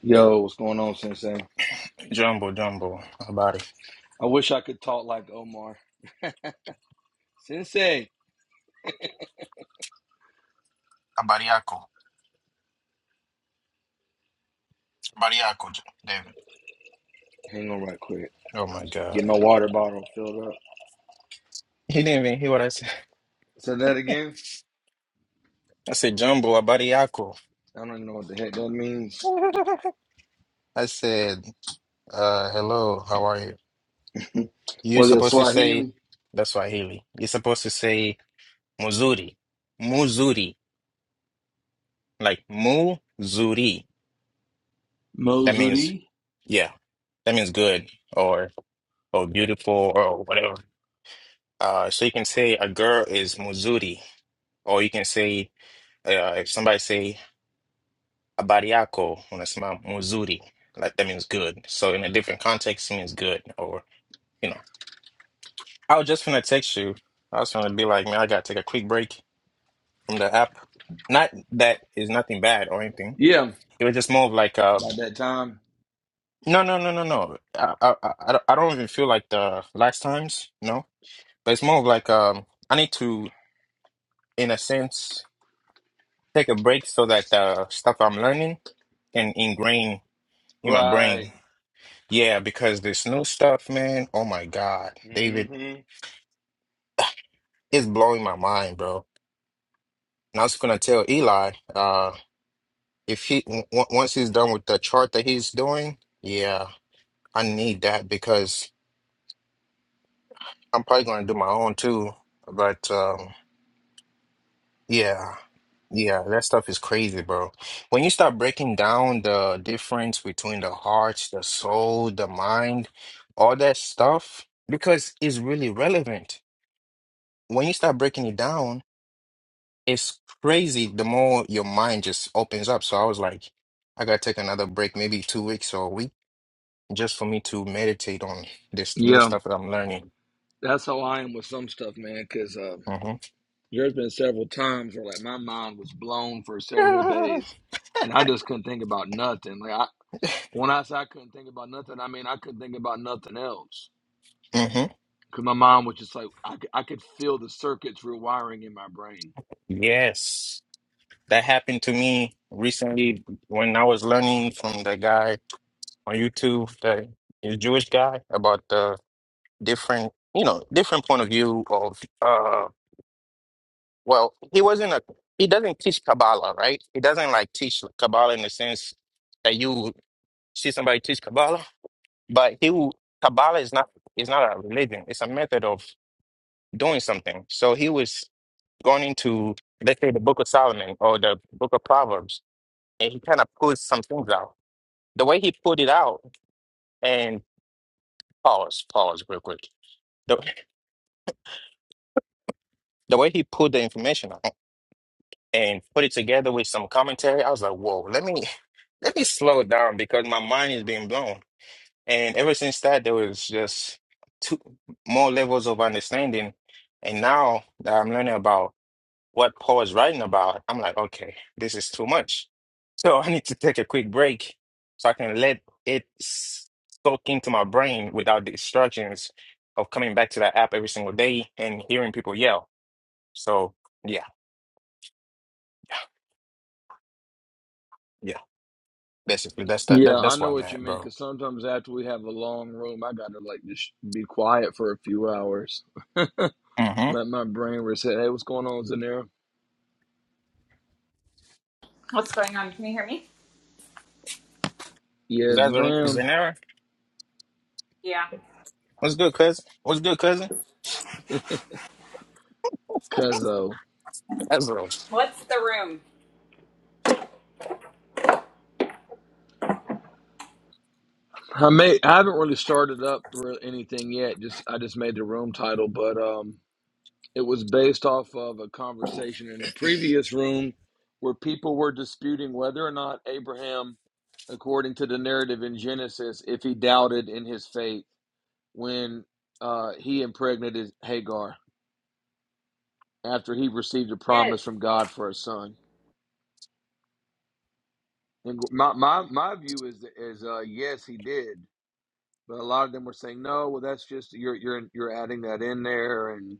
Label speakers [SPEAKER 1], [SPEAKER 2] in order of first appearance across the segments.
[SPEAKER 1] Yo, what's going on, Sensei?
[SPEAKER 2] Jumbo, jumbo. Habari.
[SPEAKER 1] I wish I could talk like Omar. Sensei!
[SPEAKER 2] Habari yako. Habari yako, J- David.
[SPEAKER 1] Hang on right quick.
[SPEAKER 2] Oh my God.
[SPEAKER 1] Get my water bottle filled up.
[SPEAKER 2] He didn't even hear what I said.
[SPEAKER 1] Say that again?
[SPEAKER 2] I said, Jumbo, habari yako.
[SPEAKER 1] I don't even know what the heck that means.
[SPEAKER 2] I said, uh, hello, how are you? You're
[SPEAKER 1] Was it
[SPEAKER 2] supposed to say,
[SPEAKER 1] Swahili?
[SPEAKER 2] that's Swahili. You're supposed to say, muzuri. Muzuri. Like, muzuri. That means,
[SPEAKER 1] Mozuri?
[SPEAKER 2] yeah. That means good or, or beautiful or whatever. Uh, so you can say a girl is muzuri. Or you can say, uh, if somebody say habari yako unasimama muzuri like that means good so in a different context it means good or you know i was just gonna text you i was gonna be like man i gotta take a quick break from the app not that is nothing bad or anything
[SPEAKER 1] Yeah,
[SPEAKER 2] it was just more of like uh
[SPEAKER 1] about that time.
[SPEAKER 2] no no no no no i i, I, I don't I don't even feel like the last times you know but it's more of like um i need to in a sense take a break so that the stuff i'm learning can ingrain in my
[SPEAKER 1] Right.
[SPEAKER 2] brain Yeah, because this new stuff, man, oh my God, David,
[SPEAKER 1] hmm
[SPEAKER 2] it's blowing my mind, bro. And I was gonna tell Eli, uh, if he w w- once he's done with the chart that he's doing, yeah, I need that because I'm probably gonna do my own too. But um, yeah, yeah, that stuff is crazy, bro. When you start breaking down the difference between the heart, the soul, the mind, all that stuff, because it's really relevant. When you start breaking it down. It's crazy the more your mind just opens up. So I was like, I gotta take another break, maybe two weeks or a week, just for me to meditate on this new
[SPEAKER 1] Yeah,
[SPEAKER 2] stuff that I'm learning.
[SPEAKER 1] that's how I am with some stuff, man, because uh, there's been several times where, like, my mind was blown for several
[SPEAKER 2] hmm
[SPEAKER 1] days, and I just couldn't think about nothing. Like, I, when I say I couldn't think about nothing, I mean I couldn't think about nothing else
[SPEAKER 2] hmm
[SPEAKER 1] Because my mom was just like, I, c- I could feel the circuits rewiring in my brain.
[SPEAKER 2] Yes. That happened to me recently when I was learning from the guy on YouTube, the the Jewish guy, about the different, you know, different point of view of uh. Well, he wasn't a he doesn't teach Kabbalah, right? He doesn't like teach Kabbalah in the sense that you see somebody teach Kabbalah, but he will Kabbalah is not is not a religion. It's a method of doing something. So he was going into let's say the Book of Solomon or the Book of Proverbs, and he kind of pulled some things out. The way he pulled it out and pause, pause real quick. The, the way he pulled the information out. and put it together with some commentary. I was like, whoa, let me let me slow down because my mind is being blown. And ever since that, there was just two more levels of understanding. And now that I'm learning about what Paul is writing about, I'm like, okay, this is too much. So I need to take a quick break so I can let it s- soak into my brain without the distractions of coming back to that app every single day and hearing people yell. So yeah, yeah. Basically, that's the,
[SPEAKER 1] Yeah,
[SPEAKER 2] that,
[SPEAKER 1] I
[SPEAKER 2] that's where
[SPEAKER 1] know
[SPEAKER 2] I'm
[SPEAKER 1] what you
[SPEAKER 2] at,
[SPEAKER 1] mean.
[SPEAKER 2] bro.
[SPEAKER 1] Because sometimes after we have a long room, I got to like just be quiet for a few hours. Let
[SPEAKER 2] Mm-hmm.
[SPEAKER 1] my brain reset. Hey, what's going on, Zanera?
[SPEAKER 3] What's going on? Can you hear me?
[SPEAKER 2] Is
[SPEAKER 1] Yes,
[SPEAKER 2] that the is
[SPEAKER 1] ma'am.
[SPEAKER 2] an error?
[SPEAKER 3] Yeah.
[SPEAKER 2] What's good, cousin? What's good, cousin?
[SPEAKER 1] Cause uh,
[SPEAKER 2] That's a little
[SPEAKER 3] What's the room?
[SPEAKER 1] I may I haven't really started up real anything yet. Just I just made the room title, but um, It was based off of a conversation in the previous room where people were disputing whether or not Abraham, according to the narrative in Genesis, if he doubted in his faith when uh, he impregnated Hagar after he received a
[SPEAKER 3] Good.
[SPEAKER 1] promise from God for a son. And my my, my view is is uh, yes, he did, but a lot of them were saying no. Well, that's just you're you're you're adding that in there and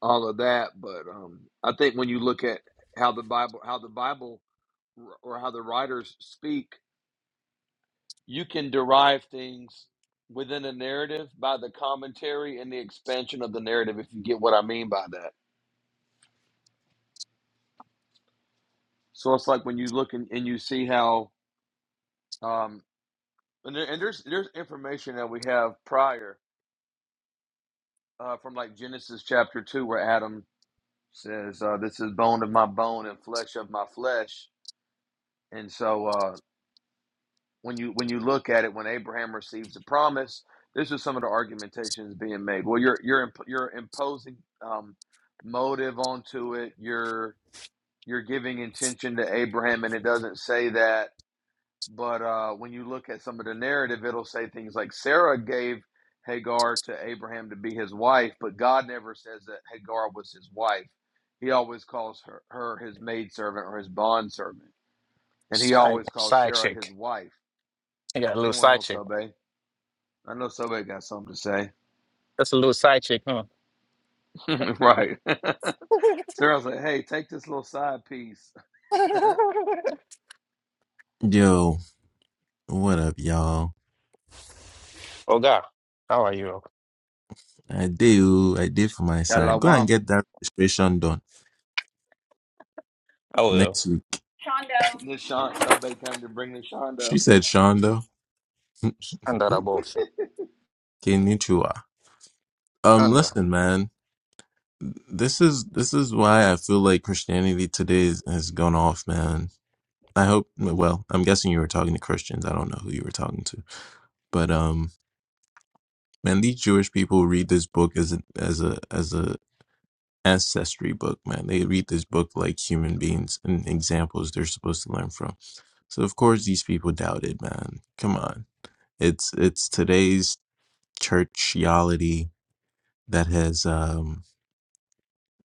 [SPEAKER 1] all of that. But um, I think when you look at how the Bible how the Bible or how the writers speak, you can derive things within a narrative by the commentary and the expansion of the narrative, if you get what I mean by that. So it's like when you look and, and you see how, um, and, there, and there's there's information that we have prior uh, from like Genesis chapter two, where Adam says, uh, "This is bone of my bone and flesh of my flesh," and so. Uh, when you when you look at it when Abraham receives the promise this is some of the argumentations being made well you're you're imp- you're imposing um, motive onto it you're you're giving intention to Abraham and it doesn't say that but uh, when you look at some of the narrative it'll say things like Sarah gave Hagar to Abraham to be his wife but God never says that Hagar was his wife he always calls her, her his maidservant or his bondservant and he
[SPEAKER 2] side
[SPEAKER 1] always calls
[SPEAKER 2] side
[SPEAKER 1] Sarah his
[SPEAKER 2] chick.
[SPEAKER 1] wife
[SPEAKER 2] You got a
[SPEAKER 1] what's
[SPEAKER 2] little
[SPEAKER 1] going
[SPEAKER 2] side
[SPEAKER 1] on
[SPEAKER 2] chick.
[SPEAKER 1] Sobe? I know somebody got something to say.
[SPEAKER 2] That's a little side chick, huh?
[SPEAKER 1] right. Sarah like, hey, take this little side piece.
[SPEAKER 4] Yo, what up, y'all?
[SPEAKER 2] oh God, how are you?
[SPEAKER 4] I did, oh, I did for my side. Go and
[SPEAKER 1] Yalawam.
[SPEAKER 4] get that registration done
[SPEAKER 2] Oh well,
[SPEAKER 4] next week.
[SPEAKER 3] Chondo.
[SPEAKER 1] This Sean, somebody came to bring the
[SPEAKER 4] She
[SPEAKER 1] Shondo.
[SPEAKER 4] said, Shonda,
[SPEAKER 2] under the bullshit.
[SPEAKER 4] konnichiwa. Um,
[SPEAKER 2] Under.
[SPEAKER 4] listen, man, this is this is why I feel like Christianity today is, has gone off, man. I hope. Well, I'm guessing you were talking to Christians. I don't know who you were talking to, but um, man, these Jewish people read this book as a as a as a ancestry book, man. They read this book like human beings and examples they're supposed to learn from So of course these people doubted, man. Come on. It's it's today's churchiality that has um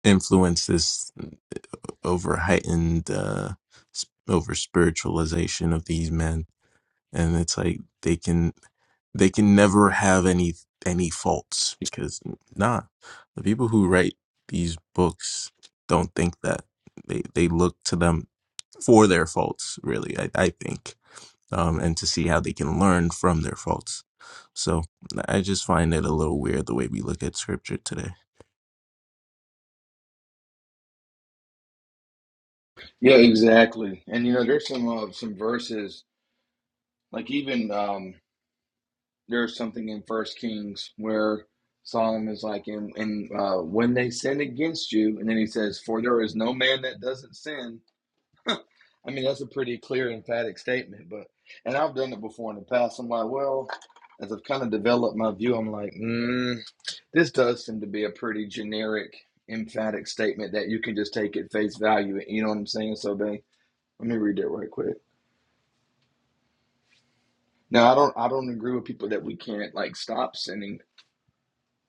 [SPEAKER 4] influenced this over heightened uh sp- over spiritualization of these men and it's like they can they can never have any any faults because nah the people who write these books don't think that they they look to them for their faults really i, I think um, and to see how they can learn from their faults. So I just find it a little weird the way we look at scripture today.
[SPEAKER 1] Yeah, exactly. And you know, there's some uh, some verses, like even um, there's something in First Kings where Solomon is like, and, and uh, when they sin against you, and then he says, for there is no man that doesn't sin. I mean, that's a pretty clear, emphatic statement. But and I've done it before in the past. I'm like, well, as I've kind of developed my view, I'm like, mm, this does seem to be a pretty generic, emphatic statement that you can just take at face value. You know what I'm saying? So, babe, let me read it right quick. Now, I don't, I don't agree with people that we can't like stop sinning.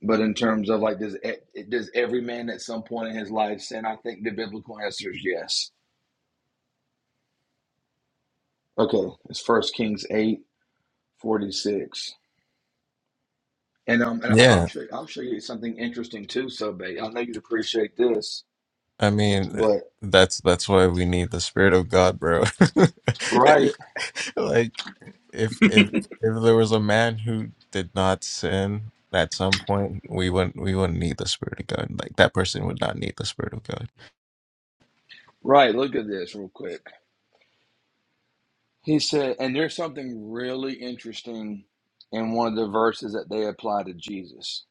[SPEAKER 1] But in terms of like, does e- does every man at some point in his life sin? I think the biblical answer is yes. Okay, it's First Kings eight forty six. And um, and I- I'll
[SPEAKER 4] Yeah,
[SPEAKER 1] show you, I'll show you something interesting too, Sobe. I know you'd appreciate this,
[SPEAKER 4] I mean eh,
[SPEAKER 1] but
[SPEAKER 4] that's that's why we need the spirit of God, bro.
[SPEAKER 1] right,
[SPEAKER 4] Like if if if there was a man who did not sin at some point, we wouldn't we wouldn't need the spirit of God. Like that person would not need the spirit of God.
[SPEAKER 1] right. Look at this real quick. He said, and there's something really interesting in one of the verses that they apply to Jesus.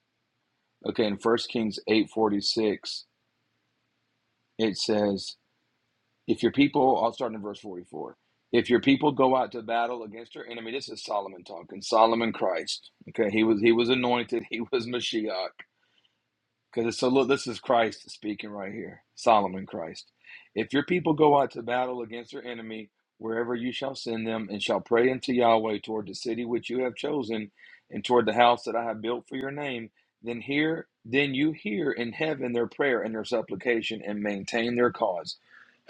[SPEAKER 1] Okay, in First Kings eight forty six, it says, "If your people," I'll start in verse forty four. If your people go out to battle against their enemy, this is Solomon talking. Solomon Christ. Okay, he was he was anointed. He was Mashiach Because it's a little, this is Christ speaking right here, Solomon Christ. If your people go out to battle against their enemy, wherever you shall send them, and shall pray unto Yahweh toward the city which you have chosen, and toward the house that I have built for your name, then hear, then you hear in heaven their prayer and their supplication, and maintain their cause.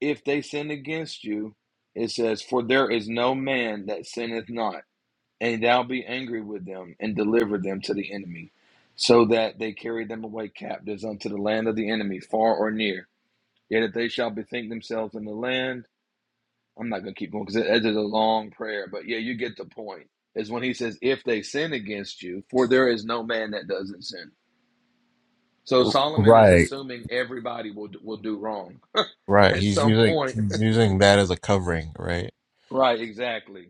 [SPEAKER 1] if they sin against you, it says, For there is no man that sinneth not and thou be angry with them and deliver them to the enemy, so that they carry them away captives unto the land of the enemy, far or near. Yet if they shall bethink themselves in the land, I'm not going to keep going because it, it is a long prayer. But yeah, you get the point. Is when he says, if they sin against you, for there is no man that doesn't sin. So Solomon is
[SPEAKER 4] Right.
[SPEAKER 1] assuming everybody will will do wrong
[SPEAKER 4] Right.
[SPEAKER 1] at
[SPEAKER 4] He's
[SPEAKER 1] some
[SPEAKER 4] using
[SPEAKER 1] point.
[SPEAKER 4] he's using that as a covering, right?
[SPEAKER 1] Right, exactly.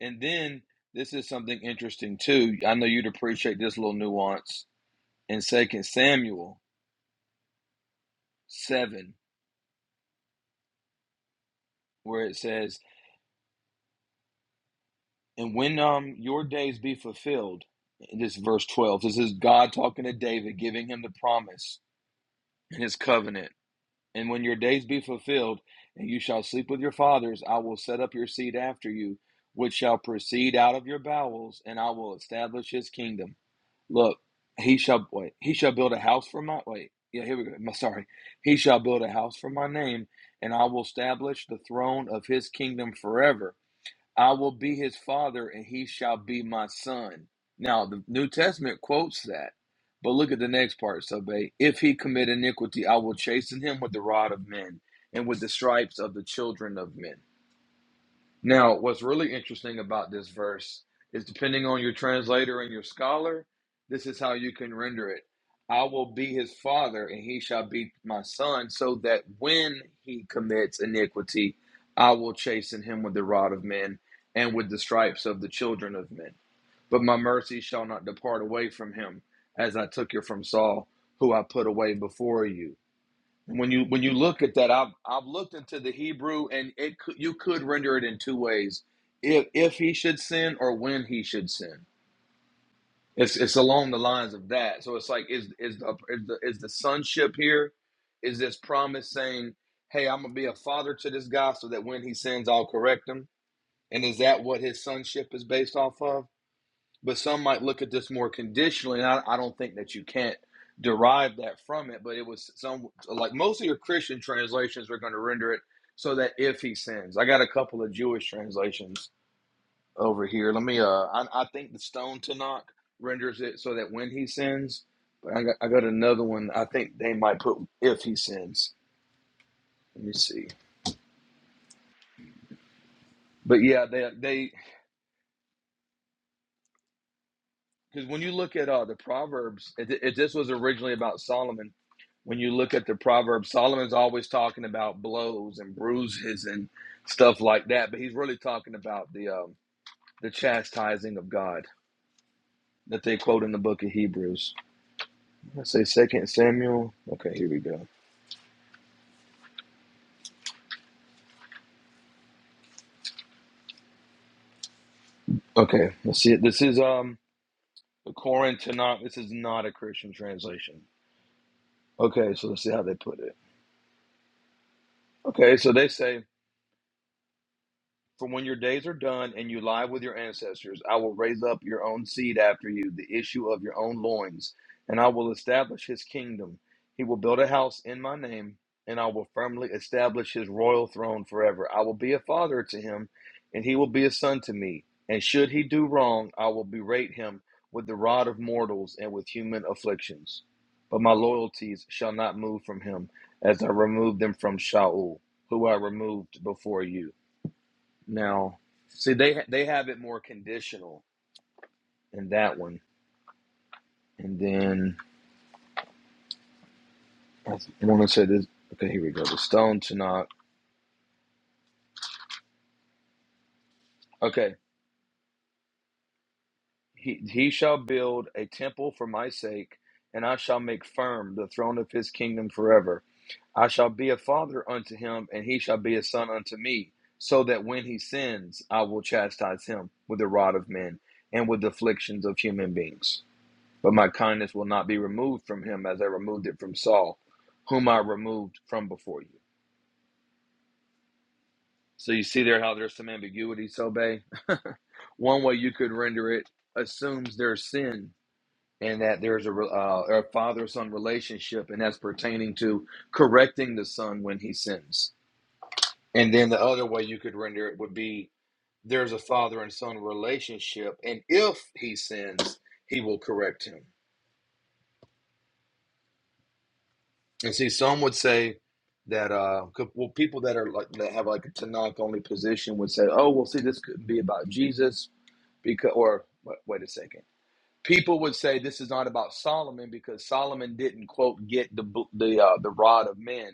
[SPEAKER 1] And then this is something interesting too. I know you'd appreciate this little nuance in Second Samuel seven, where it says, "And when um your days be fulfilled," and this verse twelve. This is God talking to David, giving him the promise and His covenant. And when your days be fulfilled, and you shall sleep with your fathers, I will set up your seed after you, which shall proceed out of your bowels, and I will establish His kingdom. Look, he shall wait. He shall build a house for my wait. Yeah, here we go. My- Sorry. He shall build a house for my name, and I will establish the throne of his kingdom forever. I will be his father, and he shall be my son. Now, the New Testament quotes that, but look at the next part, Sabe. If he commit iniquity, I will chasten him with the rod of men and with the stripes of the children of men. Now, what's really interesting about this verse is depending on your translator and your scholar, this is how you can render it. I will be his father, and he shall be my son, so that when he commits iniquity, I will chasten him with the rod of men and with the stripes of the children of men. But my mercy shall not depart away from him, as I took it from Saul, who I put away before you when you when you look at that i've i've looked into the hebrew and it could, you could render it in two ways if if he should sin or when he should sin it's it's along the lines of that so it's like is is the is the, is the sonship here is this promise saying hey i'm gonna be a father to this guy so that when he sins i'll correct him and is that what his sonship is based off of but some might look at this more conditionally. And I, I don't think that you can't derive that from it, but it was some like most of your Christian translations are going to render it so that if he sins. I got a couple of Jewish translations over here. Let me. Uh, I, I think the Stone Tanakh renders it so that when he sins. But I got, I got another one. I think they might put if he sins. Let me see. But yeah, they they because when you look at uh, the Proverbs, it, it, this was originally about Solomon. When you look at the Proverbs, Solomon's always talking about blows and bruises and stuff like that, but he's really talking about the um, the chastising of God that they quote in the book of Hebrews. Let's say Second Samuel. Okay, here we go. Okay, let's see. it. This is um Corinth. This is not a Christian translation. Okay, so let's see how they put it. Okay, so they say For when your days are done and you lie with your ancestors, I will raise up your own seed after you, the issue of your own loins, and I will establish his kingdom. He will build a house in my name, and I will firmly establish his royal throne forever. I will be a father to him, and he will be a son to me. And should he do wrong, I will berate him with the rod of mortals and with human afflictions. But my loyalties shall not move from him, as I removed them from Shaul, who I removed before you. Now, see, they they have it more conditional in that one, and then I want to say this. Okay, here we go. The stone to knock. Okay, he he shall build a temple for my sake, and I shall make firm the throne of his kingdom forever. I shall be a father unto him, and he shall be a son unto me. So that when he sins, I will chastise him with the rod of men and with afflictions of human beings. But my kindness will not be removed from him as I removed it from Saul, whom I removed from before you. So you see there how there's some ambiguity, Sobe? One way you could render it assumes there's sin and that there's a, re- uh, a father son relationship, and that's pertaining to correcting the son when he sins. And then the other way you could render it would be there's a father and son relationship, and if he sins, he will correct him. And see, some would say that uh, well, people that are like that have like a Tanakh only position would say, "Oh, well, see, this could be about Jesus because." Or wait, wait a second people would say this is not about Solomon because Solomon didn't quote get the the uh, the rod of men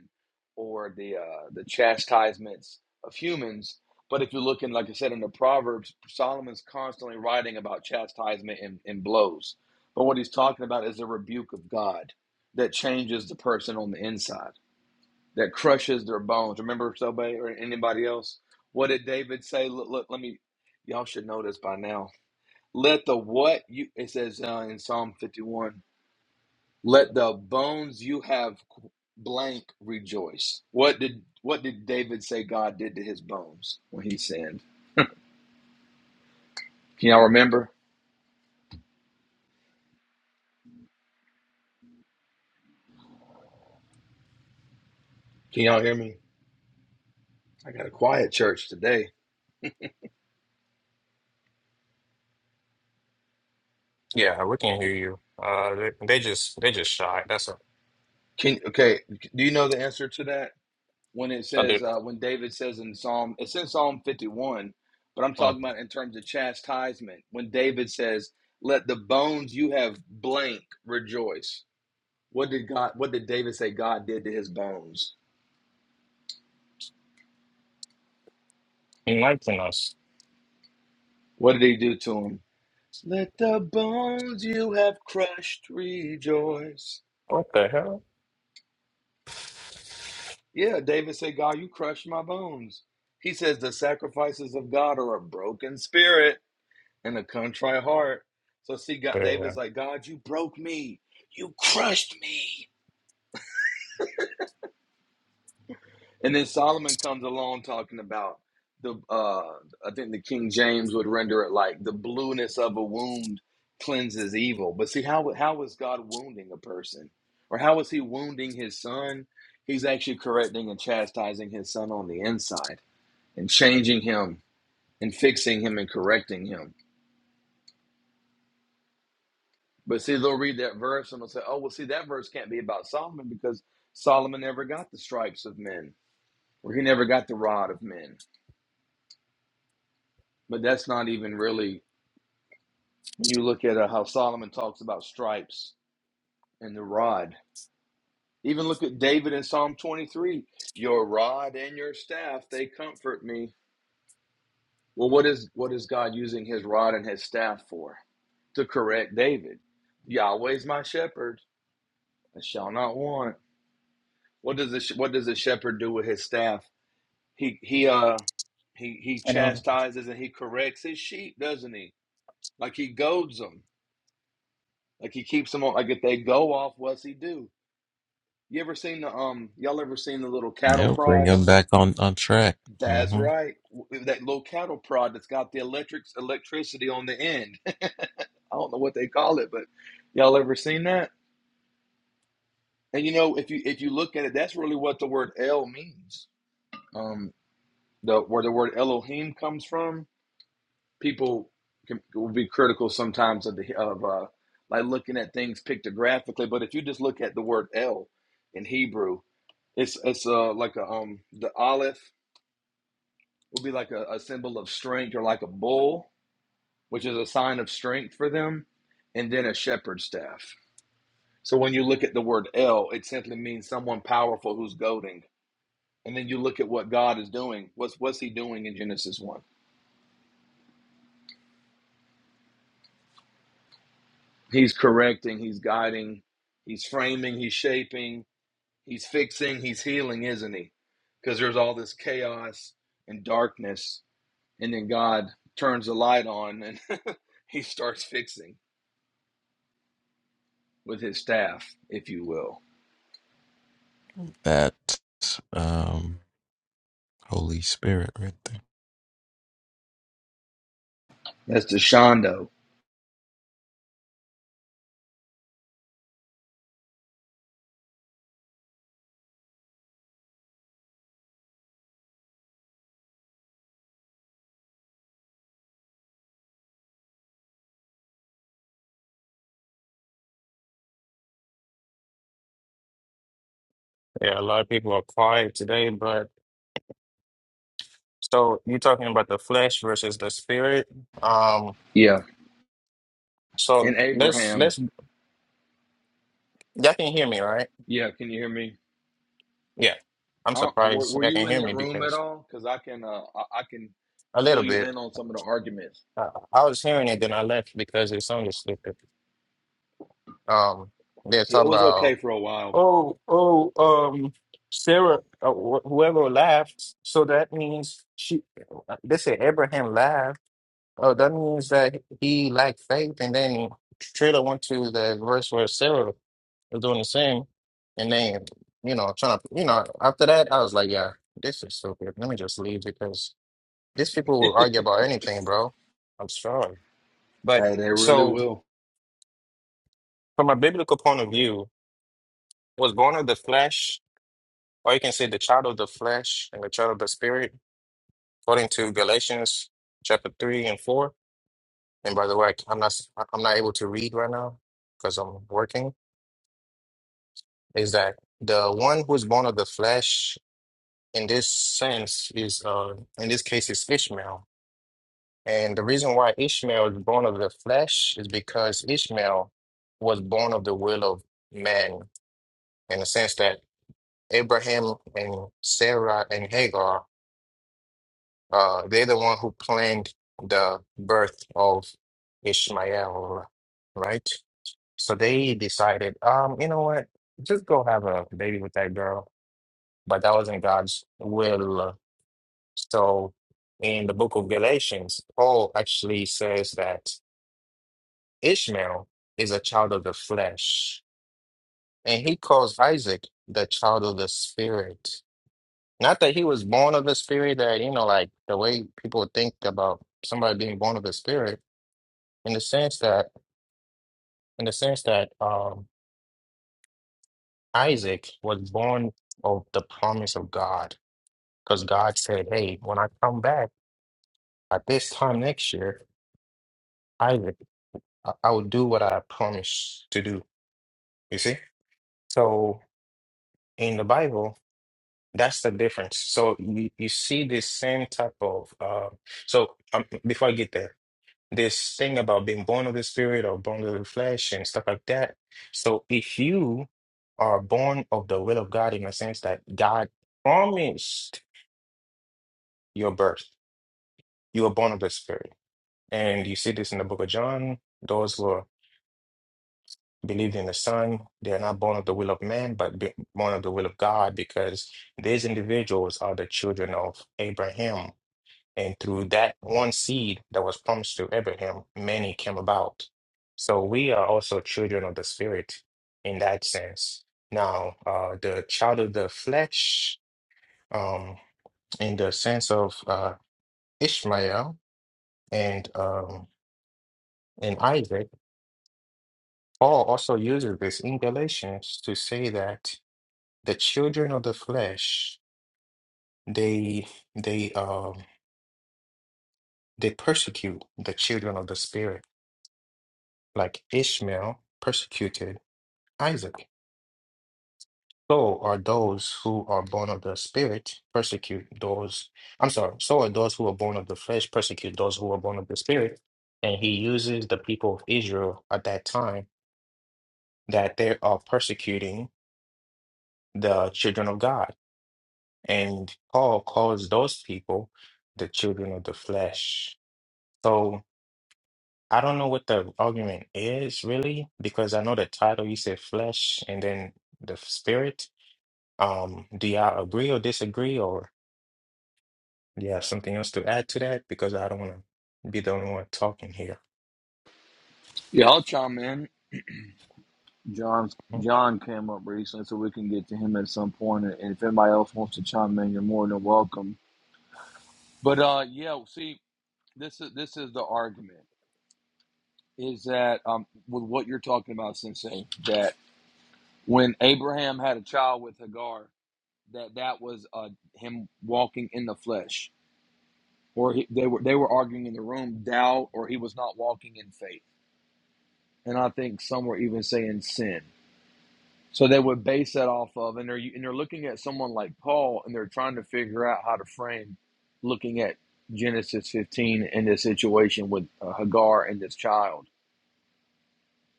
[SPEAKER 1] or the uh, the chastisements of humans. But if you look in, like I said, in the Proverbs, Solomon's constantly writing about chastisement and, and blows. But what he's talking about is the rebuke of God that changes the person on the inside, that crushes their bones. Remember somebody or anybody else? What did David say? Look, look let me, y'all should know this by now let the what you it says uh, in Psalm 51, let the bones you have blank rejoice. What did what did David say God did to his bones when he sinned? Can y'all remember? Can y'all hear me? I got a quiet church today.
[SPEAKER 2] Yeah, we can hear you. Uh, they, they just they just shy. That's a
[SPEAKER 1] Can okay, do you know the answer to that? When it
[SPEAKER 2] I do.
[SPEAKER 1] says uh, when David says in Psalm it's in Psalm 51, but I'm
[SPEAKER 2] Mm.
[SPEAKER 1] talking about in terms of chastisement. When David says, "Let the bones you have blank rejoice." What did God? What did David say God did to his bones?
[SPEAKER 2] Enlighten us.
[SPEAKER 1] What did He do to him? Let the bones you have crushed rejoice.
[SPEAKER 2] What the hell?
[SPEAKER 1] Yeah, David said, God, you crushed my bones. He says the sacrifices of God are a broken spirit and a contrite heart. So see, God,
[SPEAKER 2] Yeah,
[SPEAKER 1] David's like, God, you broke me. You crushed me. And then Solomon comes along talking about the uh I think the King James would render it like the blueness of a wound cleanses evil. But see how how is God wounding a person? Or how is he wounding his son? He's actually correcting and chastising his son on the inside and changing him and fixing him and correcting him. But see, they'll read that verse and they'll say, Oh, well, see, that verse can't be about Solomon because Solomon never got the stripes of men, or he never got the rod of men. But that's not even really You look at uh, how Solomon talks about stripes and the rod. Even look at David in Psalm 23. Your rod and your staff, they comfort me. Well, what is what is God using his rod and his staff for? To correct David. Yahweh's my shepherd, I shall not want. What does the what does the shepherd do with his staff? He he uh he he
[SPEAKER 2] I don't.
[SPEAKER 1] chastises and he corrects his sheep, doesn't he? Like he goads them, like he keeps them on. Like if they go off, what's he do? You ever seen the um? Y'all ever seen the little cattle
[SPEAKER 4] Yeah, bring
[SPEAKER 1] prods?
[SPEAKER 4] him back on on track.
[SPEAKER 1] That's
[SPEAKER 4] Mm-hmm.
[SPEAKER 1] right, that little cattle prod that's got the electrics electricity on the end. I don't know what they call it, but y'all ever seen that? And you know, if you if you look at it, that's really what the word El means. Um, the where the word Elohim comes from. People can, will be critical sometimes of the of uh, like looking at things pictographically, but if you just look at the word El in Hebrew, it's it's uh like a um the aleph would be like a, a symbol of strength or like a bull, which is a sign of strength for them, and then a shepherd's staff. So when you look at the word El, it simply means someone powerful who's goading. And then you look at what God is doing. What's what's he doing in Genesis 1? He's correcting, he's guiding, he's framing, he's shaping, he's fixing, he's healing, isn't he? Because there's all this chaos and darkness, and then God turns the light on and he starts fixing. with his staff, if you will.
[SPEAKER 4] that um, Holy Spirit right there.
[SPEAKER 1] That's Deshondo.
[SPEAKER 2] Yeah, a lot of people are quiet today, but. So you're talking about the flesh versus the spirit. Um,
[SPEAKER 1] Yeah.
[SPEAKER 2] so
[SPEAKER 1] And
[SPEAKER 2] let's
[SPEAKER 1] Abraham.
[SPEAKER 2] let's y'all can hear me, right?
[SPEAKER 1] Yeah. Can you hear me?
[SPEAKER 2] Yeah, I'm
[SPEAKER 1] I don't, uh, were,
[SPEAKER 2] surprised
[SPEAKER 1] were
[SPEAKER 2] y'all can
[SPEAKER 1] you in
[SPEAKER 2] hear me
[SPEAKER 1] that room at
[SPEAKER 2] because
[SPEAKER 1] all? Because I can, uh, I, I can
[SPEAKER 2] a
[SPEAKER 1] fill
[SPEAKER 2] little
[SPEAKER 1] you
[SPEAKER 2] bit.
[SPEAKER 1] in on some of the arguments.
[SPEAKER 2] I, I was hearing it, then I left because it sounded stupid. Um, they're
[SPEAKER 1] It
[SPEAKER 2] talking
[SPEAKER 1] was okay
[SPEAKER 2] about
[SPEAKER 1] for a while.
[SPEAKER 2] oh oh um Sarah, uh, wh whoever laughed. So that means she. uh, They said Abraham laughed. Oh, that means that he lacked faith, and then. Trailer went to the verse where Sarah was doing the same. And then, you know, trying to, you know, after that, I was like, yeah, this is stupid. Let me just leave because these people will argue about anything, bro. I'm sorry. But
[SPEAKER 1] Hey, they really
[SPEAKER 2] so,
[SPEAKER 1] will.
[SPEAKER 2] from a biblical point of view, was born of the flesh, or you can say the child of the flesh and the child of the spirit, according to Galatians chapter three and four. And by the way, I'm not, I'm not able to read right now because I'm working. Is that the one who's born of the flesh? in this sense is uh in this case is Ishmael. And the reason why Ishmael is born of the flesh is because Ishmael was born of the will of man, in the sense that Abraham and Sarah and Hagar, uh, they're the one who planned the birth of Ishmael, right? So they decided, um, you know what, just go have a baby with that girl. But that wasn't God's will. So in the book of Galatians, Paul actually says that Ishmael is a child of the flesh, and he calls Isaac the child of the spirit. Not that he was born of the spirit, that, you know, like the way people think about somebody being born of the spirit, in the sense that, in the sense that um, Isaac was born of the promise of God, because God said, hey, when I come back at this time next year, Isaac, I I will do what I promised to do. You see? So in the Bible, that's the difference. So you, you see this same type of uh, so um, before I get there, this thing about being born of the spirit or born of the flesh and stuff like that. So if you are born of the will of God in the sense that God promised your birth, you were born of the spirit. And you see this in the book of John, those were believed in the Son. They are not born of the will of man, but be- born of the will of God, because these individuals are the children of Abraham. And through that one seed that was promised to Abraham, many came about. So we are also children of the Spirit in that sense. Now, uh, the child of the flesh, um, in the sense of uh, Ishmael and um, and Isaac, Paul also uses this in Galatians to say that the children of the flesh they they um they persecute the children of the spirit like ishmael persecuted isaac so are those who are born of the spirit persecute those i'm sorry so are those who are born of the flesh persecute those who are born of the spirit and he uses the people of israel at that time that they are persecuting the children of god and paul calls those people the children of the flesh so I don't know what the argument is really, because I know the title you said flesh and then the f- spirit. Um, do y'all agree or disagree, or do you have something else to add to that? Because I don't want to be the only one talking here.
[SPEAKER 1] Yeah, I'll chime in. John,
[SPEAKER 2] Mhm.
[SPEAKER 1] John came up recently, so we can get to him at some point. And if anybody else wants to chime in, you're more than welcome. But uh, yeah, see, this is this is the argument is that um, with what you're talking about, Sensei, that when Abraham had a child with Hagar, that that was uh, him walking in the flesh, or he, they were they were arguing in the room, doubt, or he was not walking in faith, and I think some were even saying sin. So they would base that off of, and they're and they're looking at someone like Paul, and they're trying to figure out how to frame looking at Genesis 15 and this situation with uh, Hagar and this child.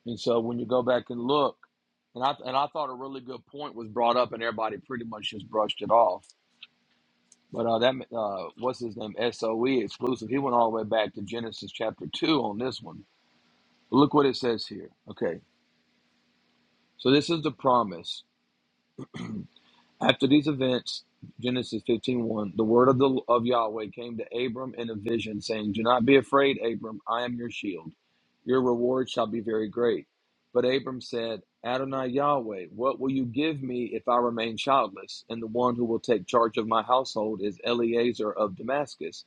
[SPEAKER 1] And so when you go back and look, and I and I thought a really good point was brought up, and everybody pretty much just brushed it off But uh, that uh, what's his name? Soe exclusive. He went all the way back to Genesis chapter two on this one. Look what it says here. Okay, so this is the promise. After these events, Genesis fifteen one. the word of the of Yahweh came to Abram in a vision, saying, "Do not be afraid, Abram. I am your shield. Your reward shall be very great." But Abram said, "Adonai Yahweh, what will you give me if I remain childless? And the one who will take charge of my household is Eleazar of Damascus."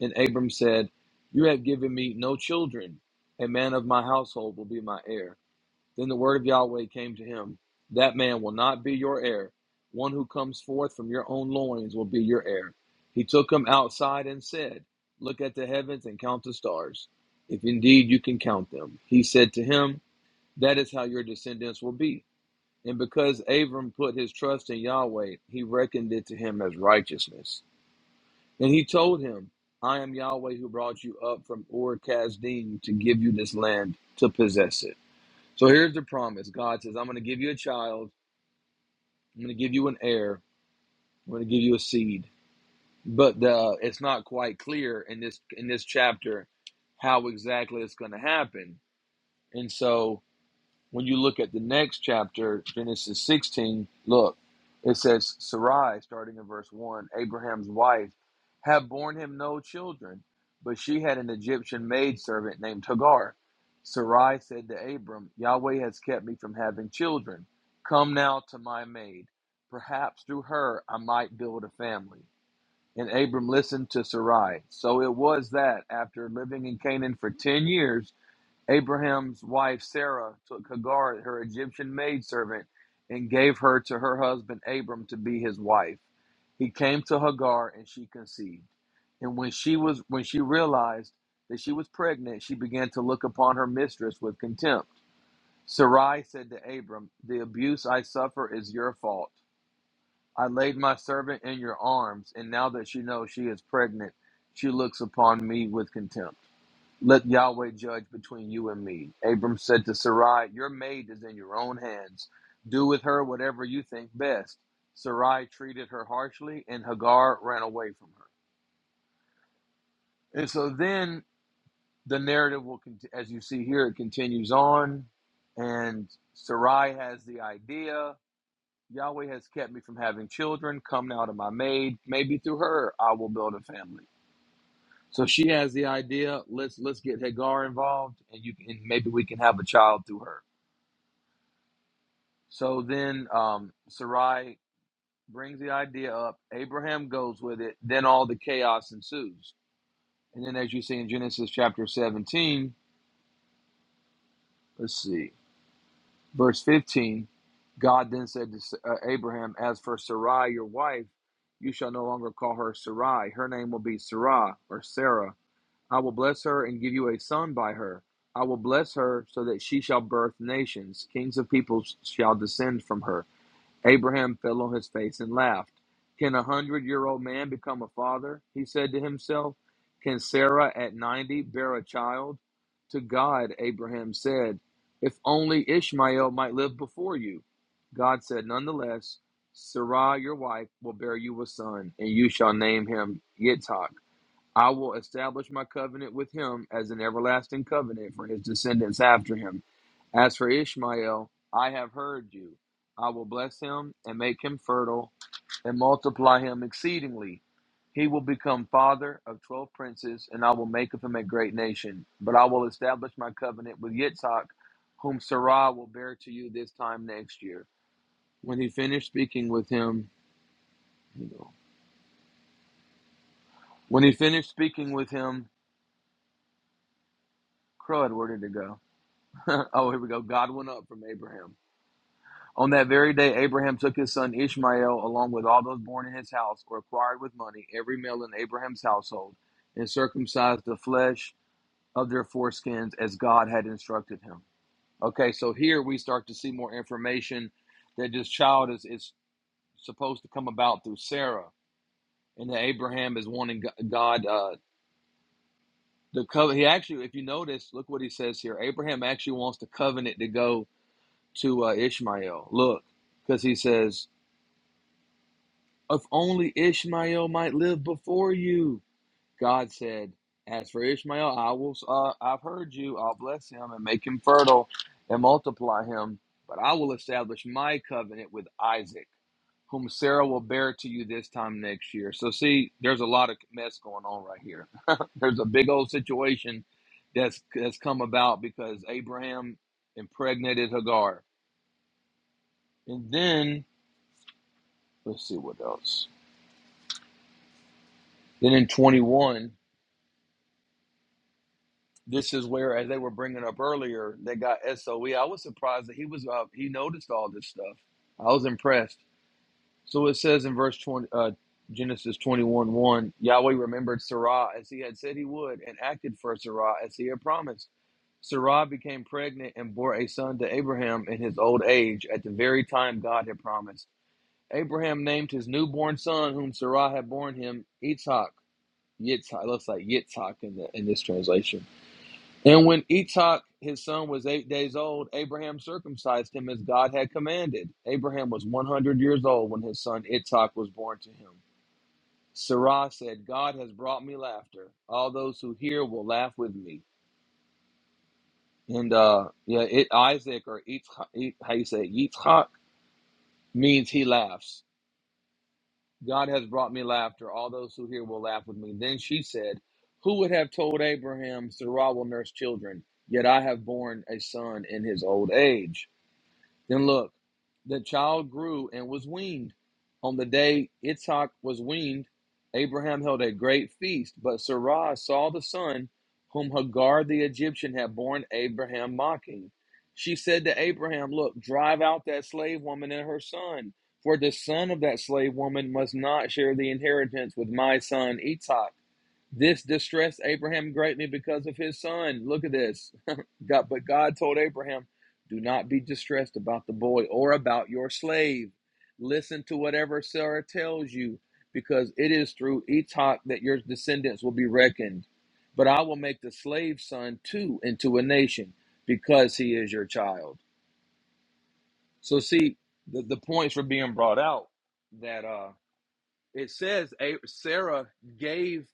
[SPEAKER 1] And Abram said, You have given me no children. A man of my household will be my heir. Then the word of Yahweh came to him That man will not be your heir. One who comes forth from your own loins will be your heir. He took him outside and said, Look at the heavens and count the stars, if indeed you can count them. He said to him, That is how your descendants will be. And because Abram put his trust in Yahweh, he reckoned it to him as righteousness. And he told him, I am Yahweh who brought you up from Ur Kasdim to give you this land to possess it. So here's the promise God says, I'm going to give you a child, I'm going to give you an heir, I'm going to give you a seed. But uh, it's not quite clear in this in this chapter how exactly it's going to happen. And so when you look at the next chapter, Genesis 16, look, it says Sarai, starting in verse 1, Abraham's wife, had borne him no children, but she had an Egyptian maidservant named Hagar. Sarai said to Abram, Yahweh has kept me from having children. Come now to my maid. Perhaps through her I might build a family. And Abram listened to Sarai. So it was that after living in Canaan for 10 years, Abraham's wife Sarah took Hagar, her Egyptian maidservant, and gave her to her husband Abram to be his wife. He came to Hagar and she conceived. And when she was when she realized that she was pregnant, she began to look upon her mistress with contempt. Sarai said to Abram, The abuse I suffer is your fault. I laid my servant in your arms, and now that she knows she is pregnant, she looks upon me with contempt. Let Yahweh judge between you and me. Abram said to Sarai, Your maid is in your own hands. Do with her whatever you think best. Sarai treated her harshly, and Hagar ran away from her. And so then the narrative will, as you see here, it continues on, and Sarai has the idea. Yahweh has kept me from having children. Come now to my maid. Maybe through her I will build a family. So she has the idea. Let's let's get Hagar involved, and you can, and maybe we can have a child through her. So then um, Sarai brings the idea up. Abraham goes with it. Then all the chaos ensues. And then, as you see in Genesis chapter 17, let's see, verse 15, God then said to S- uh, Abraham, As for Sarai, your wife, you shall no longer call her Sarai. Her name will be Sarah or Sarah. I will bless her and give you a son by her. I will bless her so that she shall birth nations. Kings of peoples shall descend from her. Abraham fell on his face and laughed. Can a hundred year old man become a father? He said to himself. Can Sarah at ninety bear a child? To God, Abraham said, If only Ishmael might live before you. God said, Nonetheless, Sarah, your wife, will bear you a son, and you shall name him Yitzhak. I will establish my covenant with him as an everlasting covenant for his descendants after him. As for Ishmael, I have heard you. I will bless him and make him fertile and multiply him exceedingly. He will become father of twelve princes, and I will make of him a great nation. But I will establish my covenant with Yitzhak, whom Sarah will bear to you this time next year. When he finished speaking with him, when he finished speaking with him, crud, where did it go? oh, here we go. God went up from Abraham. On that very day, Abraham took his son Ishmael, along with all those born in his house or acquired with money, every male in Abraham's household, and circumcised the flesh of their foreskins as God had instructed him. Okay, so here we start to see more information that this child is, is supposed to come about through Sarah, and that Abraham is wanting God. Uh, the covenant. He actually, if you notice, look what he says here. Abraham actually wants the covenant to go to uh, Ishmael. Look, because he says, If only Ishmael might live before you. God said, As for Ishmael, I will, uh, I've heard you. I'll bless him and make him fertile and multiply him. But I will establish my covenant with Isaac, whom Sarah will bear to you this time next year. So, see, there's a lot of mess going on right here. there's a big old situation that's, that's come about because Abraham impregnated Hagar. And then Let's see what else. Then in 21, this is where, as they were bringing up earlier, they got SOE. I was surprised that he was uh, he noticed all this stuff. I was impressed. So it says in verse 20, uh, Genesis 21 1, Yahweh remembered Sarah as he had said he would and acted for Sarah as he had promised. Sarah became pregnant and bore a son to Abraham in his old age at the very time God had promised. Abraham named his newborn son, whom Sarah had borne him, Yitzhak. Yitzhak. It looks like Yitzhak in the in this translation. And when Yitzhak, his son, was eight days old, Abraham circumcised him as God had commanded. Abraham was one hundred years old when his son Yitzhak was born to him. Sarah said, "God has brought me laughter. All those who hear will laugh with me." And uh, yeah, it, Isaac or Yitzhak, how you say it, Yitzhak means he laughs. God has brought me laughter. All those who hear will laugh with me. Then she said, Who would have told Abraham, Sarah will nurse children? Yet I have borne a son in his old age. Then look, the child grew and was weaned. On the day Yitzhak was weaned, Abraham held a great feast, but Sarah saw the son whom Hagar the Egyptian had borne Abraham mocking. She said to Abraham, Look, drive out that slave woman and her son, for the son of that slave woman must not share the inheritance with my son Yitzhak. This distressed Abraham greatly because of his son. Look at this. God, but God told Abraham, Do not be distressed about the boy or about your slave. Listen to whatever Sarah tells you, because it is through Etok that your descendants will be reckoned. But I will make the slave son too into a nation, because he is your child. So, see, the, the points for being brought out that. uh it says A- Sarah gave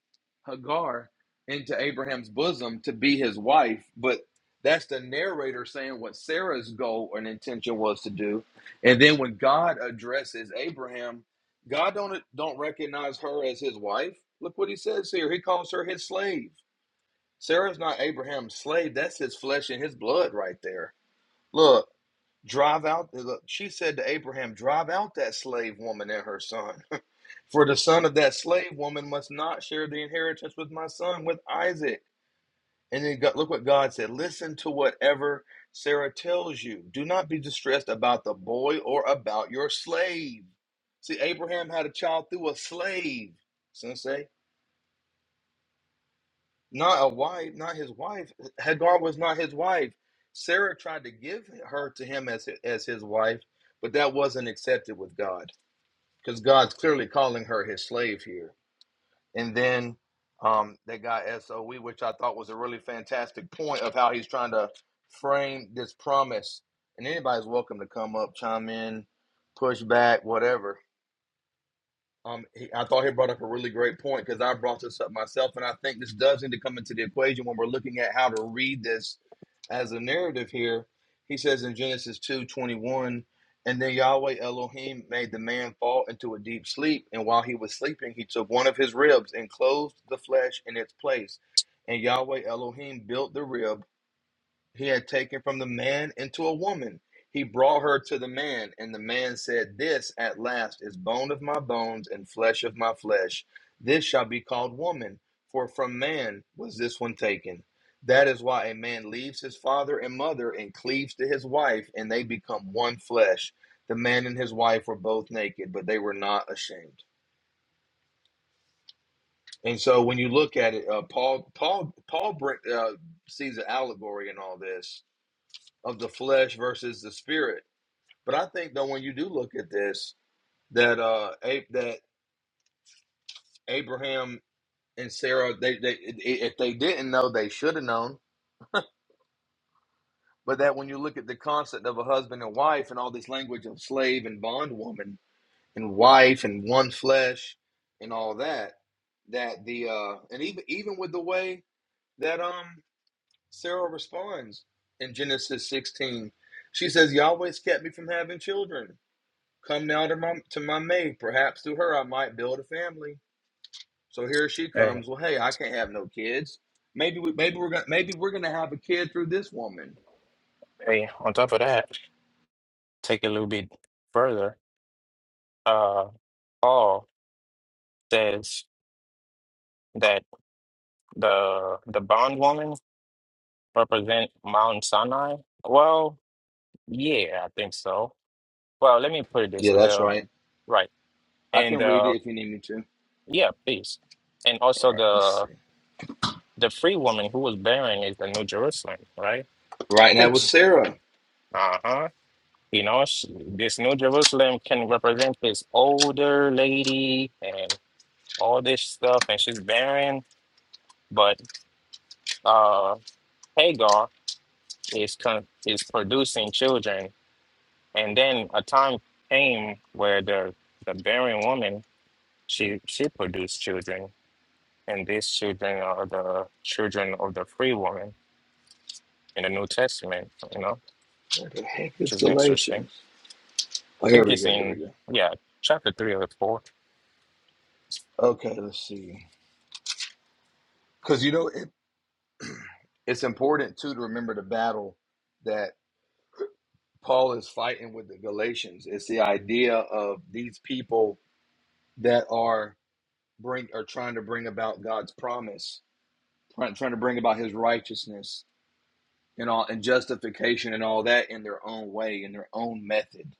[SPEAKER 1] Hagar into Abraham's bosom to be his wife, but that's the narrator saying what Sarah's goal and intention was to do. And then when God addresses Abraham, God don't don't recognize her as his wife. Look what he says here. He calls her his slave. Sarah's not Abraham's slave. That's his flesh and his blood right there. Look, drive out. Look, she said to Abraham, "Drive out that slave woman and her son." For the son of that slave woman must not share the inheritance with my son, with Isaac. And then God, look what God said listen to whatever Sarah tells you. Do not be distressed about the boy or about your slave. See, Abraham had a child through a slave, sensei, not a wife, not his wife. Hagar was not his wife. Sarah tried to give her to him as, his, as his wife, but that wasn't accepted with God because God's clearly calling her his slave here. and then um, that guy SOE, which I thought was a really fantastic point of how he's trying to frame this promise. And anybody's welcome to come up, chime in, push back, whatever um, he, I thought he brought up a really great point because I brought this up myself, and I think this does need to come into the equation when we're looking at how to read this as a narrative here. He says in Genesis two twenty one, and then Yahweh Elohim made the man fall into a deep sleep, and while he was sleeping, he took one of his ribs and closed the flesh in its place. And Yahweh Elohim built the rib he had taken from the man into a woman. He brought her to the man, and the man said, This at last is bone of my bones and flesh of my flesh. This shall be called woman, for from man was this one taken. That is why a man leaves his father and mother and cleaves to his wife, and they become one flesh. The man and his wife were both naked, but they were not ashamed. And so, when you look at it, uh, Paul, Paul, Paul br- uh, sees an allegory in all this of the flesh versus the spirit. But I think though when you do look at this, that uh A- that Abraham and Sarah, they they i- if they didn't know, they should have known. But that when you look at the concept of a husband and wife and all this language of slave and bondwoman and wife and one flesh and all that, that the uh and even even with the way that um Sarah responds in Genesis 16, she says, Yahweh's kept me from having children. Come now to my to my maid. Perhaps through her I might build a family. So here she
[SPEAKER 2] Hey,
[SPEAKER 1] comes. Well, hey, I can't have no kids. Maybe we maybe we're gonna maybe we're gonna have a kid through this woman.
[SPEAKER 2] hey, on top of that, take it a little bit further. Uh, Paul says that the the bondwoman represent Mount Sinai. Well, yeah, I think so. Well, let me put it this
[SPEAKER 1] Yeah,
[SPEAKER 2] way.
[SPEAKER 1] that's
[SPEAKER 2] The
[SPEAKER 1] right.
[SPEAKER 2] right.
[SPEAKER 1] I
[SPEAKER 2] And
[SPEAKER 1] can read it if you need me to.
[SPEAKER 2] Yeah, please. And
[SPEAKER 1] All
[SPEAKER 2] also
[SPEAKER 1] right, let's
[SPEAKER 2] the
[SPEAKER 1] see.
[SPEAKER 2] the free woman who was barren is the New Jerusalem, right?
[SPEAKER 1] Right, and that
[SPEAKER 2] Which
[SPEAKER 1] was Sarah.
[SPEAKER 2] uh-huh. You know, she, this New Jerusalem can represent this older lady and all this stuff, and she's barren, but uh Hagar is con is producing children. And then a time came where the the barren woman she she produced children, and these children are the children of the free woman. in the New Testament, you know,
[SPEAKER 1] What the heck
[SPEAKER 2] which
[SPEAKER 1] is
[SPEAKER 2] is interesting.
[SPEAKER 1] Galatians? Oh,
[SPEAKER 2] I
[SPEAKER 1] here
[SPEAKER 2] think
[SPEAKER 1] we
[SPEAKER 2] it's
[SPEAKER 1] go. Here we
[SPEAKER 2] in
[SPEAKER 1] go.
[SPEAKER 2] yeah, chapter three or 4
[SPEAKER 1] Okay, let's see. Because you know it, it's important too to remember the battle that Paul is fighting with the Galatians. It's the idea of these people that are bring or trying to bring about God's promise, trying, trying to bring about His righteousness and all and justification and all that in their own way, in their own method.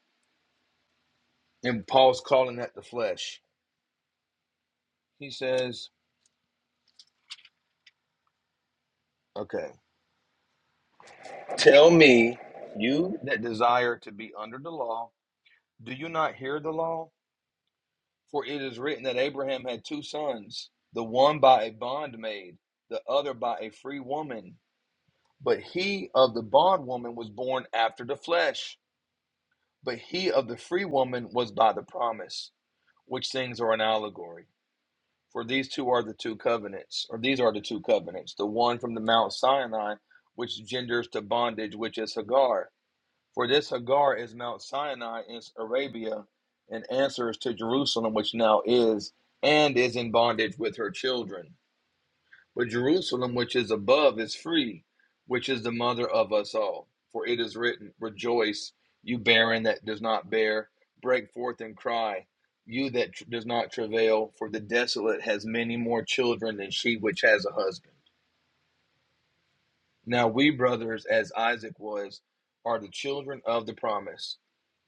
[SPEAKER 1] And Paul's calling that the flesh. He says, "Okay, tell me, you that desire to be under the law, do you not hear the law? For it is written that Abraham had two sons, the one by a bondmaid, the other by a free woman." But he of the bondwoman was born after the flesh But he of the free woman was by the promise, which things are an allegory. For these two are the two covenants, or these are the two covenants, the one from the Mount Sinai, which genders to bondage, which is Hagar. For this Hagar is Mount Sinai in Arabia, and answers to Jerusalem, which now is, and is in bondage with her children. But Jerusalem, which is above, is free, which is the mother of us all. For it is written, Rejoice, you barren that does not bear, break forth and cry, you that tr- does not travail, for the desolate has many more children than she which has a husband. Now we, brothers, as Isaac was, are the children of the promise.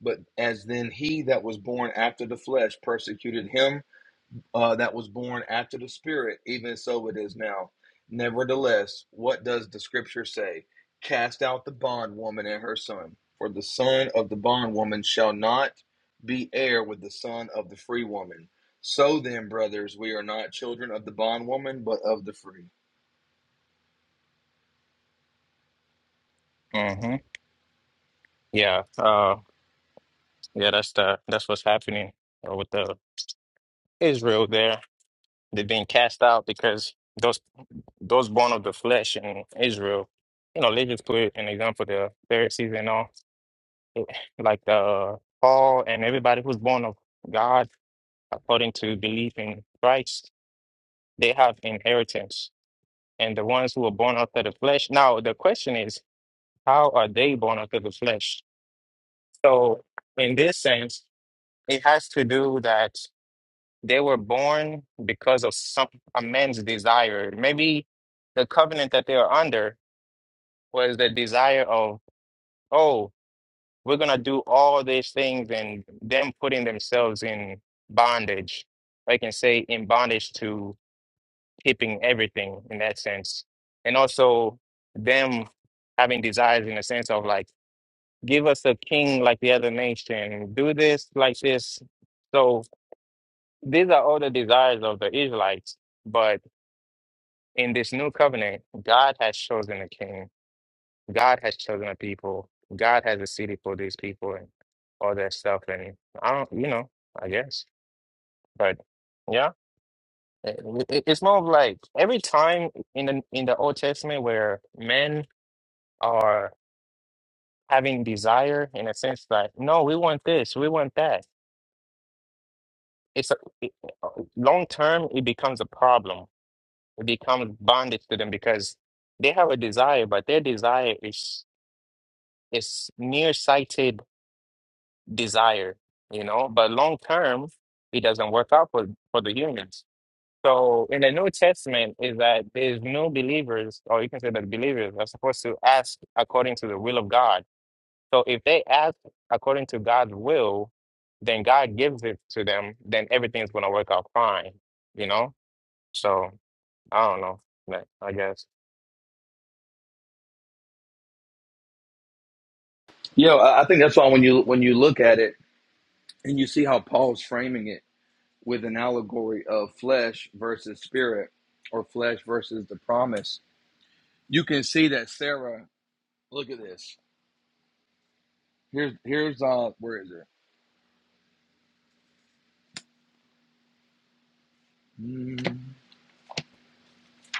[SPEAKER 1] But as then he that was born after the flesh persecuted him, uh, that was born after the Spirit, even so it is now. Nevertheless, what does the Scripture say? Cast out the bondwoman and her son, for the son of the bondwoman shall not be heir with the son of the free woman. So then, brothers, we are not children of the bondwoman, but of the free.
[SPEAKER 2] Mm-hmm. Yeah. Uh yeah, that's the that's what's happening uh, with the Israel there. They're being cast out because those those born of the flesh in Israel, you know, they just put an example the Pharisees and all, like uh Paul and everybody who's born of God according to belief in Christ, they have inheritance. And the ones who are born after the flesh. Now the question is How are they born of the flesh? So, in this sense, it has to do that they were born because of some a man's desire. Maybe the covenant that they are under was the desire of, oh, we're gonna do all these things, and them putting themselves in bondage. I can say in bondage to keeping everything in that sense, and also them having desires in the sense of like give us a king like the other nation, do this like this. So these are all the desires of the Israelites. But in this new covenant, God has chosen a king, God has chosen a people, God has a city for these people and all that stuff. And I don't, you know, I guess. But yeah. it- it- It's more of like every time in the in the Old Testament where men are having desire in a sense like no, we want this, we want that it's a it, long term it becomes a problem it becomes bondage to them because they have a desire but their desire is is nearsighted desire you know but long term it doesn't work out for for the humans so in the new testament is that there's no believers or you can say that believers are supposed to ask according to the will of god so if they ask according to god's will then god gives it to them then everything's going to work out fine you know So I don't know. like, I guess.
[SPEAKER 1] Yo, I I think that's why when you when you look at it and you see how Paul's framing it with an allegory of flesh versus spirit, or flesh versus the promise, you can see that Sarah Look at this. Here's here's uh where is it? Mm,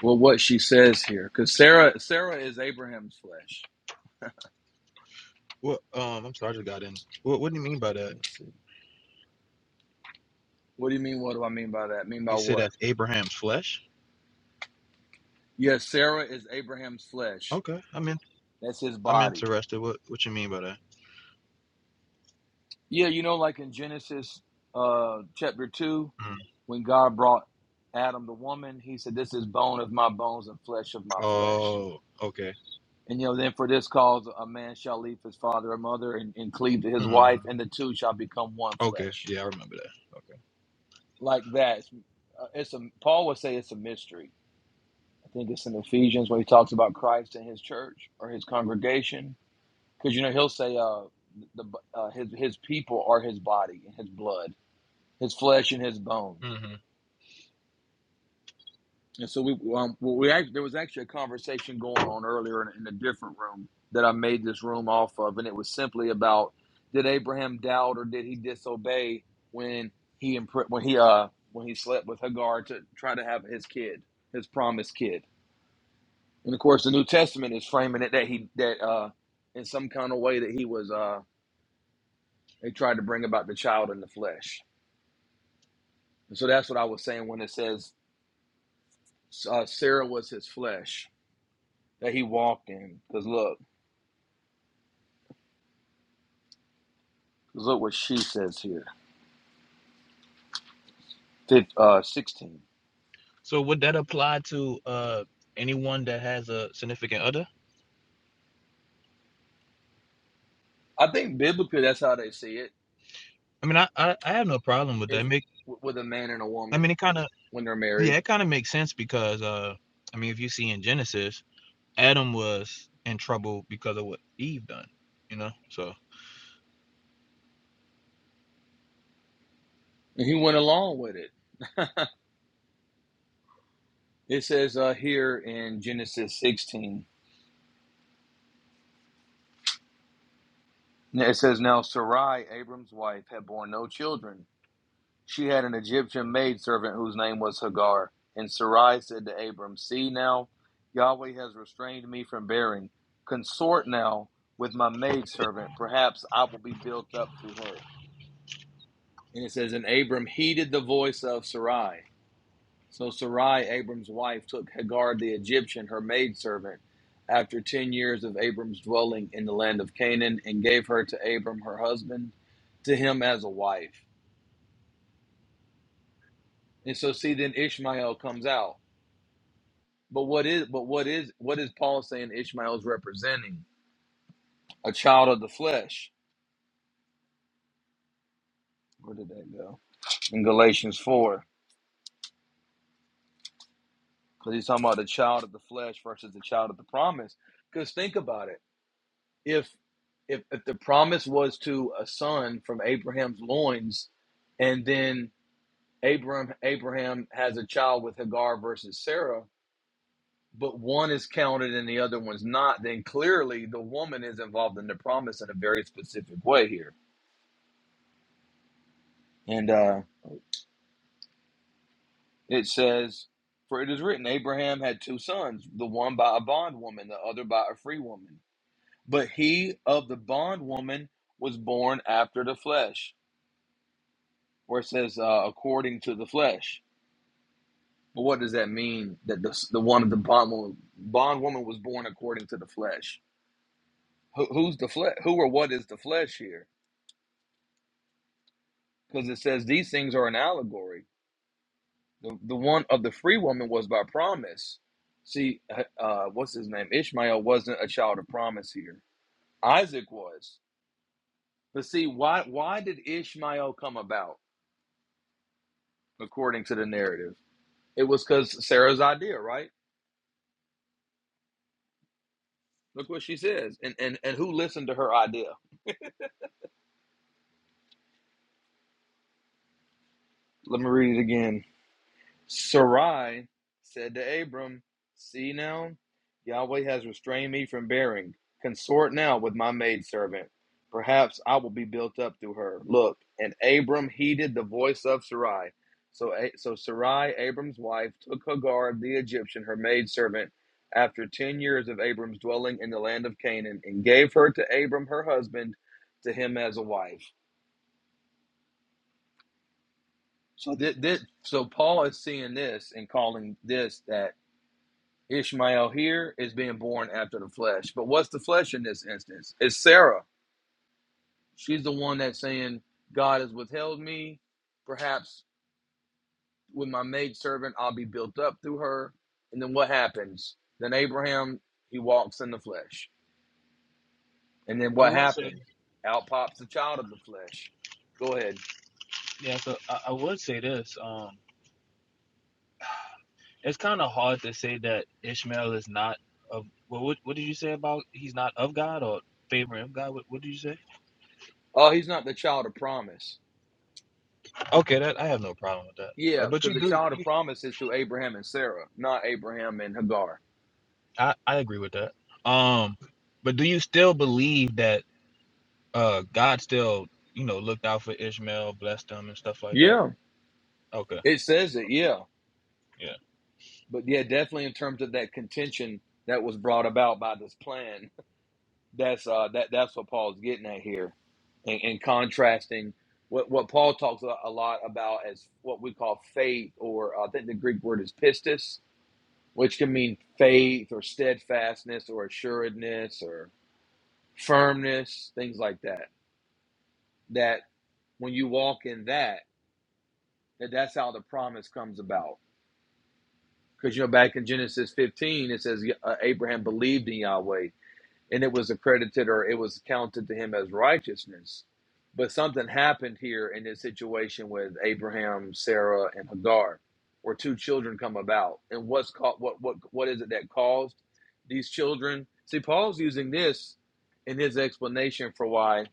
[SPEAKER 1] Well, what she says here, because Sarah Sarah is Abraham's flesh.
[SPEAKER 5] What? Um, I'm sorry, I just got in. What? What do you mean by that?
[SPEAKER 1] Let's see. What do you mean? What do I mean by that? Mean by
[SPEAKER 5] You said
[SPEAKER 1] what?
[SPEAKER 5] that's Abraham's flesh?
[SPEAKER 1] Yes, Sarah is Abraham's flesh.
[SPEAKER 5] Okay, I'm in.
[SPEAKER 1] That's his
[SPEAKER 5] I'm
[SPEAKER 1] body.
[SPEAKER 5] interested. What? What you mean by that?
[SPEAKER 1] Yeah, you know, like in Genesis uh chapter two,
[SPEAKER 5] Mm.
[SPEAKER 1] when God brought Adam the woman, he said, This is bone of my bones and flesh of my flesh.
[SPEAKER 5] Oh, okay.
[SPEAKER 1] And you know, then for this cause a man shall leave his father and mother and, and cleave to his
[SPEAKER 5] hmm
[SPEAKER 1] wife, and the two shall become one
[SPEAKER 5] Okay,
[SPEAKER 1] flesh
[SPEAKER 5] yeah, I remember that.
[SPEAKER 1] like that. It's, uh, it's a Paul would say it's a mystery. I think it's in Ephesians where he talks about Christ and his church or his congregation, because you know he'll say uh the uh, his his people are his body and his blood, his flesh and his bone."
[SPEAKER 5] Okay. hmm
[SPEAKER 1] And so we um well, we act, there was actually a conversation going on earlier in, in a different room that I made this room off of, and it was simply about did Abraham doubt or did he disobey when he impre- when he uh when he slept with Hagar to try to have his kid, his promised kid. And of course, the New Testament is framing it that he that uh in some kind of way that he was uh they tried to bring about the child in the flesh. And so that's what I was saying when it says uh, Sarah was his flesh that he walked in, because look. Look what she says here. Fif uh, 16.
[SPEAKER 5] So would that apply to uh anyone that has a significant other?
[SPEAKER 1] I think biblically that's how they see it
[SPEAKER 5] I mean, I I, I have no problem with
[SPEAKER 1] is
[SPEAKER 5] that. Make
[SPEAKER 1] w- with a man and a
[SPEAKER 5] I
[SPEAKER 1] woman
[SPEAKER 5] mean, it kind of
[SPEAKER 1] when they're
[SPEAKER 5] yeah,
[SPEAKER 1] married.
[SPEAKER 5] it kind of makes sense because uh, I mean, if you see in Genesis, Adam was in trouble because of what Eve done, you know. So
[SPEAKER 1] And he went along with it. it says uh, here in Genesis 16, it says, Now Sarai, Abram's wife, had borne no children. She had an Egyptian maidservant whose name was Hagar. And Sarai said to Abram, 'See now, Yahweh has restrained me from bearing. Consort now with my maidservant. Perhaps I will be built up through her. And it says, And Abram heeded the voice of Sarai. So Sarai, Abram's wife, took Hagar the Egyptian, her maidservant, after 10 years of Abram's dwelling in the land of Canaan, and gave her to Abram, her husband, to him as a wife. And so see then Ishmael comes out. But what is but what is what is Paul saying Ishmael is representing? A child of the flesh. Where did that go? In Galatians 4. Because he's talking about the child of the flesh versus the child of the promise. Because think about it if if if the promise was to a son from Abraham's loins, and then Abraham Abraham has a child with Hagar versus Sarah, but one is counted and the other one's not, then clearly the woman is involved in the promise in a very specific way here. And uh, it says, "For it is written, Abraham had two sons, the one by a bondwoman, the other by a free woman. But he of the bondwoman was born after the flesh." where it says uh, according to the flesh. But what does that mean? That the the one of the bond woman, was born according to the flesh. Who, who's the flesh? Who or what is the flesh here? Because it says these things are an allegory. The the one of the free woman was by promise. See, uh, uh, what's his name? Ishmael wasn't a child of promise here. Isaac was. But see, why why did Ishmael come about according to the narrative? It was because Sarah's idea, right? Look what she says. And, and, and who listened to her idea? Let me read it again. Sarai said to Abram, See now, Yahweh has restrained me from bearing. Consort now with my maidservant. Perhaps I will be built up through her. Look, and Abram heeded the voice of Sarai. So, so Sarai, Abram's wife, took Hagar the Egyptian, her maidservant, after ten years of Abram's dwelling in the land of Canaan, and gave her to Abram her husband, to him as a wife. So this, this, so Paul is seeing this and calling this that Ishmael here is being born after the flesh. But what's the flesh in this instance? It's Sarah. She's the one that's saying God has withheld me. Perhaps with my maidservant, I'll be built up through her. And then what happens? Then Abraham he walks in the flesh. And then
[SPEAKER 5] I
[SPEAKER 1] what
[SPEAKER 5] would say.
[SPEAKER 1] happens? Out pops the child of the flesh. Go ahead.
[SPEAKER 5] Yeah, so I, I would say this. Um, it's kind of hard to say that Ishmael is not of. Well, what what did you say about he's not of God or favoring of God? What what did you say?
[SPEAKER 1] Oh, he's not the child of promise.
[SPEAKER 5] Okay, that I have no problem with that. Uh,
[SPEAKER 1] Yeah,
[SPEAKER 5] but
[SPEAKER 1] because
[SPEAKER 5] you
[SPEAKER 1] the
[SPEAKER 5] do.
[SPEAKER 1] child of promise is to Abraham and Sarah, not Abraham and Hagar.
[SPEAKER 5] I I agree with that. Um, but do you still believe that uh God still you know looked out for Ishmael, blessed him, and stuff like that?
[SPEAKER 1] Yeah,
[SPEAKER 5] Okay,
[SPEAKER 1] it says it. Yeah,
[SPEAKER 5] yeah.
[SPEAKER 1] but yeah, definitely in terms of that contention that was brought about by this plan. That's uh, that that's what Paul's getting at here, and, and contrasting what what Paul talks a, a lot about as what we call faith, or I think the Greek word is pistis, which can mean faith or steadfastness or assuredness or firmness, things like that. That when you walk in that that that's how the promise comes about. Because you know, back in Genesis 15, it says uh, Abraham believed in Yahweh, and it was accredited or it was counted to him as righteousness. But something happened here in this situation with Abraham, Sarah, and Hagar, where two children come about. And what's called what what what is it that caused these children? See, Paul's using this in his explanation for why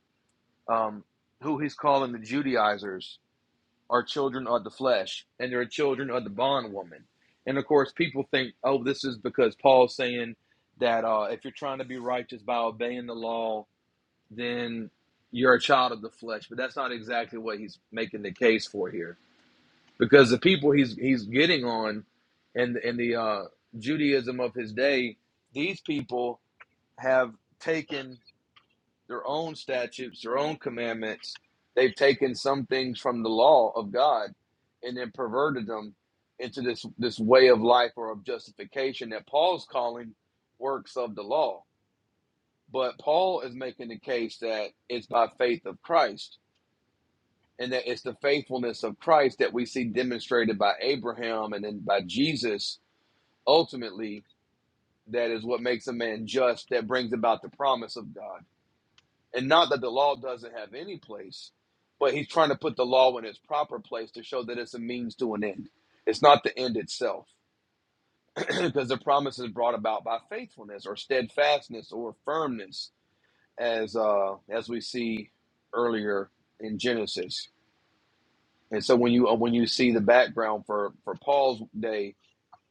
[SPEAKER 1] um, who he's calling the Judaizers are children of the flesh and they're children of the bondwoman. And of course, people think, oh, this is because Paul's saying that uh, if you're trying to be righteous by obeying the law, then you're a child of the flesh. But that's not exactly what he's making the case for here, because the people he's he's getting on, and in, in the uh, Judaism of his day, these people have taken their own statutes, their own commandments. They've taken some things from the law of God and then perverted them into this this way of life or of justification that Paul's calling works of the law. But Paul is making the case that it's by faith of Christ and that it's the faithfulness of Christ that we see demonstrated by Abraham and then by Jesus ultimately that is what makes a man just that brings about the promise of God. And not that the law doesn't have any place, but he's trying to put the law in its proper place to show that it's a means to an end. It's not the end itself, because the promise is brought about by faithfulness or steadfastness or firmness, as uh, as we see earlier in Genesis. And so when you uh, when you see the background for for Paul's day,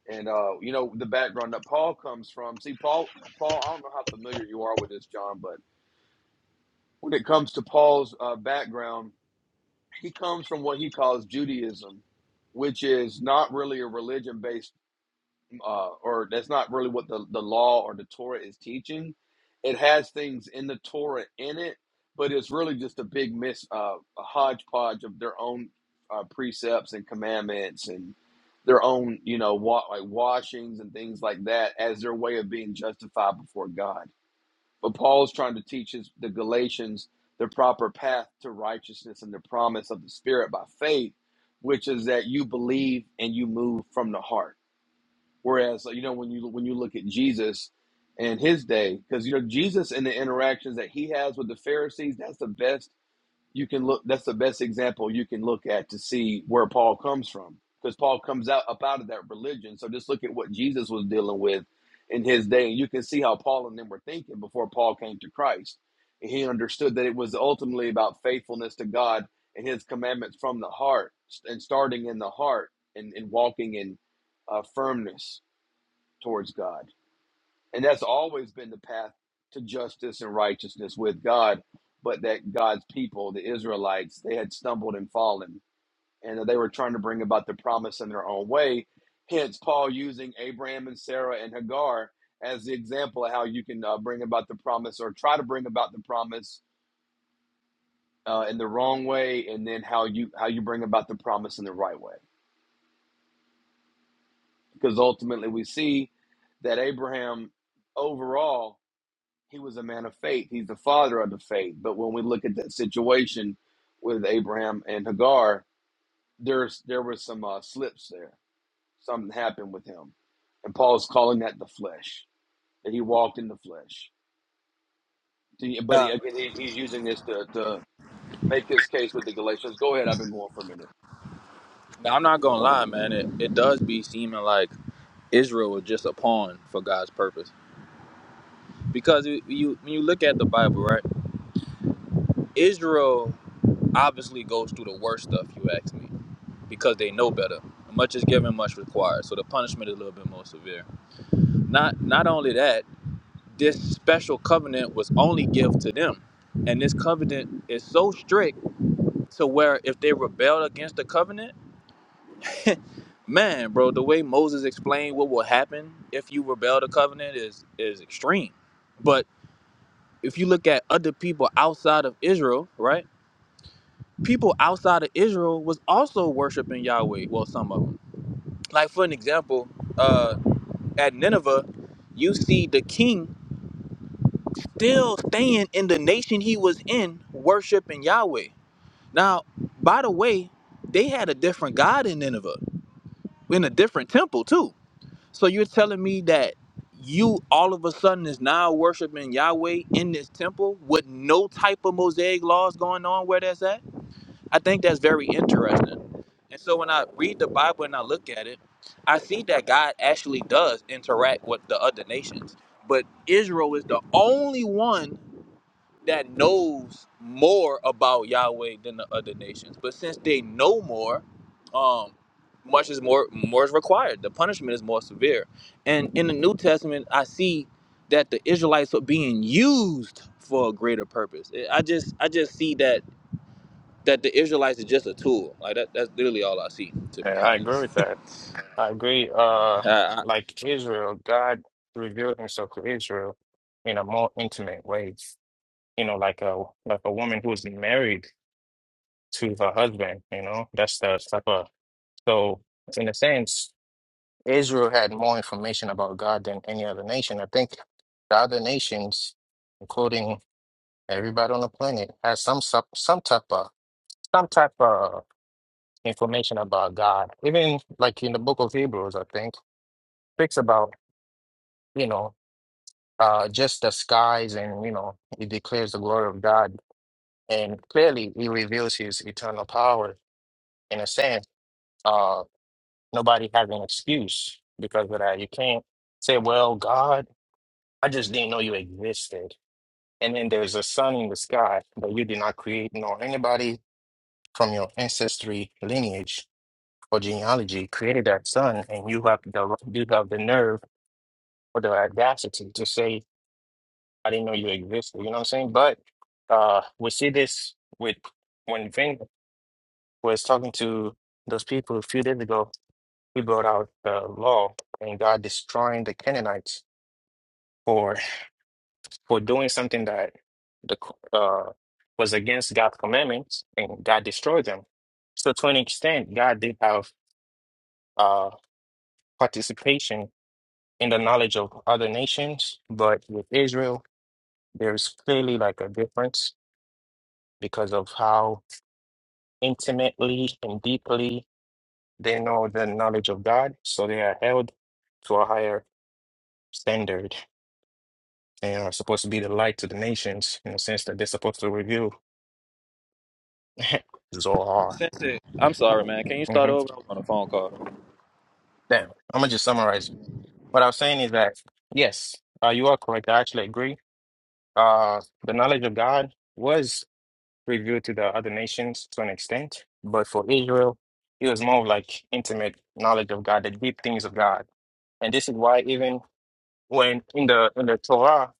[SPEAKER 1] and uh, you know the background that Paul comes from. See, Paul Paul, I don't know how familiar you are with this, John, but when it comes to Paul's uh, background he comes from what he calls Judaism, which is not really a religion based, uh, or that's not really what the, the law or the Torah is teaching. It has things in the Torah in it, but it's really just a big mis, uh, a hodgepodge of their own uh, precepts and commandments and their own, you know, wa- like washings and things like that as their way of being justified before God but Paul's trying to teach his, the Galatians the proper path to righteousness and the promise of the Spirit by faith, which is that you believe and you move from the heart. Whereas, you know, when you when you look at Jesus and his day, because you know Jesus and the interactions that he has with the Pharisees, that's the best you can look that's the best example you can look at to see where paul comes from because paul comes out up out of that religion so just look at what jesus was dealing with in his day and you can see how paul and them were thinking before paul came to christ and he understood that it was ultimately about faithfulness to god and his commandments from the heart and starting in the heart and, and walking in uh, firmness towards god and that's always been the path to justice and righteousness with God. But that God's people, the Israelites, they had stumbled and fallen, and they were trying to bring about the promise in their own way. Hence, Paul using Abraham and Sarah and Hagar as the example of how you can uh, bring about the promise or try to bring about the promise uh, in the wrong way, and then how you how you bring about the promise in the right way. Because ultimately, we see that Abraham overall he was a man of faith. He's the father of the faith. But when we look at that situation with Abraham and Hagar, there's there was some uh, slips there. Something happened with him, and Paul's calling that the flesh that he walked in the flesh. But he, again, he, he's using this to to make his case with the Galatians. Go ahead. I've been going for a minute.
[SPEAKER 5] Now, I'm not gonna lie, man. It, it does be seeming like Israel was just a pawn for God's purpose because it, you when you look at the Bible, right? Israel obviously goes through the worst stuff, you ask me, because they know better. Much is given, much required. So the punishment is a little bit more severe. Not not only that, this special covenant was only given to them. And this covenant is so strict to where if they rebel against the covenant, man, bro, the way Moses explained what will happen if you rebel the covenant is is extreme. But if you look at other people outside of Israel, right? people outside of Israel was also worshiping Yahweh. Well, some of them. Like for an example, uh, at Nineveh, you see the king still staying in the nation he was in, worshiping Yahweh. Now, by the way, they had a different god in Nineveh, in a different temple too. So you're telling me that you all of a sudden is now worshiping Yahweh in this temple with no type of mosaic laws going on where that's at? I think that's very interesting. And so when I read the Bible and I look at it, I see that God actually does interact with the other nations. But Israel is the only one that knows more about Yahweh than the other nations. But since they know more, um, much is more more is required. The punishment is more severe. And in the New Testament, I see that the Israelites are being used for a greater purpose. I just I just see that that the Israelites is just a tool. Like that, that's literally all I see, to be
[SPEAKER 2] Yeah, I agree
[SPEAKER 5] honest.
[SPEAKER 2] with that. I agree. Uh,
[SPEAKER 5] I, I,
[SPEAKER 2] like Israel, God revealed Himself to Israel in a more intimate way. You know, like a like a woman who's married to her husband. You know, that's the type of so. In a sense, Israel had more information about God than any other nation. I think the other nations, including everybody on the planet, has some sup- some type of some type of information about God. Even like in the book of Hebrews, I think, speaks about, you know, uh, just the skies and, you know, it declares the glory of God. And clearly, he reveals his eternal power. In a sense, uh, nobody has an excuse because of that. You can't say, well, God, I just didn't know you existed. And then there's a sun in the sky, but you did not create nor anybody from your ancestry lineage or genealogy created that sun, and you have the you have the nerve or the audacity to say, I didn't know you existed. You know what I'm saying? But uh, we see this with when Vin was talking to those people a few days ago, he brought out the law and God destroying the Canaanites for for doing something that the co- uh, was against God's commandments, and God destroyed them. So to an extent, God did have uh, participation in the knowledge of other nations, but with Israel, there is clearly like a difference because of how intimately and deeply they know the knowledge of God. So they are held to a higher standard and are supposed to be the light to the nations in the sense that they're supposed to reveal Zohar.
[SPEAKER 5] Since it, I'm sorry, man. Can you
[SPEAKER 2] hmm
[SPEAKER 5] start over? i was on a phone call.
[SPEAKER 2] Damn, I'm gonna just summarize. What I was saying is that yes, uh, you are correct. I actually agree. Uh, the knowledge of God was revealed to the other nations to an extent, but for Israel, it was more of like intimate knowledge of God, the deep things of God And this is why even when in the in the Torah,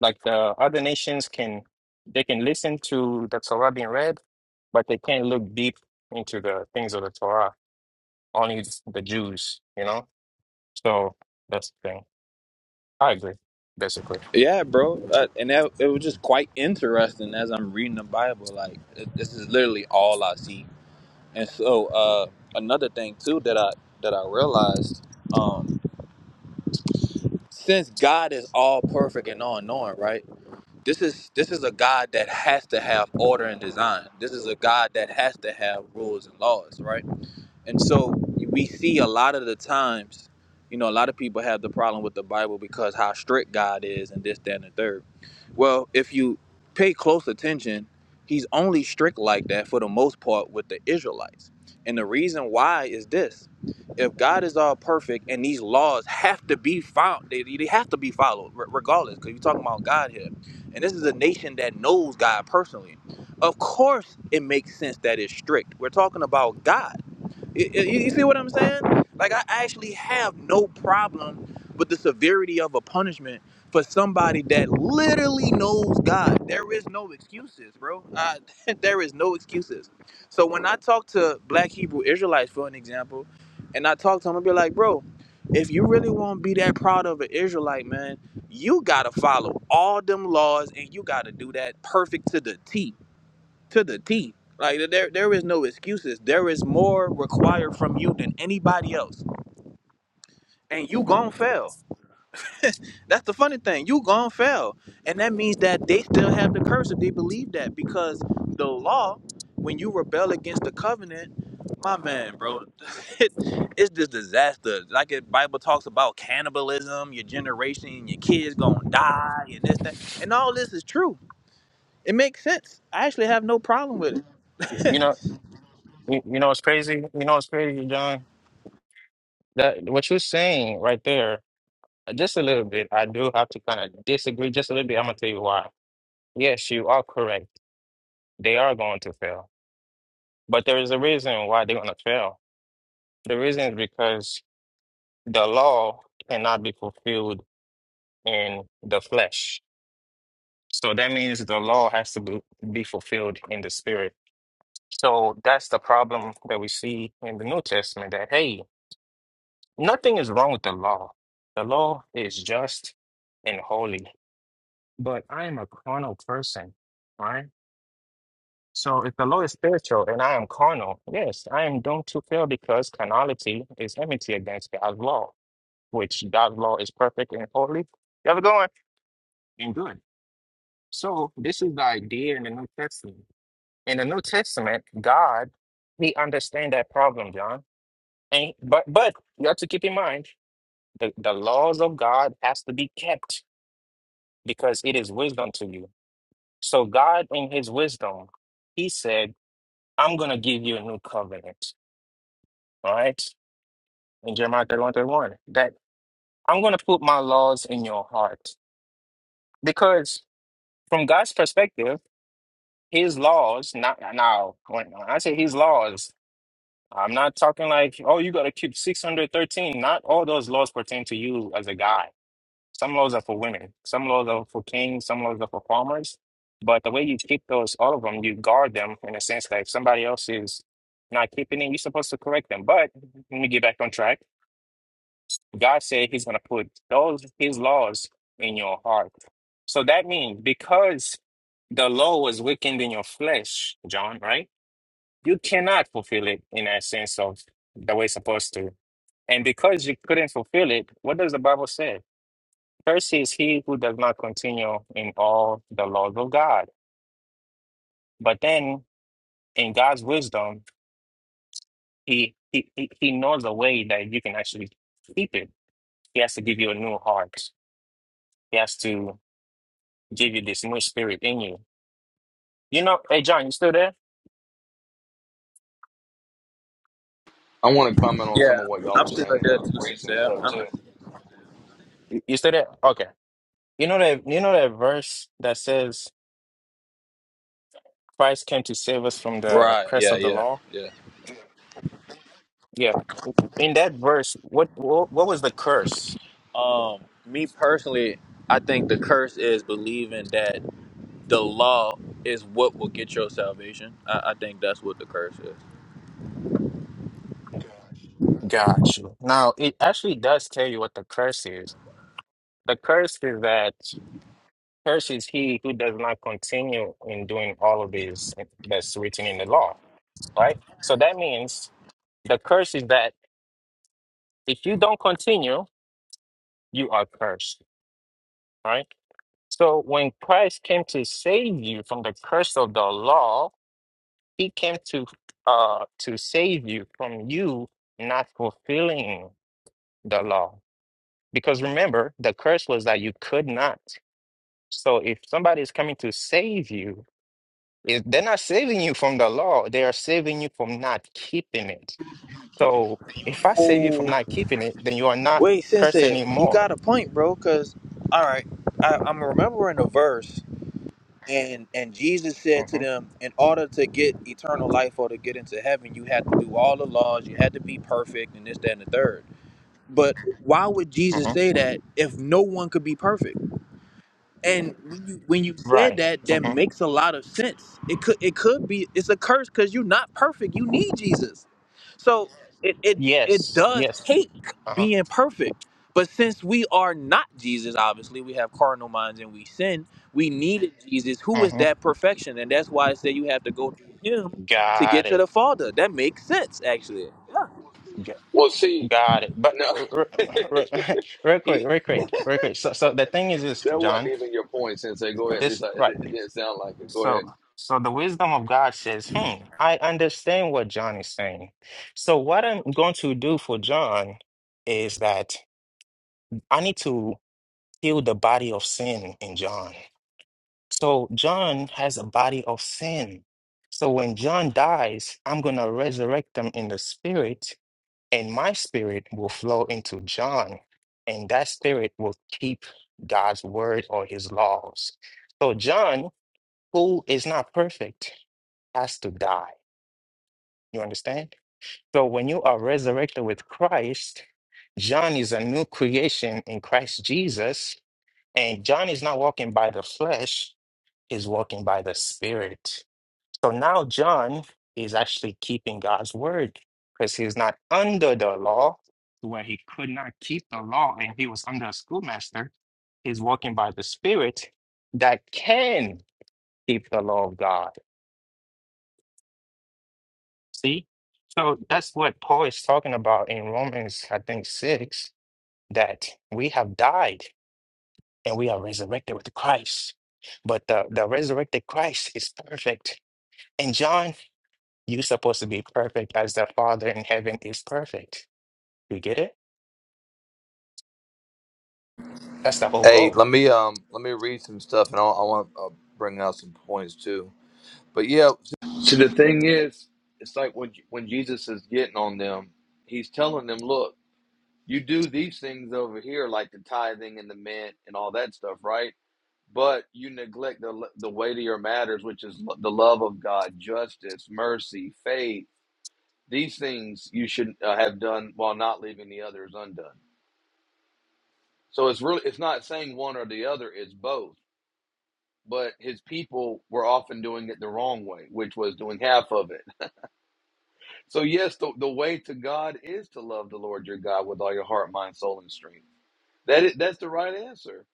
[SPEAKER 2] like the other nations can they can listen to the Torah being read, but they can't look deep into the things of the Torah. Only the Jews, you know. So that's the thing. I agree, basically.
[SPEAKER 5] Yeah, bro. Uh, and that it was just quite interesting as I'm reading the Bible. Like it, this is literally all I see. And so uh, another thing too that I that I realized, um, since God is all perfect and all knowing, right? This is this is a God that has to have order and design. This is a God that has to have rules and laws, right? And so we see a lot of the times, you know, a lot of people have the problem with the Bible because how strict God is and this, that, and the third. Well, if you pay close attention, he's only strict like that for the most part with the Israelites. And the reason why is this. If God is all perfect and these laws have to be found, they, they have to be followed re- regardless, because you're talking about God here. And this is a nation that knows God personally. Of course, it makes sense that it's strict. We're talking about God you, you- see what I'm saying? Like I actually have no problem with the severity of a punishment for somebody that literally knows God. There is no excuses, bro. Uh, there is no excuses. So when I talk to Black Hebrew Israelites, for an example, and I talk to them, I be like, bro, if you really want to be that proud of an Israelite, man, you gotta follow all them laws and you gotta do that perfect to the T to the T. Like there, there is no excuses. There is more required from you than anybody else, and you gon' fail. That's the funny thing. You gon' fail, and that means that they still have the curse if they believe that because the law, when you rebel against the covenant, my man, bro, it, it's just disaster. Like the Bible talks about cannibalism, your generation, your kids gonna die, and this, that, and all this is true. It makes sense. I actually have no problem with it.
[SPEAKER 2] You know, you, you know what's crazy? You know what's crazy, John? That what you're saying right there, uh, just a little bit. I do have to kind of disagree just a little bit. I'm gonna tell you why. Yes, you are correct. They are going to fail, but there is a reason why they're gonna fail The reason is because the law cannot be fulfilled in the flesh. So that means the law has to be, be fulfilled in the spirit. So that's the problem that we see in the New Testament that, hey, nothing is wrong with the law. The law is just and holy. But I am a carnal person, right? So if the law is spiritual and I am carnal, yes, I am doomed to fail because carnality is enmity against God's law. which God's law is perfect and holy. You ever going? And good. So this is the idea in the New Testament. In the New Testament, God, He understands that problem, John. And but but you have to keep in mind the, the laws of God has to be kept because it is wisdom to you. So God in his wisdom, he said, I'm gonna give you a new covenant. All right? In Jeremiah 31, thirty-one, that I'm gonna put my laws in your heart. Because from God's perspective, his laws, not now, when I say his laws, I'm not talking like, oh, you got to keep 613. Not all those laws pertain to you as a guy. Some laws are for women, some laws are for kings, some laws are for farmers. But the way you keep those, all of them, you guard them in a sense that if somebody else is not keeping it, you're supposed to correct them. But let me get back on track. God said he's going to put those, his laws in your heart. So that means because the law was weakened in your flesh, John, right? you cannot fulfill it in a sense of the way it's supposed to. And because you couldn't fulfill it, what does the Bible say? First is he who does not continue in all the laws of God. But then in God's wisdom, he he, he he knows a way that you can actually keep it. He has to give you a new heart. He has to give you this new spirit in you. You know, hey John, you still there?
[SPEAKER 1] I want to comment on
[SPEAKER 5] Yeah,
[SPEAKER 1] some of what y'all
[SPEAKER 5] I'm
[SPEAKER 1] are
[SPEAKER 5] still
[SPEAKER 1] saying and
[SPEAKER 5] like that,
[SPEAKER 1] uh,
[SPEAKER 5] too
[SPEAKER 1] read
[SPEAKER 5] since
[SPEAKER 1] some
[SPEAKER 5] yeah.
[SPEAKER 1] stuff
[SPEAKER 5] I'm
[SPEAKER 1] too.
[SPEAKER 2] You you still there? Okay. You know that you know that verse that says Christ came to save us from the
[SPEAKER 5] right,
[SPEAKER 2] curse
[SPEAKER 5] yeah,
[SPEAKER 2] of the
[SPEAKER 5] yeah,
[SPEAKER 2] law?
[SPEAKER 5] yeah.
[SPEAKER 2] Yeah. in that verse, what what, what was the curse?
[SPEAKER 5] Um, me personally, I think the curse is believing that the law is what will get your salvation. I, I think that's what the curse is.
[SPEAKER 2] Got you. Now it actually does tell you what the curse is. The curse is that curse is he who does not continue in doing all of this that's written in the law, right? So that means the curse is that if you don't continue, you are cursed, right? So when Christ came to save you from the curse of the law, he came to uh to save you from you not fulfilling the law Because remember, the curse was that you could not. So if somebody is coming to save you, if they're not saving you from the law, they are saving you from not keeping it. So if I save you from
[SPEAKER 5] Oh,
[SPEAKER 2] not keeping it, then you are not
[SPEAKER 5] wait,
[SPEAKER 2] cursed
[SPEAKER 5] Sensei, you
[SPEAKER 2] anymore.
[SPEAKER 5] got a point, bro. Because all right, I, I'm remembering a verse, and and Jesus said
[SPEAKER 2] hmm
[SPEAKER 5] to them, in order to get eternal life or to get into heaven, you had to do all the laws, you had to be perfect, and this, that, and the third. But why would
[SPEAKER 2] hmm
[SPEAKER 5] Jesus say that if no one could be perfect? And when you when you said
[SPEAKER 2] Right.
[SPEAKER 5] that, that
[SPEAKER 2] hmm
[SPEAKER 5] makes a lot of sense. It could it could be it's a curse because you're not perfect. You need Jesus. So it it it
[SPEAKER 2] Yes.
[SPEAKER 5] does
[SPEAKER 2] Yes.
[SPEAKER 5] take
[SPEAKER 2] Uh-huh.
[SPEAKER 5] being perfect. But since we are not Jesus, obviously we have carnal minds and we sin. We needed Jesus, who is
[SPEAKER 2] hmm
[SPEAKER 5] that perfection, and that's why I say you have to go through Him to
[SPEAKER 2] Got
[SPEAKER 5] get to
[SPEAKER 2] it.
[SPEAKER 5] the Father. That makes sense, actually.
[SPEAKER 2] G-
[SPEAKER 1] Well, see,
[SPEAKER 2] Got it. But
[SPEAKER 1] no,
[SPEAKER 2] r- r- real quick,
[SPEAKER 1] he,
[SPEAKER 2] real quick, real quick. So, so the thing is this,
[SPEAKER 1] that wasn't
[SPEAKER 2] John.
[SPEAKER 1] even your point, Sensei. Go ahead. At least
[SPEAKER 2] This
[SPEAKER 1] I, it,
[SPEAKER 2] right.
[SPEAKER 1] it didn't sound like it. Go
[SPEAKER 2] So,
[SPEAKER 1] ahead.
[SPEAKER 2] so the wisdom of God says, hmm, I understand what John is saying. So, what I'm going to do for John is that I need to heal the body of sin in John. So, John has a body of sin. So, when John dies, I'm going to resurrect them in the spirit, and my spirit will flow into John, and that spirit will keep God's word or his laws. So, John, who is not perfect, has to die. You understand? So when you are resurrected with Christ, John is a new creation in Christ Jesus, and John is not walking by the flesh, he's walking by the spirit. So now John is actually keeping God's word because he's not under the law, where he could not keep the law and he was under a schoolmaster. He's walking by the spirit that can keep the law of God. See? So that's what Paul is talking about in Romans, I think, 6, that we have died and we are resurrected with Christ. But the, the resurrected Christ is perfect. And John, you're supposed to be perfect as the Father in heaven is perfect. You get it? That's the whole
[SPEAKER 1] Hey,
[SPEAKER 2] goal.
[SPEAKER 1] let me um let me read some stuff, and I, I want to uh, bring out some points too. But yeah, see the thing is, it's like when when Jesus is getting on them, he's telling them, "Look, you do these things over here, like the tithing and the mint and all that stuff, right? But you neglect the the weightier matters, which is lo- the love of God, justice, mercy, faith. These things you should uh, have done while not leaving the others undone. So it's really it's not saying one or the other; it's both but his people were often doing it the wrong way, which was doing half of it. So, yes, the, the way to God is to love the Lord your God with all your heart, mind, soul, and strength. That is, that's the right answer.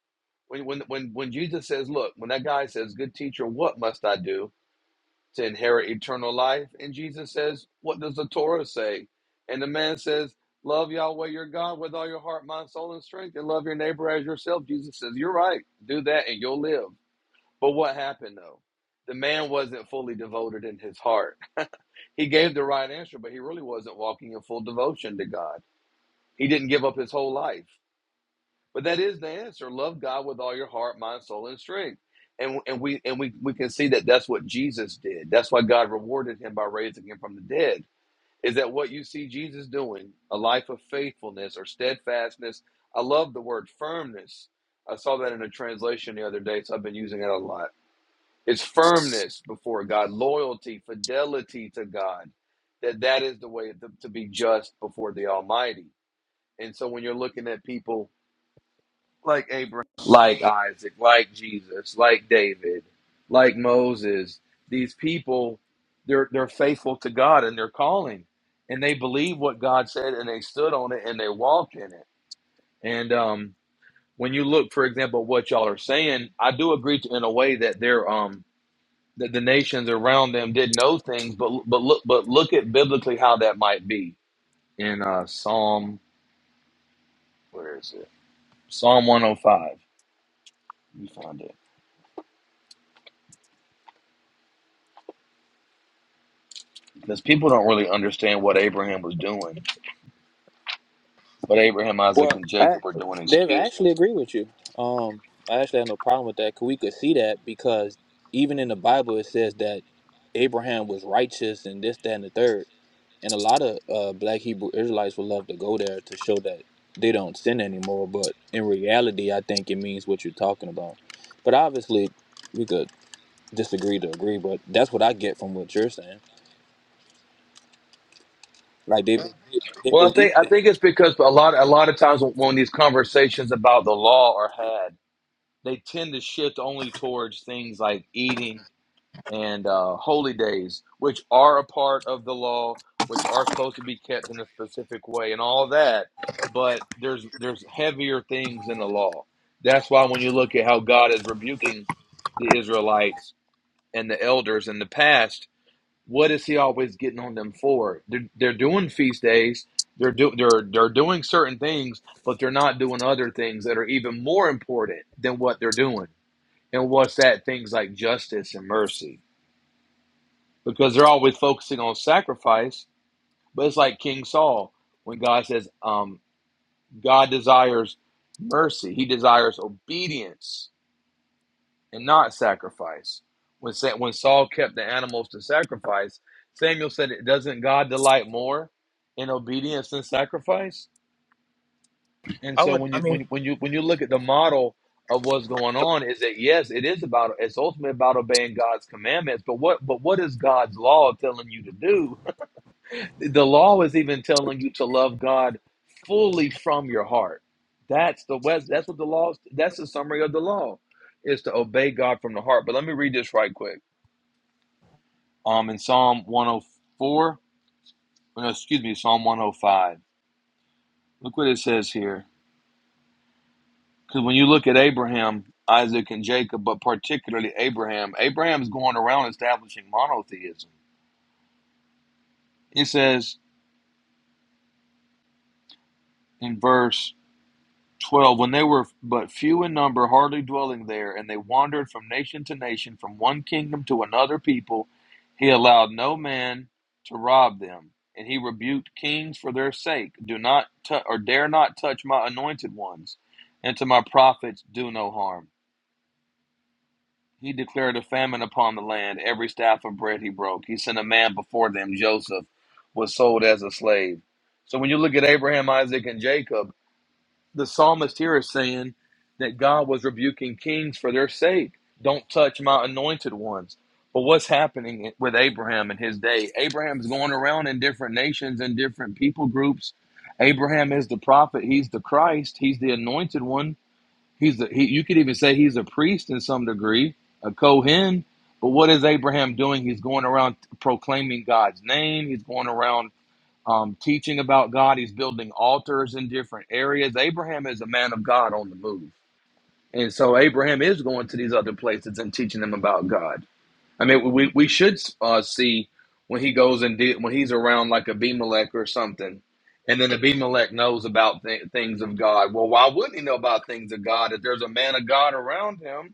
[SPEAKER 1] When, when, when, when Jesus says, Look, when that guy says, Good teacher, what must I do to inherit eternal life? And Jesus says, What does the Torah say? And the man says, Love Yahweh your God with all your heart, mind, soul, and strength, and love your neighbor as yourself. Jesus says, You're right. Do that and you'll live. But what happened though? The man wasn't fully devoted in his heart. He gave the right answer, but he really wasn't walking in full devotion to God. He didn't give up his whole life. But that is the answer. Love God with all your heart, mind, soul, and strength. And, and we and we, we can see that that's what Jesus did. That's why God rewarded him by raising him from the dead. Is that what you see Jesus doing? A life of faithfulness or steadfastness. I love the word firmness. I saw that in a translation the other day, so I've been using it a lot it's firmness before God, loyalty, fidelity to God. That that is the way to, to be just before the Almighty. And so when you're looking at people like Abraham, like Isaac, like Jesus, like David, like Moses, these people, they're they're faithful to God and they're calling. And they believe what God said and they stood on it and they walked in it. And um when you look, for example, what y'all are saying, I do agree to, in a way that they're um that the nations around them did know things, but but look but look at biblically how that might be in uh, Psalm where is it Psalm one hundred five. You find it because people don't really understand what Abraham was doing, what Abraham,
[SPEAKER 5] Well,
[SPEAKER 1] Isaac, and
[SPEAKER 5] I,
[SPEAKER 1] Jacob were doing.
[SPEAKER 5] David, I
[SPEAKER 1] Excuse me.
[SPEAKER 5] actually agree with you. Um, I actually have no problem with that. 'cause we could see that because even in the Bible it says that Abraham was righteous and this, that, and the third. And a lot of uh, Black Hebrew Israelites would love to go there to show that they don't sin anymore. But in reality, I think it means what you're talking about. But obviously, we could disagree to agree. But that's what I get from what you're saying. Like they, they, they
[SPEAKER 1] Well, I
[SPEAKER 5] believe
[SPEAKER 1] think I
[SPEAKER 5] that.
[SPEAKER 1] think it's because a lot a lot of times when when these conversations about the law are had, they tend to shift only towards things like eating and uh, holy days, which are a part of the law, which are supposed to be kept in a specific way, and all that. But there's there's heavier things in the law. That's why when you look at how God is rebuking the Israelites and the elders in the past, what is He always getting on them for? They're, they're doing feast days. They're, do, they're, they're doing certain things, but they're not doing other things that are even more important than what they're doing. And what's that? Things like justice and mercy because they're always focusing on sacrifice. But it's like King Saul when God says, um, God desires mercy, he desires obedience and not sacrifice. When, Sa- when Saul kept the animals to sacrifice, Samuel said, "Doesn't God delight more in obedience than sacrifice?" And
[SPEAKER 5] I
[SPEAKER 1] so
[SPEAKER 5] would,
[SPEAKER 1] when you when, when you when you look at the model of what's going on, is that yes, it is about it's ultimately about obeying God's commandments. But what but what is God's law telling you to do? the law is even telling you to love God fully from your heart. That's the west. That's what the law. That's the summary of the law, is to obey God from the heart. But let me read this right quick. Um, in Psalm 104, no, excuse me, Psalm 105. Look what it says here. Because when you look at Abraham, Isaac, and Jacob, but particularly Abraham, Abraham's going around establishing monotheism. It says in verse 12 when they were but few in number hardly dwelling there and they wandered from nation to nation from one kingdom to another people he allowed no man to rob them and he rebuked kings for their sake do not tou- or dare not touch my anointed ones and to my prophets do no harm he declared a famine upon the land every staff of bread he broke he sent a man before them joseph was sold as a slave so when you look at abraham isaac and jacob the psalmist here is saying that God was rebuking kings for their sake. Don't touch my anointed ones. But what's happening with Abraham in his day? Abraham's going around in different nations and different people groups. Abraham is the prophet. He's the Christ. He's the anointed one. He's the, he, you could even say he's a priest in some degree, a Kohen. But what is Abraham doing? He's going around proclaiming God's name. He's going around um, teaching about God. He's building altars in different areas. Abraham is a man of God on the move. And so Abraham is going to these other places and teaching them about God. I mean, we we should uh, see when he goes and de- when he's around like Abimelech or something, and then Abimelech knows about th- things of God. Well, why wouldn't he know about things of God if there's a man of God around him,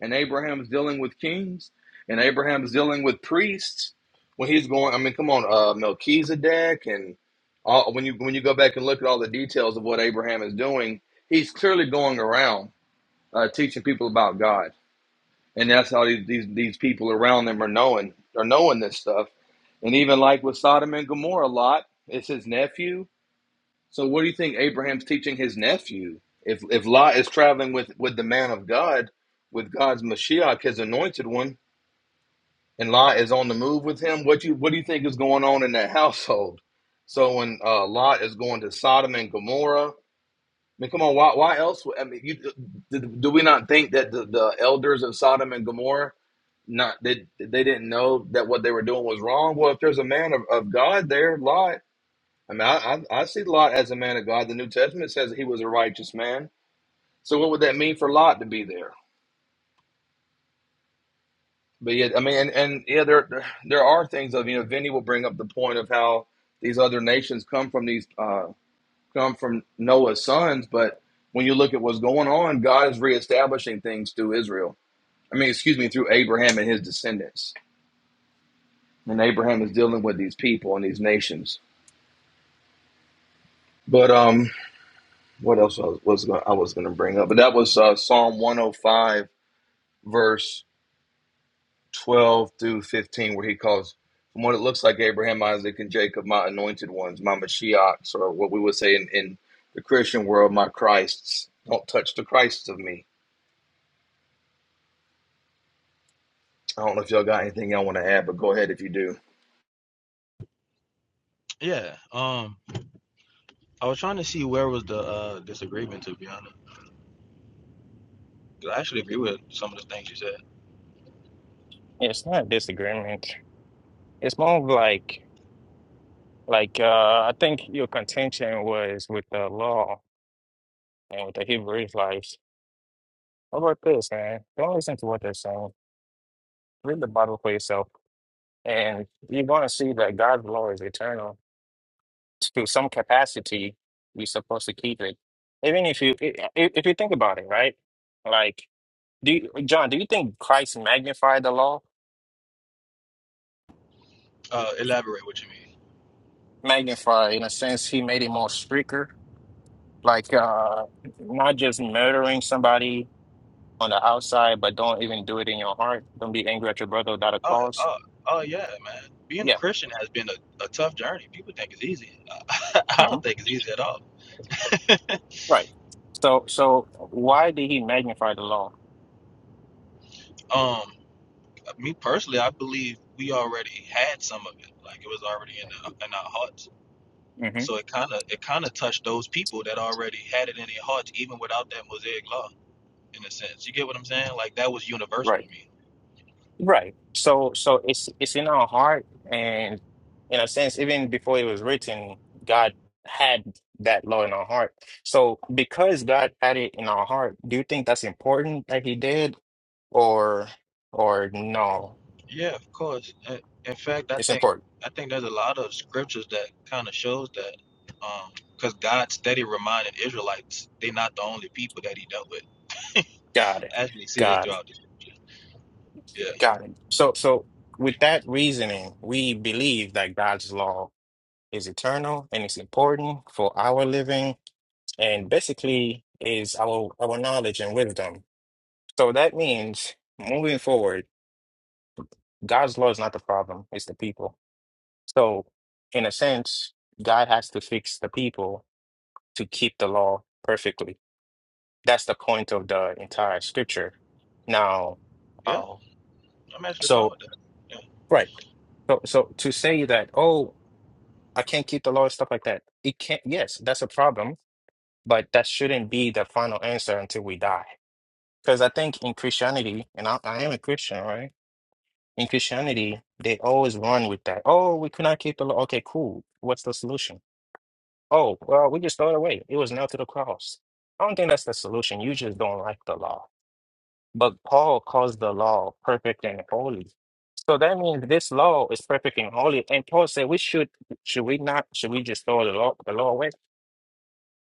[SPEAKER 1] and Abraham's dealing with kings, and Abraham's dealing with priests? When he's going, I mean, come on, uh, Melchizedek, and all, when you when you go back and look at all the details of what Abraham is doing, he's clearly going around uh, teaching people about God and that's how these, these these people around them are knowing are knowing this stuff and even like with sodom and gomorrah lot it's his nephew so what do you think abraham's teaching his nephew if if lot is traveling with with the man of god with god's mashiach his anointed one and lot is on the move with him what you what do you think is going on in that household so when uh, lot is going to sodom and gomorrah I mean, come on, why, why else? would- I mean, you, do, do we not think that the, the elders of Sodom and Gomorrah, not they, they didn't know that what they were doing was wrong? Well, if there's a man of, of God there, Lot, I mean, I, I, I see Lot as a man of God. The New Testament says he was a righteous man. So what would that mean for Lot to be there? But yeah, I mean, and, and yeah, there there there are things of you know. Vinny will bring up the point of how these other nations come from these. Uh, come from Noah's sons, but when you look at what's going on, God is reestablishing things through Israel. I mean, excuse me, through Abraham and his descendants. And Abraham is dealing with these people and these nations. But um, what else was, was going, I was going to bring up? But that was uh, Psalm 105, verse 12 through 15, where he calls, from what it looks like, Abraham, Isaac, and Jacob, my anointed ones, my Mashiachs, or what we would say in, in the Christian world, my Christs. Don't touch the Christs of me I don't know if y'all got anything y'all want to add, but go ahead if you do.
[SPEAKER 5] yeah. Um, I was trying to see where was the uh, disagreement. To be honest, 'Cause I actually agree with some of the things you said.
[SPEAKER 2] It's not a disagreement. It's more of like, like uh, I think your contention was with the law and with the Hebrew Israelites. How about this, man? Don't listen to what they're saying. Read the Bible for yourself, and you're going to see that God's law is eternal. To some capacity, we're supposed to keep it. Even if you i- i- if you think about it, right? Like, do you, John, do you think Christ magnified the law?
[SPEAKER 5] Uh, elaborate what you mean.
[SPEAKER 2] Magnified in a sense, he made it more stricter, like uh, not just murdering somebody on the outside, but don't even do it in your heart. Don't be angry at your brother without a
[SPEAKER 5] Oh,
[SPEAKER 2] cause.
[SPEAKER 5] oh, oh yeah, man. Being a
[SPEAKER 2] Yeah,
[SPEAKER 5] Christian has been a, a tough journey. People think it's easy. I
[SPEAKER 2] hmm
[SPEAKER 5] don't think it's easy at all.
[SPEAKER 2] right. So, so why did he magnify the law?
[SPEAKER 5] Um, me personally, I believe we already had some of it. Like it was already in, the, in our hearts.
[SPEAKER 2] hmm
[SPEAKER 5] So it kind of it kind of touched those people that already had it in their hearts, even without that Mosaic law in a sense. You get what I'm saying? Like that was universal
[SPEAKER 2] Right.
[SPEAKER 5] to me.
[SPEAKER 2] Right. So so it's it's in our heart and in a sense, even before it was written, God had that law in our heart. So because God had it in our heart, do you think that's important that he did or or no?
[SPEAKER 5] Yeah, of course. In in fact, I
[SPEAKER 2] It's
[SPEAKER 5] think
[SPEAKER 2] important.
[SPEAKER 5] I think there's a lot of scriptures that kind of shows that, because God steady reminded Israelites they're not the only people that He dealt with
[SPEAKER 2] Got it.
[SPEAKER 5] actually see this
[SPEAKER 2] Got it.
[SPEAKER 5] throughout the scripture. yeah
[SPEAKER 2] Got it. So so with that reasoning, we believe that God's law is eternal and it's important for our living and basically is our our knowledge and wisdom. So that means moving forward, God's law is not the problem, it's the people. So, in a sense, God has to fix the people to keep the law perfectly. That's the point of the entire scripture. Now,
[SPEAKER 5] yeah
[SPEAKER 2] um,
[SPEAKER 5] I'm actually fine
[SPEAKER 2] so,
[SPEAKER 5] with that.
[SPEAKER 2] right. So, so to say that, oh, I can't keep the law and stuff like that, it can't, yes, that's a problem, but that shouldn't be the final answer until we die. Because I think in Christianity, and I, I am a Christian, right? In Christianity, they always run with that. Oh, we could not keep the law. Okay, cool. What's the solution? Oh, well, we just throw it away. It was nailed to the cross. I don't think that's the solution. You just don't like the law. But Paul calls the law perfect and holy. So that means this law is perfect and holy. And Paul said, we should, should we not, should we just throw the law, the law away?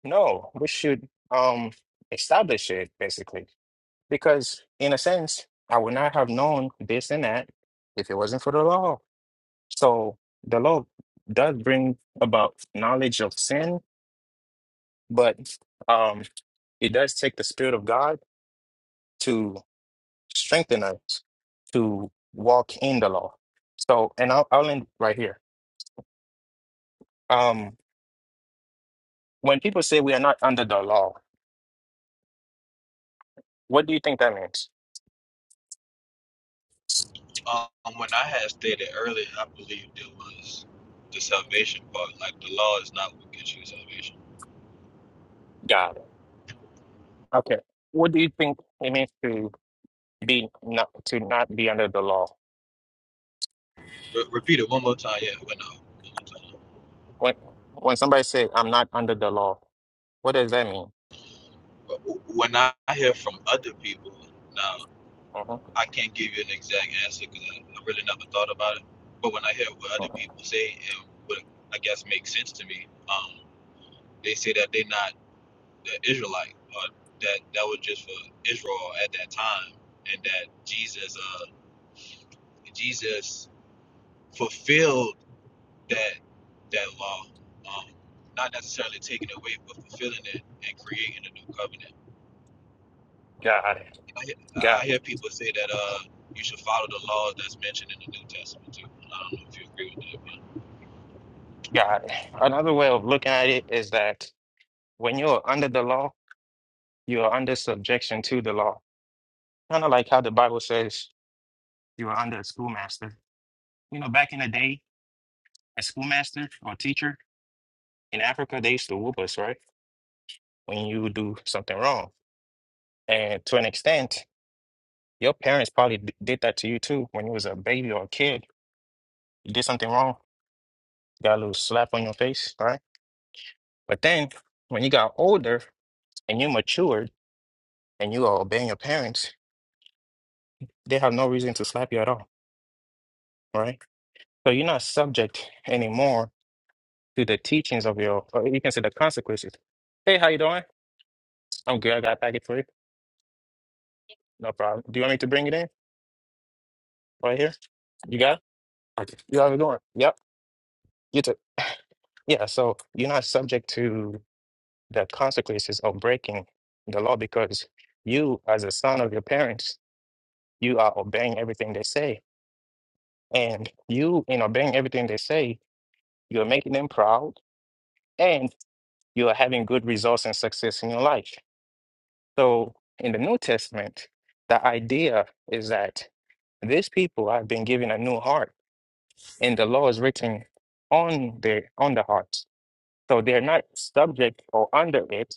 [SPEAKER 2] No, we should um establish it basically. Because in a sense, I would not have known this and that if it wasn't for the law. So the law does bring about knowledge of sin, but um, it does take the Spirit of God to strengthen us to walk in the law. So, and I'll, I'll end right here. Um, when people say we are not under the law, what do you think that means?
[SPEAKER 5] Yeah. Um, when I had stated earlier, I believe it was the salvation part. Like the law is not what gets you salvation.
[SPEAKER 2] God. Okay. What do you think it means to be not to not be under the law?
[SPEAKER 5] Re- repeat it one more time. Yeah, when I one more time.
[SPEAKER 2] When when somebody say I'm not under the law, what does that mean?
[SPEAKER 5] But w- when I hear from other people now,
[SPEAKER 2] uh
[SPEAKER 5] I can't give you an exact answer because I, I really never thought about it. But when I hear what other people say and what I guess makes sense to me, um, they say that they're not. the Israelite, or that that was just for Israel at that time, and that Jesus, uh, Jesus fulfilled that that law, um, not necessarily taking it away, but fulfilling it and creating a new covenant.
[SPEAKER 2] God.
[SPEAKER 5] I, hear-
[SPEAKER 2] God.
[SPEAKER 5] I hear people say that uh, you should follow the laws that's mentioned in the New Testament too. I don't know if you agree with that. But.
[SPEAKER 2] Got it. Another way of looking at it is that when you're under the law, you are under subjection to the law. Kind of like how the Bible says you are under a schoolmaster. You know, back in the day, a schoolmaster or teacher in Africa, they used to whoop us, right? When you do something wrong. And to an extent, your parents probably d- did that to you too when you was a baby or a kid. You did something wrong, got a little slap on your face, right? But then when you got older and you matured and you are obeying your parents, they have no reason to slap you at all, right? So you're not subject anymore to the teachings of your, or you can say the consequences. Hey, how you doing? I'm good. I got a packet for you. No problem. Do you want me to bring it in right here? You got it? Okay. You have it going? Yep. You too. Yeah. So you're not subject to the consequences of breaking the law because you, as a son of your parents, you are obeying everything they say, and you, in obeying everything they say, you're making them proud. and you are having good results and success in your life. So in the New Testament, the idea is that these people have been given a new heart, and the law is written on the on the heart. So they're not subject or under it;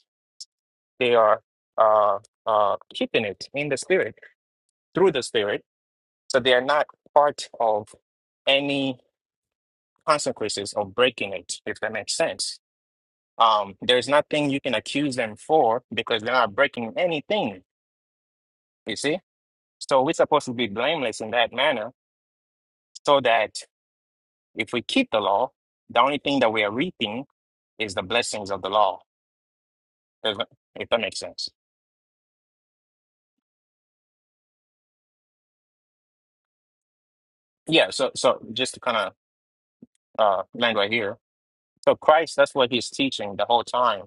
[SPEAKER 2] they are uh, uh, keeping it in the spirit through the spirit. So they are not part of any consequences of breaking it, if that makes sense. Um, there's nothing you can accuse them for because they're not breaking anything. You see? So we're supposed to be blameless in that manner so that if we keep the law, the only thing that we are reaping is the blessings of the law. If, if that makes sense. Yeah, so so just to kind of uh land right here. So Christ, that's what he's teaching the whole time.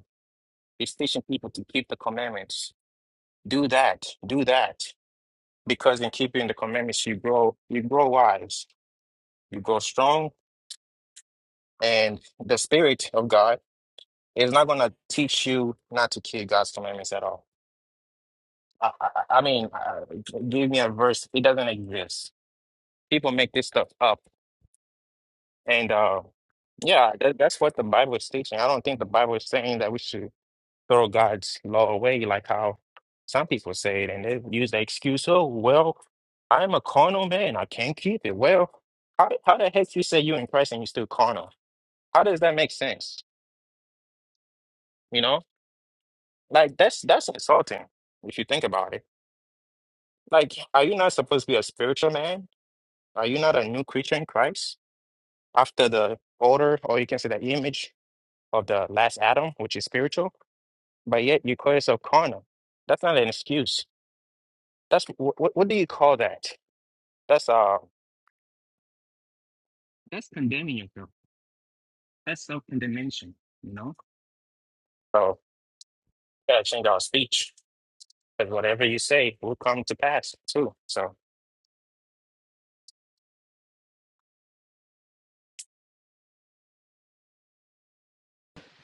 [SPEAKER 2] He's teaching people to keep the commandments. Do that, do that. Because in keeping the commandments you grow you grow wise, you grow strong, and the spirit of God is not gonna teach you not to keep God's commandments at all I, I, I mean, uh, give me a verse. It doesn't exist. People make this stuff up, and uh, yeah, that, that's what the Bible is teaching. I don't think the Bible is saying that we should throw God's law away, like how some people say it, and they use the excuse, "Oh, well, I'm a carnal man. I can't keep it." Well, how how the heck you say you in Christ and you still carnal? How does that make sense? You know, like that's that's insulting if you think about it. Like, are you not supposed to be a spiritual man? Are you not a new creature in Christ? after the order, or you can say the image of the last Adam, which is spiritual, but yet you call yourself carnal. That's not an excuse. That's what, what do you call that? That's uh. That's condemning yourself. That's self condemnation. You know. So gotta change our speech because whatever you say will come to pass too. So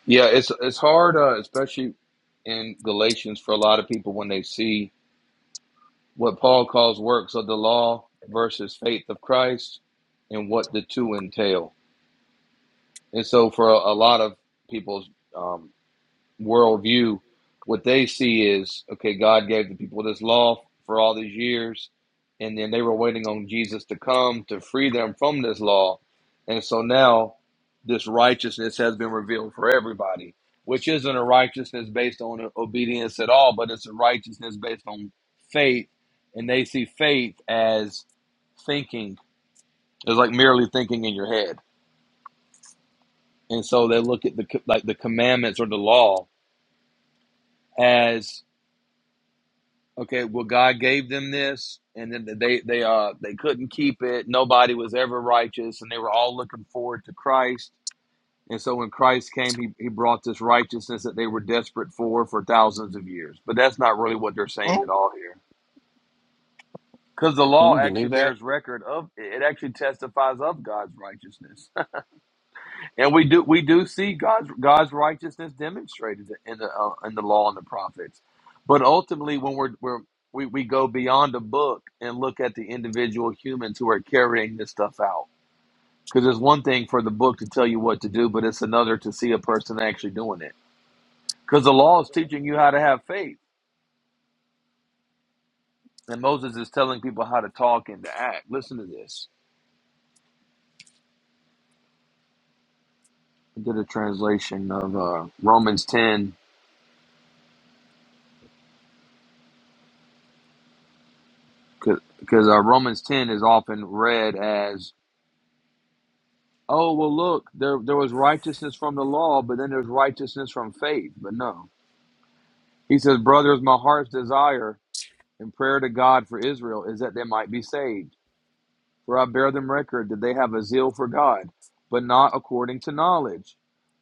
[SPEAKER 1] Yeah, it's it's hard, uh, especially in Galatians, for a lot of people when they see what Paul calls works of the law versus faith of Christ, and what the two entail. And so, for a, a lot of people's um, worldview, what they see is okay, God gave the people this law for all these years, and then they were waiting on Jesus to come to free them from this law. And so now this righteousness has been revealed for everybody, which isn't a righteousness based on obedience at all, but it's a righteousness based on faith. And they see faith as thinking, it's like merely thinking in your head. And so they look at the like the commandments or the law as Okay, well, God gave them this, and then they they uh they couldn't keep it. Nobody was ever righteous, and they were all looking forward to Christ. And so when Christ came, he, he brought this righteousness that they were desperate for for thousands of years. But that's not really what they're saying
[SPEAKER 2] Mm,
[SPEAKER 1] at all here, because the
[SPEAKER 2] can
[SPEAKER 1] law
[SPEAKER 2] you
[SPEAKER 1] actually
[SPEAKER 2] believe that?
[SPEAKER 1] bears record of it actually testifies of God's righteousness. And we do we do see God's God's righteousness demonstrated in the uh, in the law and the prophets, but ultimately when we're, we're we we go beyond the book and look at the individual humans who are carrying this stuff out. Because it's one thing for the book to tell you what to do, but it's another to see a person actually doing it. Because the law is teaching you how to have faith, and Moses is telling people how to talk and to act. Listen to this. I did a translation of uh, Romans ten because uh, Romans ten is often read as Oh well, look, there there was righteousness from the law, but then there's righteousness from faith. But no, he says, brothers, my heart's desire and prayer to God for Israel is that they might be saved. For I bear them record that they have a zeal for God, but not according to knowledge.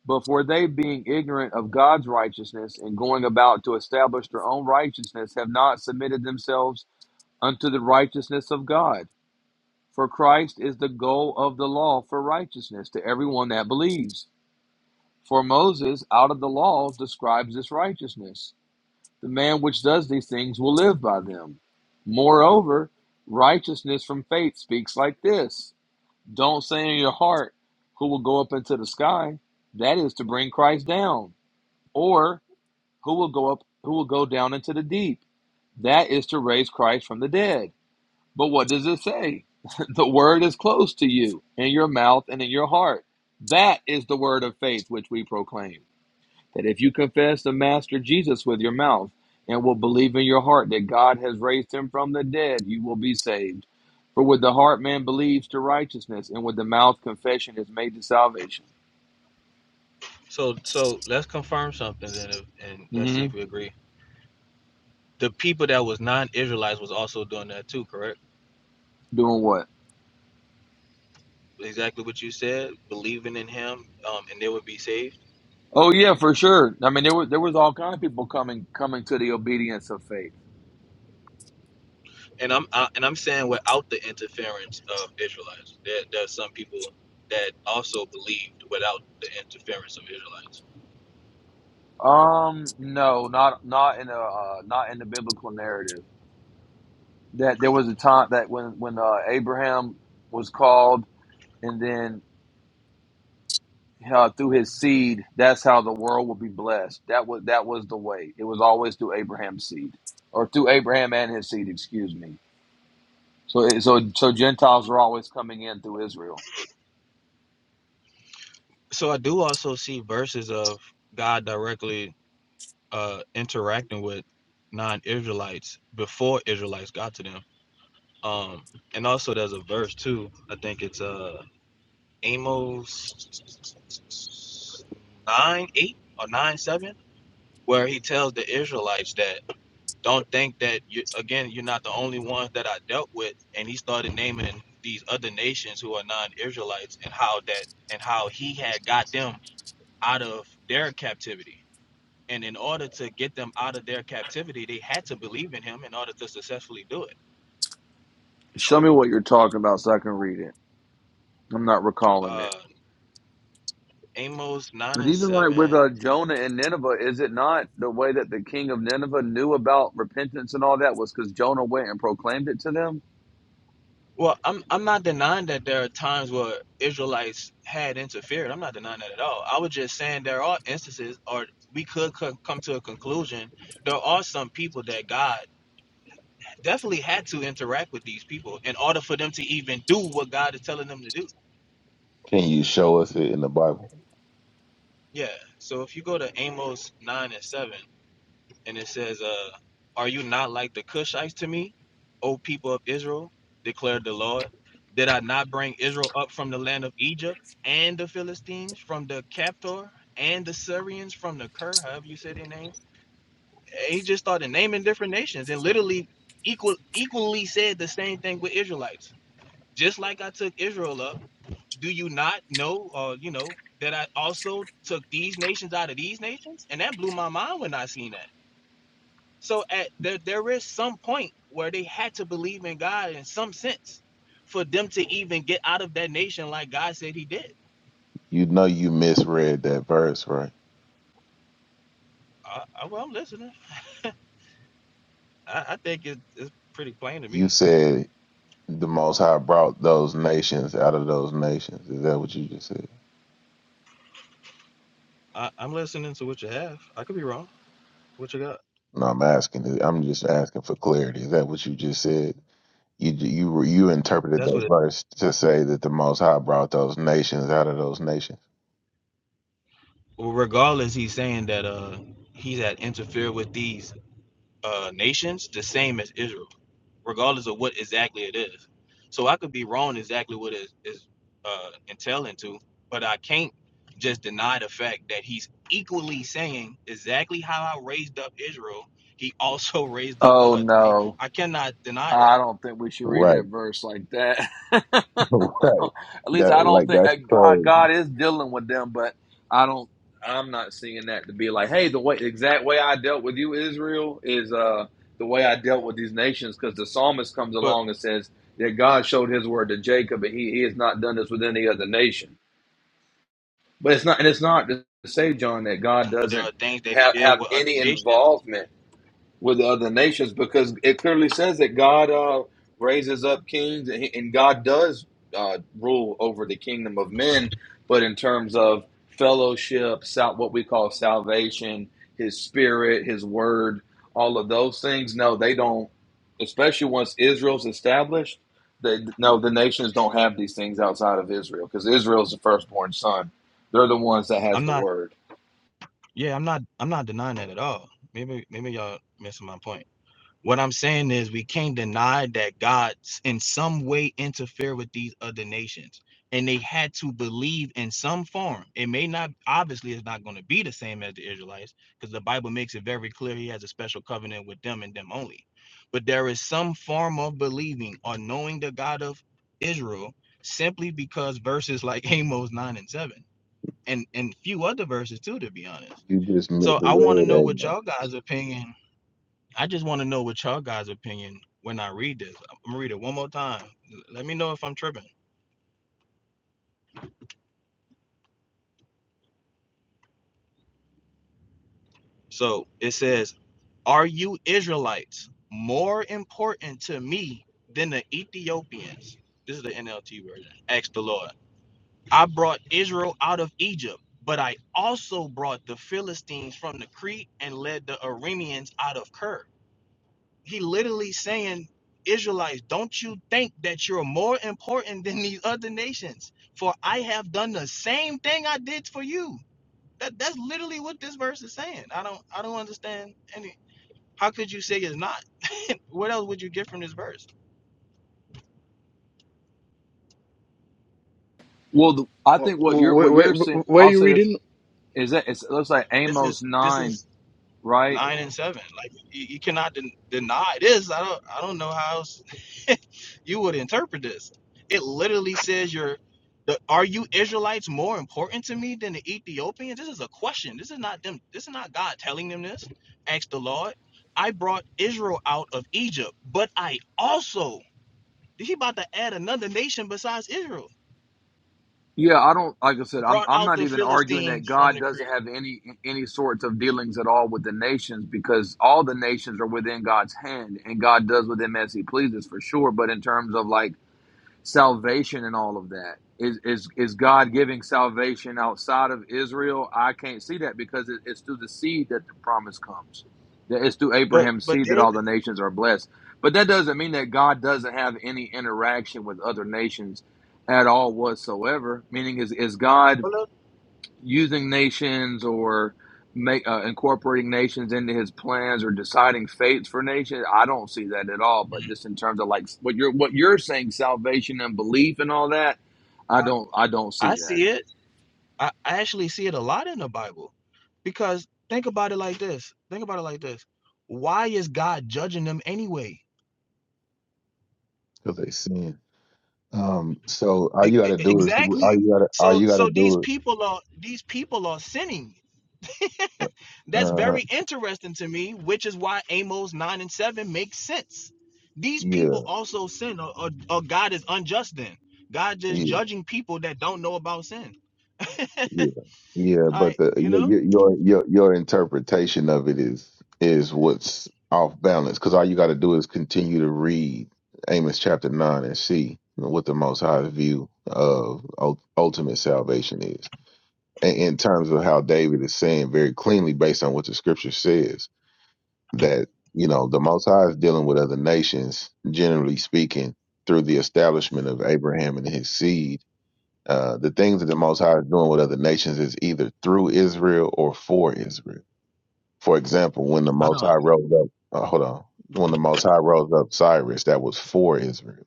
[SPEAKER 1] But for they, being ignorant of God's righteousness and going about to establish their own righteousness, have not submitted themselves unto the righteousness of God. For Christ is the goal of the law for righteousness to everyone that believes. For Moses, out of the law, describes this righteousness. The man which does these things will live by them. Moreover, righteousness from faith speaks like this Don't say in your heart, Who will go up into the sky? That is to bring Christ down. Or, Who will go up? Who will go down into the deep? That is to raise Christ from the dead. But what does it say? the word is close to you, in your mouth and in your heart. That is the word of faith which we proclaim that if you confess the Master Jesus with your mouth and will believe in your heart that God has raised him from the dead, you will be saved. For with the heart man believes to righteousness, and with the mouth confession is made to salvation.
[SPEAKER 5] So so let's confirm something then, if, and let's see
[SPEAKER 1] hmm
[SPEAKER 5] if we agree. the people that was non-Israelites was also doing that too, correct?
[SPEAKER 1] Doing what?
[SPEAKER 5] Exactly what you said, believing in Him, um, and they would be saved.
[SPEAKER 1] Oh yeah, for sure. I mean, there was there was all kind of people coming coming to the obedience of faith.
[SPEAKER 5] And I'm I, and I'm saying without the interference of Israelites, there there's some people that also believed without the interference of Israelites.
[SPEAKER 1] Um, no, not not in a uh, not in the biblical narrative. That there was a time that when when uh, Abraham was called, and then how through his seed, that's how the world will be blessed. That was that was the way. It was always through Abraham's seed, or through Abraham and his seed. Excuse me. So it- so so Gentiles are always coming in through Israel.
[SPEAKER 5] So I do also see verses of God directly uh, interacting with non-Israelites before Israelites got to them. Um, and also there's a verse too. I think it's uh Amos nine eight or nine seven, where he tells the Israelites that don't think that you again you're not the only ones that I dealt with, and he started naming these other nations who are non-Israelites and how that and how he had got them out of their captivity. And in order to get them out of their captivity, they had to believe in him in order to successfully do it.
[SPEAKER 1] Show me what you're talking about so I can read it. I'm not recalling it.
[SPEAKER 5] Uh, Amos nine
[SPEAKER 1] But
[SPEAKER 5] and
[SPEAKER 1] even like with
[SPEAKER 5] seven
[SPEAKER 1] uh, Jonah and Nineveh, is it not the way that the king of Nineveh knew about repentance and all that was because Jonah went and proclaimed it to them?
[SPEAKER 5] Well, I'm I'm not denying that there are times where Israelites had interfered. I'm not denying that at all. I was just saying there are instances, or we could co- come to a conclusion. There are some people that God definitely had to interact with these people in order for them to even do what God is telling them to do.
[SPEAKER 6] Can you show us it in the Bible?
[SPEAKER 5] Yeah. So if you go to Amos nine and seven. and it says, uh, Are you not like the Cushites to me, O people of Israel? declared the Lord. Did I not bring Israel up from the land of Egypt and the Philistines from the Captor and the Syrians from the Ker, however you say their name? He just started naming different nations and literally equal equally said the same thing with Israelites. Just like I took Israel up, do you not know or you know that I also took these nations out of these nations? And that blew my mind when I seen that. So at there there is some point where they had to believe in God in some sense for them to even get out of that nation like God said he did.
[SPEAKER 6] You know you misread that verse, right?
[SPEAKER 5] I, I, well, I'm listening. I, I think it, it's pretty plain to
[SPEAKER 6] You
[SPEAKER 5] me.
[SPEAKER 6] said the Most High brought those nations out of those nations. Is that what you just said?
[SPEAKER 5] I, I'm listening to what you have. I could be wrong. What you got?
[SPEAKER 6] No, I'm asking. I'm just asking for clarity. Is that what you just said? You you you interpreted
[SPEAKER 5] That's what
[SPEAKER 6] that
[SPEAKER 5] it
[SPEAKER 6] verse to say that the Most High brought those nations out of those nations.
[SPEAKER 5] well, regardless he's saying that uh he's had interfered with these uh nations the same as Israel. regardless of what exactly it is. So I could be wrong exactly what it is uh, entailing to, but I can't just deny the fact that he's equally saying exactly how I raised up Israel. He also raised up the
[SPEAKER 1] Oh
[SPEAKER 5] other. na-
[SPEAKER 1] no.
[SPEAKER 5] I cannot deny that.
[SPEAKER 1] I don't think we should read
[SPEAKER 6] Right,
[SPEAKER 1] that verse like that.
[SPEAKER 6] right.
[SPEAKER 1] At least
[SPEAKER 6] That
[SPEAKER 1] I don't
[SPEAKER 6] like
[SPEAKER 1] think
[SPEAKER 6] that's
[SPEAKER 1] uh, God
[SPEAKER 6] crazy.
[SPEAKER 1] God is dealing with them, but I don't. I'm not seeing that to be like, hey, the way the exact way I dealt with you, Israel, is uh the way I dealt with these nations. Because the psalmist comes
[SPEAKER 5] But
[SPEAKER 1] along and says that God showed His word to Jacob, and He He has not done this with any other nation. But it's not, and it's not to say, John, that God
[SPEAKER 5] but there are
[SPEAKER 1] doesn't
[SPEAKER 5] things that he
[SPEAKER 1] have
[SPEAKER 5] did
[SPEAKER 1] have
[SPEAKER 5] with other
[SPEAKER 1] any
[SPEAKER 5] nations.
[SPEAKER 1] involvement with the other nations because it clearly says that God uh, raises up kings and, he, and God does uh, rule over the kingdom of men. But in terms of fellowship, sal- what we call salvation, His Spirit, His Word, all of those things, no, they don't. Especially once Israel's established, they, no, the nations don't have these things outside of Israel because Israel's the firstborn son. They're the ones that has
[SPEAKER 5] I'm
[SPEAKER 1] the
[SPEAKER 5] not.
[SPEAKER 1] Word.
[SPEAKER 5] Yeah, I'm not. I'm not denying that at all. Maybe maybe y'all missing my point. What I'm saying is we can't deny that God in some way interfered with these other nations. And they had to believe in some form. It may not obviously it's not going to be the same as the Israelites, because the Bible makes it very clear he has a special covenant with them and them only. But there is some form of believing or knowing the God of Israel simply because verses like Amos 9 and 7 and and few other verses too, to be honest.
[SPEAKER 6] You just
[SPEAKER 5] So I want to
[SPEAKER 6] misread
[SPEAKER 5] know what
[SPEAKER 6] Amos
[SPEAKER 5] y'all guys' opinion I just want to know what y'all guys' opinion when I read this. I'm gonna read it one more time. Let me know if I'm tripping. So it says, Are you Israelites more important to me than the Ethiopians? This is the NLT version. Asked the Lord. I brought Israel out of Egypt, but I also brought the Philistines from the Crete and led the Arameans out of Ker. he literally saying, Israelites, don't you think that you're more important than these other nations? For I have done the same thing I did for you. That that's literally what this verse is saying. I don't I don't understand any how could you say it's not? what else would you get from this verse?
[SPEAKER 1] Well, the, I
[SPEAKER 7] Wh-
[SPEAKER 1] think
[SPEAKER 7] wh-
[SPEAKER 1] what you're what
[SPEAKER 7] wh-
[SPEAKER 1] you're saying.
[SPEAKER 7] wh- Where are
[SPEAKER 1] I'll
[SPEAKER 7] you
[SPEAKER 1] say this
[SPEAKER 7] reading?
[SPEAKER 1] Is that it's, it looks like
[SPEAKER 5] This
[SPEAKER 1] Amos
[SPEAKER 5] is this
[SPEAKER 1] nine,
[SPEAKER 5] is
[SPEAKER 1] right?
[SPEAKER 5] nine and seven. Like you, you cannot den- deny this. I don't I don't know how else you would interpret this. It literally says you're the, are you Israelites more important to me than the Ethiopians? This is a question. This is not them. This is not God telling them this. Ask the Lord. I brought Israel out of Egypt, but I also he about to add another nation besides Israel.
[SPEAKER 1] Yeah, I don't like I said, I'm
[SPEAKER 5] Brought
[SPEAKER 1] I'm
[SPEAKER 5] out
[SPEAKER 1] not
[SPEAKER 5] the
[SPEAKER 1] even arguing that
[SPEAKER 5] Philistines from
[SPEAKER 1] God
[SPEAKER 5] the
[SPEAKER 1] doesn't
[SPEAKER 5] Crete.
[SPEAKER 1] have any any sorts of dealings at all with the nations because all the nations are within God's hand and God does with them as he pleases for sure. But in terms of like salvation and all of that. Is is is God giving salvation outside of Israel? I can't see that because it, it's through the seed that the promise comes. That it's through
[SPEAKER 5] But
[SPEAKER 1] Abraham's
[SPEAKER 5] but
[SPEAKER 1] seed that all
[SPEAKER 5] David,
[SPEAKER 1] the nations are blessed. But that doesn't mean that God doesn't have any interaction with other nations at all whatsoever. Meaning is is God
[SPEAKER 5] hold up.
[SPEAKER 1] using nations or make uh, incorporating nations into his plans or deciding fates for nations i don't see that at all but just in terms of like what you're what you're saying salvation and belief and all that i
[SPEAKER 5] I,
[SPEAKER 1] don't i don't see
[SPEAKER 5] I
[SPEAKER 1] that
[SPEAKER 5] see it. I, I actually see it a lot in the Bible because think about it like this. Think about it like this. Why is God judging them anyway?
[SPEAKER 6] because they sin. Um. So all
[SPEAKER 5] E-
[SPEAKER 6] you got
[SPEAKER 5] e-
[SPEAKER 6] to
[SPEAKER 5] e,
[SPEAKER 6] do is all
[SPEAKER 5] exactly.
[SPEAKER 6] you got to all
[SPEAKER 5] So
[SPEAKER 6] you got to
[SPEAKER 5] so these
[SPEAKER 6] do is.
[SPEAKER 5] people are these people are sinning. That's
[SPEAKER 6] uh
[SPEAKER 5] very interesting to me, which is why Amos 9 and 7 makes sense. These
[SPEAKER 6] Yeah,
[SPEAKER 5] people also sin or, or, or God is unjust then. God just
[SPEAKER 6] yeah,
[SPEAKER 5] judging people that don't know about sin.
[SPEAKER 6] yeah, yeah.
[SPEAKER 5] I
[SPEAKER 6] But the
[SPEAKER 5] you know?
[SPEAKER 6] your your your your interpretation of it is is what's off balance because all you got to do is continue to read Amos chapter nine and see what the Most High's view of ul- ultimate salvation is, in, in terms of how David is saying very cleanly based on what the Scripture says that you know the Most High is dealing with other nations, generally speaking, through the establishment of Abraham and his seed Uh, the things that the Most High is doing with other nations is either through Israel or for Israel. For example, when the
[SPEAKER 5] I
[SPEAKER 6] Most
[SPEAKER 5] don't.
[SPEAKER 6] High rose up, uh, hold on, when the Most High rose up Cyrus, that was for Israel.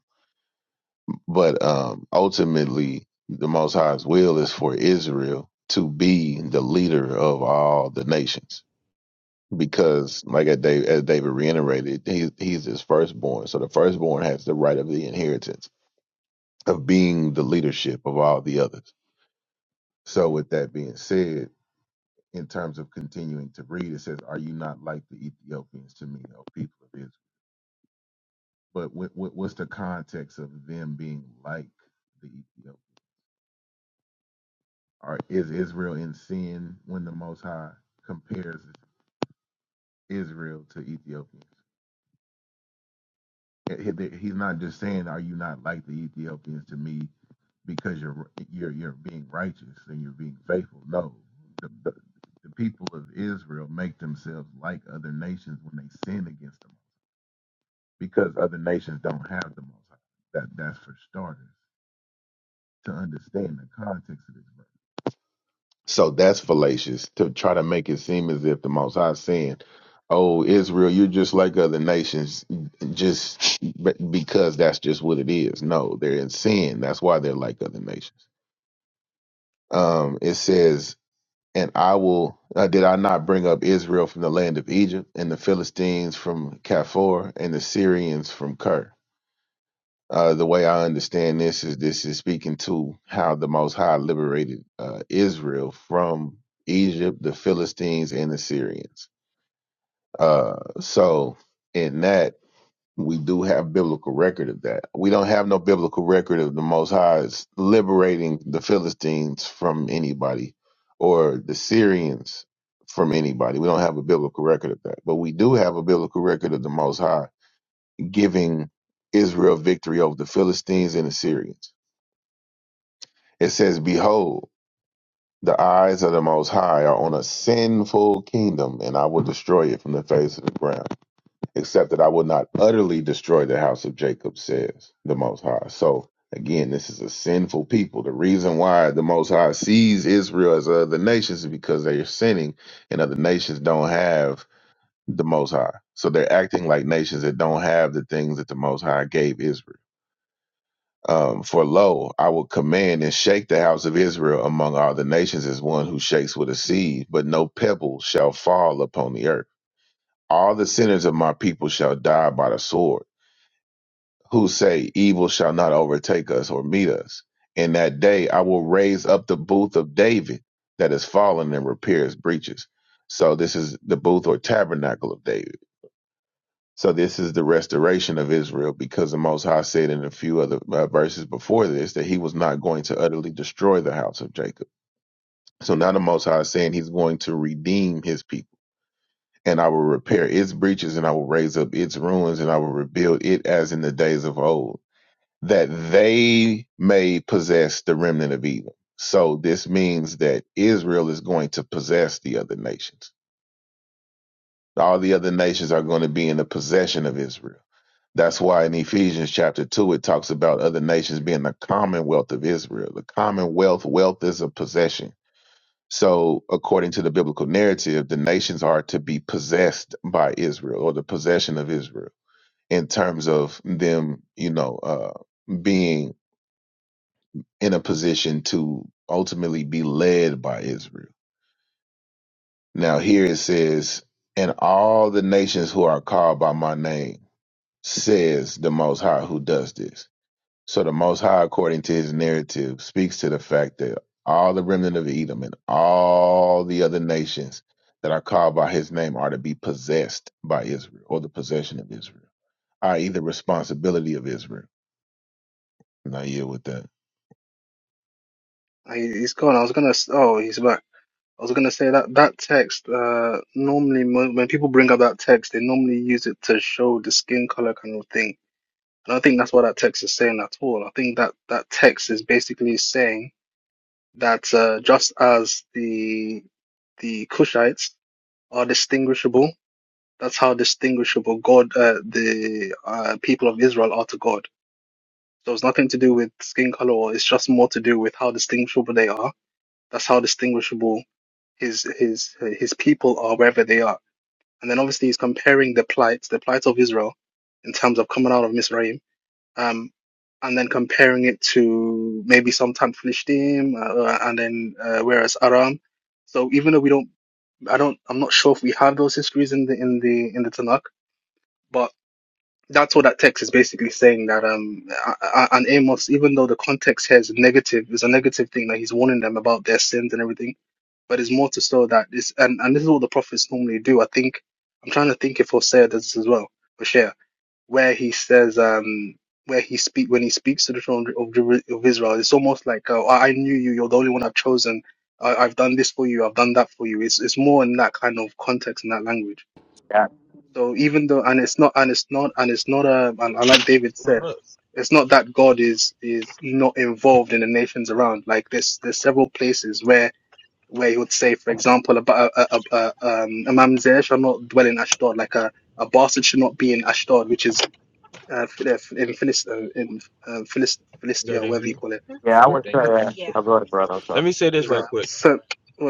[SPEAKER 6] But um, ultimately, the Most High's will is for Israel to be the leader of all the nations. Because, like as David, as David reiterated, he's, he's his firstborn. So the firstborn has the right of the inheritance of being the leadership of all the others. So, with that being said, in terms of continuing to read, it says, "Are you not like the Ethiopians to me, O people of Israel?" But what, what, what's the context of them being like the Ethiopians? Are is Israel in sin when the Most High compares Israel to Ethiopians? He- he- He's not just saying, "Are you not like the Ethiopians to me?" Because you're you're you're being righteous and you're being faithful. No, the, the, the people of Israel make themselves like other nations when they sin against them because other nations don't have the Most High. That that's for starters to understand the context of this verse. So that's fallacious to try to make it seem as if the Most High is saying, "Oh, Israel, you're just like other nations, just be- because that's just what it is." No, they're in sin. That's why they're like other nations. Um, it says. And I will. Uh, did I not bring up Israel from the land of Egypt, and the Philistines from Kaphor, and the Syrians from Ker? Uh, the way I understand this is this is speaking to how the Most High liberated uh, Israel from Egypt, the Philistines, and the Syrians. Uh, so, in that, we do have biblical record of that. We don't have no biblical record of the Most High's liberating the Philistines from anybody or the Syrians from anybody. We don't have a biblical record of that. But we do have a biblical record of the Most High giving Israel victory over the Philistines and the Syrians. It says, Behold, the eyes of the Most High are on a sinful kingdom, and I will destroy it from the face of the ground, except that I will not utterly destroy the house of Jacob, says the Most High. So, again, this is a sinful people. The reason why the Most High sees Israel as other nations is because they are sinning, and other nations don't have the Most High. So they're acting like nations that don't have the things that the Most High gave Israel. Um, for lo, I will command and shake the house of Israel among all the nations as one who shakes with a seed, but no pebble shall fall upon the earth. All the sinners of my people shall die by the sword, who say, Evil shall not overtake us or meet us. In that day I will raise up the booth of David that is fallen and repair his breaches. So this is the booth or tabernacle of David so this is the restoration of Israel because the Most High said in a few other uh, verses before this that he was not going to utterly destroy the house of Jacob. So now the Most High is saying he's going to redeem his people. And I will repair its breaches and I will raise up its ruins and I will rebuild it as in the days of old, that they may possess the remnant of Edom. So this means that Israel is going to possess the other nations. All the other nations are going to be in the possession of Israel That's why in Ephesians chapter 2, it talks about other nations being the commonwealth of Israel. The commonwealth, wealth is a possession. So, according to the biblical narrative, the nations are to be possessed by Israel or the possession of Israel in terms of them, you know, uh, being in a position to ultimately be led by Israel. Now, here it says, and all the nations who are called by my name, says the Most High who does this. So the Most High, according to his narrative, speaks to the fact that all the remnant of Edom and all the other nations that are called by his name are to be possessed by Israel or the possession of Israel, i.e., the responsibility of Israel. And I yield with that.
[SPEAKER 7] Ah, he- He's gone. I was gonna. s- Oh, he's back. I was gonna say that that text. Uh, normally mo- when people bring up that text, they normally use it to show the skin color kind of thing. I don't think that's what that text is saying at all. I think that that text is basically saying that uh, just as the the Cushites are distinguishable, that's how distinguishable God, uh, the uh, people of Israel are to God So it's nothing to do with skin color, or it's just more to do with how distinguishable they are. That's how distinguishable his his his people are wherever they are. And then obviously he's comparing the plight, the plight of Israel, in terms of coming out of Misraim, um, and then comparing it to maybe sometime Philistim, uh, and then uh, whereas Aram. So even though we don't, I don't, I'm not sure if we have those histories in the in the in the Tanakh, but that's what that text is basically saying that um A- A- and Amos, even though the context here is negative, is a negative thing that he's warning them about their sins and everything, but it's more to show that this and and this is what the prophets normally do. I think I'm trying to think if Hosea does this as well, Hosea, where he says um where he speak when he speaks to the children of, Jer- of Israel, it's almost like uh, I I knew you, you're the only one I've chosen. I, I've done this for you, I've done that for you. It's it's more in that kind of context and that language.
[SPEAKER 8] Yeah,
[SPEAKER 7] So even though, and it's not, and it's not, and it's not a, and, and like David
[SPEAKER 5] I don't
[SPEAKER 7] said,
[SPEAKER 5] know.
[SPEAKER 7] it's not that God is is not involved in the nations around. Like there's there's several places where where he would say, for example, about a, a, a, a, um, a mamzer shall not dwell in Ashdod, like a a bastard should not be in Ashdod, which is uh, Phil- uh, in Philist uh, in uh, Philist Philistia, whatever you call it.
[SPEAKER 8] yeah, I was say uh,
[SPEAKER 5] Yeah.
[SPEAKER 8] I go ahead, brother. I'm
[SPEAKER 5] Let
[SPEAKER 8] sorry.
[SPEAKER 5] me say this
[SPEAKER 7] Is
[SPEAKER 5] right
[SPEAKER 7] that
[SPEAKER 5] quick.
[SPEAKER 7] so?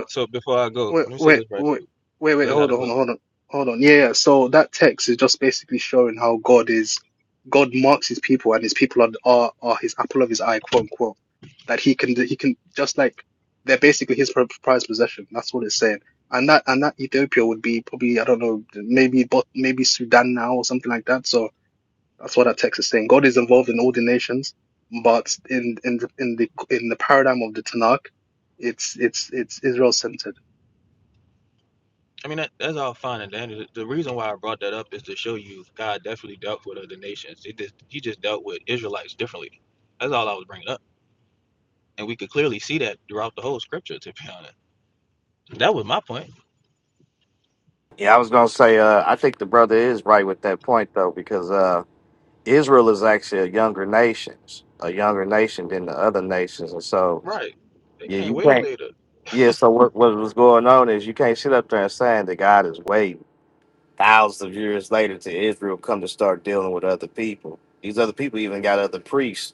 [SPEAKER 5] So before I go,
[SPEAKER 7] Wait,
[SPEAKER 5] let me say
[SPEAKER 7] wait,
[SPEAKER 5] this right
[SPEAKER 7] wait,
[SPEAKER 5] quick.
[SPEAKER 7] wait, wait, hold
[SPEAKER 5] I
[SPEAKER 7] on,
[SPEAKER 5] go.
[SPEAKER 7] hold on, hold on. Yeah, yeah. So that text is just basically showing how God is, God marks his people and his people are, are, are his apple of his eye, quote unquote. That he can, he can just like, they're basically his pri- prized possession. That's what it's saying. And that, and that Ethiopia would be probably, I don't know, maybe, but maybe Sudan now or something like that. So that's what that text is saying. God is involved in all the nations, but in, in, the- in the, in the paradigm of the Tanakh, it's, it's, it's Israel centered.
[SPEAKER 5] I mean, that, that's the reason why I brought that up is to show you God definitely dealt with other nations. He just he just dealt with Israelites differently. That's all I was bringing up, and we could clearly see that throughout the whole scripture. To be honest, that was my point.
[SPEAKER 8] Yeah, I was gonna say uh, I think the brother is right with that point though, because uh, Israel is actually a younger nation, a younger nation than the other nations, and so
[SPEAKER 5] Right? They
[SPEAKER 8] yeah,
[SPEAKER 5] can't
[SPEAKER 8] you
[SPEAKER 5] wait
[SPEAKER 8] can't.
[SPEAKER 5] later.
[SPEAKER 8] Yeah, so what what was going on is you can't sit up there and saying that God is waiting thousands of years later to Israel come to start dealing with other people. These other people even got other priests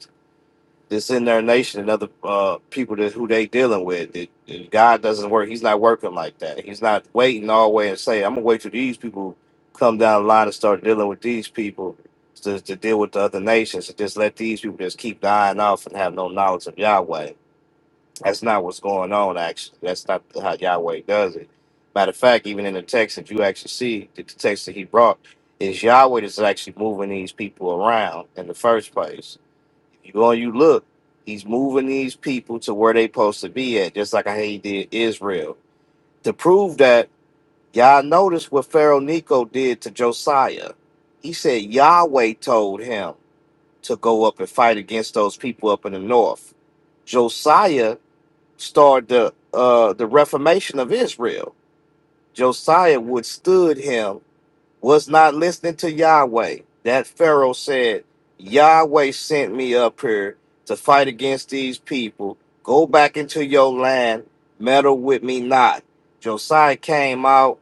[SPEAKER 8] that's in their nation and other uh, people that who they dealing with. It, it- God doesn't work. He's not working like that. He's not waiting all way and say, "I'm gonna wait till these people come down the line and start dealing with these people to, to deal with the other nations and just let these people just keep dying off and have no knowledge of Yahweh." That's not what's going on. Actually, that's not how Yahweh does it. Matter of fact, even in the text, if you actually see the the text that he brought, is Yahweh that's actually moving these people around in the first place you all you look, he's moving these people to where they supposed to be at, just like how he did Israel. To prove that, y'all notice what Pharaoh Nico did to Josiah. He said Yahweh told him to go up and fight against those people up in the north. Josiah started the uh, the reformation of Israel. Josiah withstood him was not listening to Yahweh. That Pharaoh said, Yahweh sent me up here to fight against these people. Go back into your land, meddle with me not. Josiah came out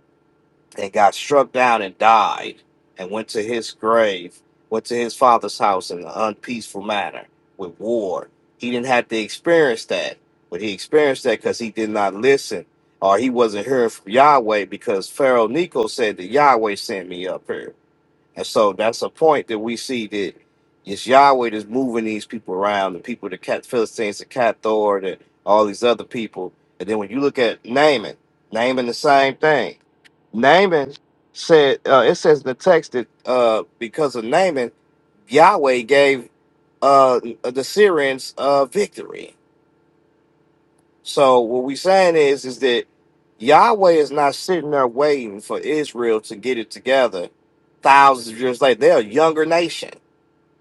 [SPEAKER 8] and got struck down and died and went to his grave, went to his father's house in an unpeaceful manner with war. He didn't have to experience that, but he experienced that because he did not listen or he wasn't hearing from Yahweh because Pharaoh Nico said that Yahweh sent me up here. And so that's a point that we see that it's Yahweh that's moving these people around, the people, the Cat Philistines, the Cat Thor, the all these other people. And then when you look at Naaman, Naaman the same thing. Naaman said, uh, it says in the text that uh, because of Naaman, Yahweh gave uh, the Syrians uh, victory. So what we saying is, is that Yahweh is not sitting there waiting for Israel to get it together. Thousands of years later, they're a younger nation.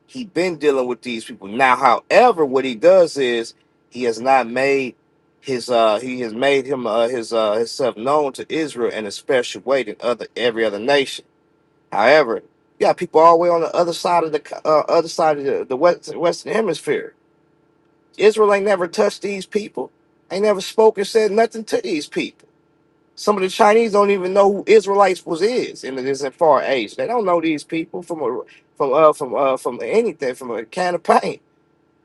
[SPEAKER 8] He been dealing with these people now. However, what he does is he has not made his uh he has made him uh, his uh himself known to Israel in a special way than other every other nation. However, you got people all the way on the other side of the co- uh, other side of the, the west, Western Hemisphere. Israel ain't never touched these people. Ain't never spoken, said nothing to these people. Some of the Chinese don't even know who Israelites was is in this far age. They don't know these people from a, from uh from uh from anything from a can of paint.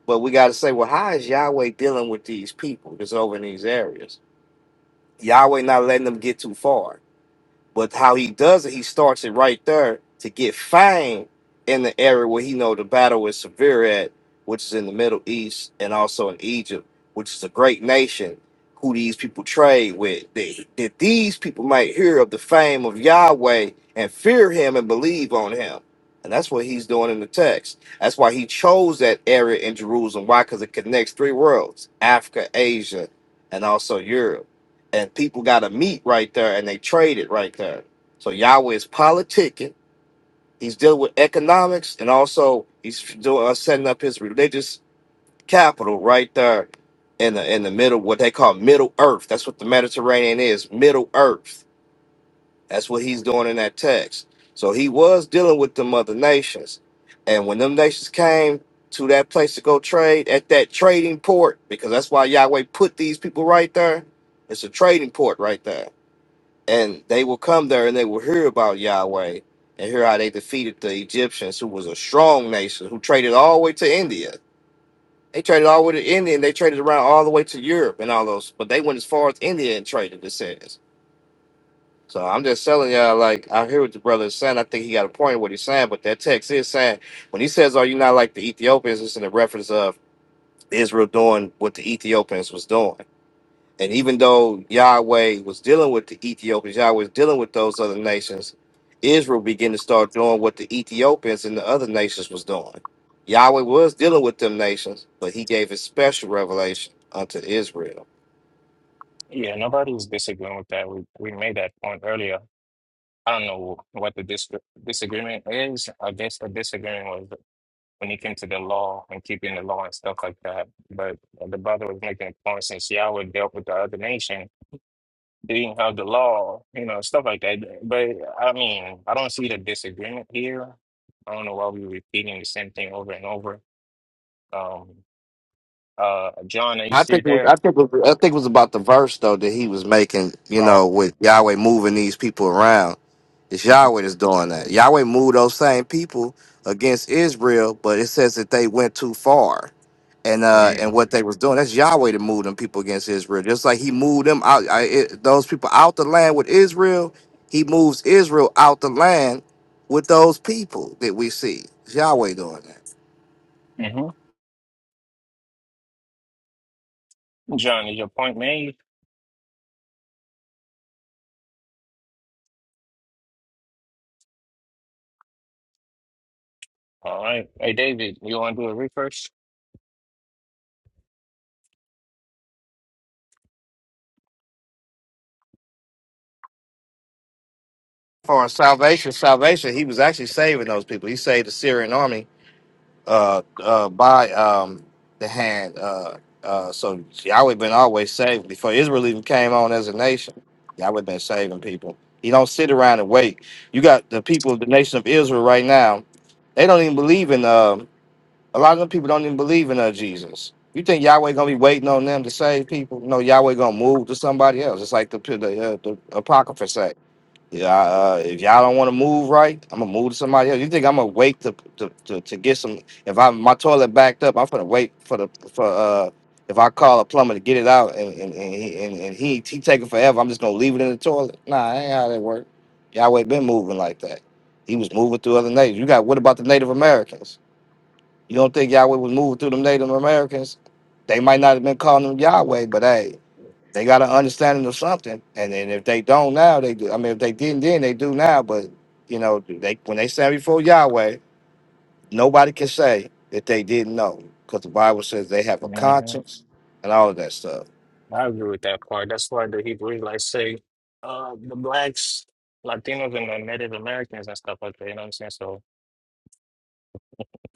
[SPEAKER 8] But we got to say, well, how is Yahweh dealing with these people that's over in these areas? Yahweh not letting them get too far. But how he does it, he starts it right there to get fine in the area where he know the battle is severe at, which is in the Middle East and also in Egypt, which is a great nation who these people trade with. That, that these people might hear of the fame of Yahweh and fear him and believe on him. And that's what he's doing in the text. That's why he chose that area in Jerusalem. Why? Because it connects three worlds Africa, Asia, and also Europe and people got to meet right there and they trade it right there. So Yahweh is politicking. He's dealing with economics and also he's doing uh, setting up his religious capital right there in the in the middle, what they call Middle Earth. That's what the Mediterranean is, Middle Earth. That's what he's doing in that text. So he was dealing with them other nations, and when them nations came to that place to go trade at that trading port, because that's why Yahweh put these people right there. It's a trading port right there and they will come there and they will hear about Yahweh and hear how they defeated the Egyptians, who was a strong nation, who traded all the way to India. They traded all the way to India and they traded around all the way to Europe and all those, but they went as far as India and traded, it says. So I'm just telling y'all, like, I hear what the brother is saying. I think he got a point in what he's saying, but that text is saying, when he says, Are you not like the Ethiopians? It's in the reference of Israel doing what the Ethiopians was doing. And even though Yahweh was dealing with the Ethiopians, Yahweh was dealing with those other nations, Israel began to start doing what the Ethiopians and the other nations was doing. Yahweh was dealing with them nations, but he gave a special revelation unto Israel.
[SPEAKER 2] Yeah, nobody was disagreeing with that. We we made that point earlier. I don't know what the dis disagreement is. I guess the disagreement was when it came to the law and keeping the law and stuff like that. But the brother was making a point since Yahweh dealt with the other nation, they didn't have the law, you know, stuff like that. But I mean, I don't see the disagreement here. I don't know why we're repeating the same thing over and over. Um, uh, John, are you
[SPEAKER 8] I
[SPEAKER 2] still
[SPEAKER 8] think it was,
[SPEAKER 2] there?
[SPEAKER 8] I think it was, I think it was about the verse though that he was making, you
[SPEAKER 2] Oh,
[SPEAKER 8] know, with Yahweh moving these people around. It's
[SPEAKER 2] mm-hmm.
[SPEAKER 8] Yahweh that's doing that. Yahweh moved those same people against Israel, but it says that they went too far and uh and what they was doing. That's Yahweh that moved them people against Israel. Just like he moved them out, I, it, those people out the land with Israel, he moves Israel out the land with those people that we see. It's Yahweh doing that.
[SPEAKER 2] Mm-hmm. John, is your point made? All right. Hey, David, you want to do a refresh?
[SPEAKER 8] For salvation, salvation, he was actually saving those people. He saved the Syrian army uh, uh, by um, the hand. Uh, uh, so Yahweh been always saving Before Israel even came on as a nation, Yahweh been saving people. He don't sit around and wait. You got the people of the nation of Israel right now. They don't even believe in. um a lot of them people don't even believe in uh, Jesus. You think Yahweh gonna be waiting on them to save people? No, Yahweh gonna move to somebody else. It's like the the, uh, the apocrypha say. Yeah, uh, if y'all don't want to move right, I'm gonna move to somebody else. You think I'm gonna wait to to, to, to get some? If I my toilet backed up, I'm gonna wait for the for uh if I call a plumber to get it out and and and he and, and he, he taking forever, I'm just gonna leave it in the toilet. Nah, that ain't how that work. Yahweh been moving like that. He was moving through other nations. You got what about the Native Americans? You don't think Yahweh was moving through them Native Americans? They might not have been calling them Yahweh, but hey, they got an understanding of something, and then if they don't now, they do. I mean, if they didn't then, they do now. But you know, they when they stand before Yahweh, nobody can say that they didn't know, because the Bible says they have a conscience and all of that stuff.
[SPEAKER 2] I agree with that part. That's why the Hebrew like say uh the blacks, Latinos and the Native Americans and stuff like that, you know what I'm saying? So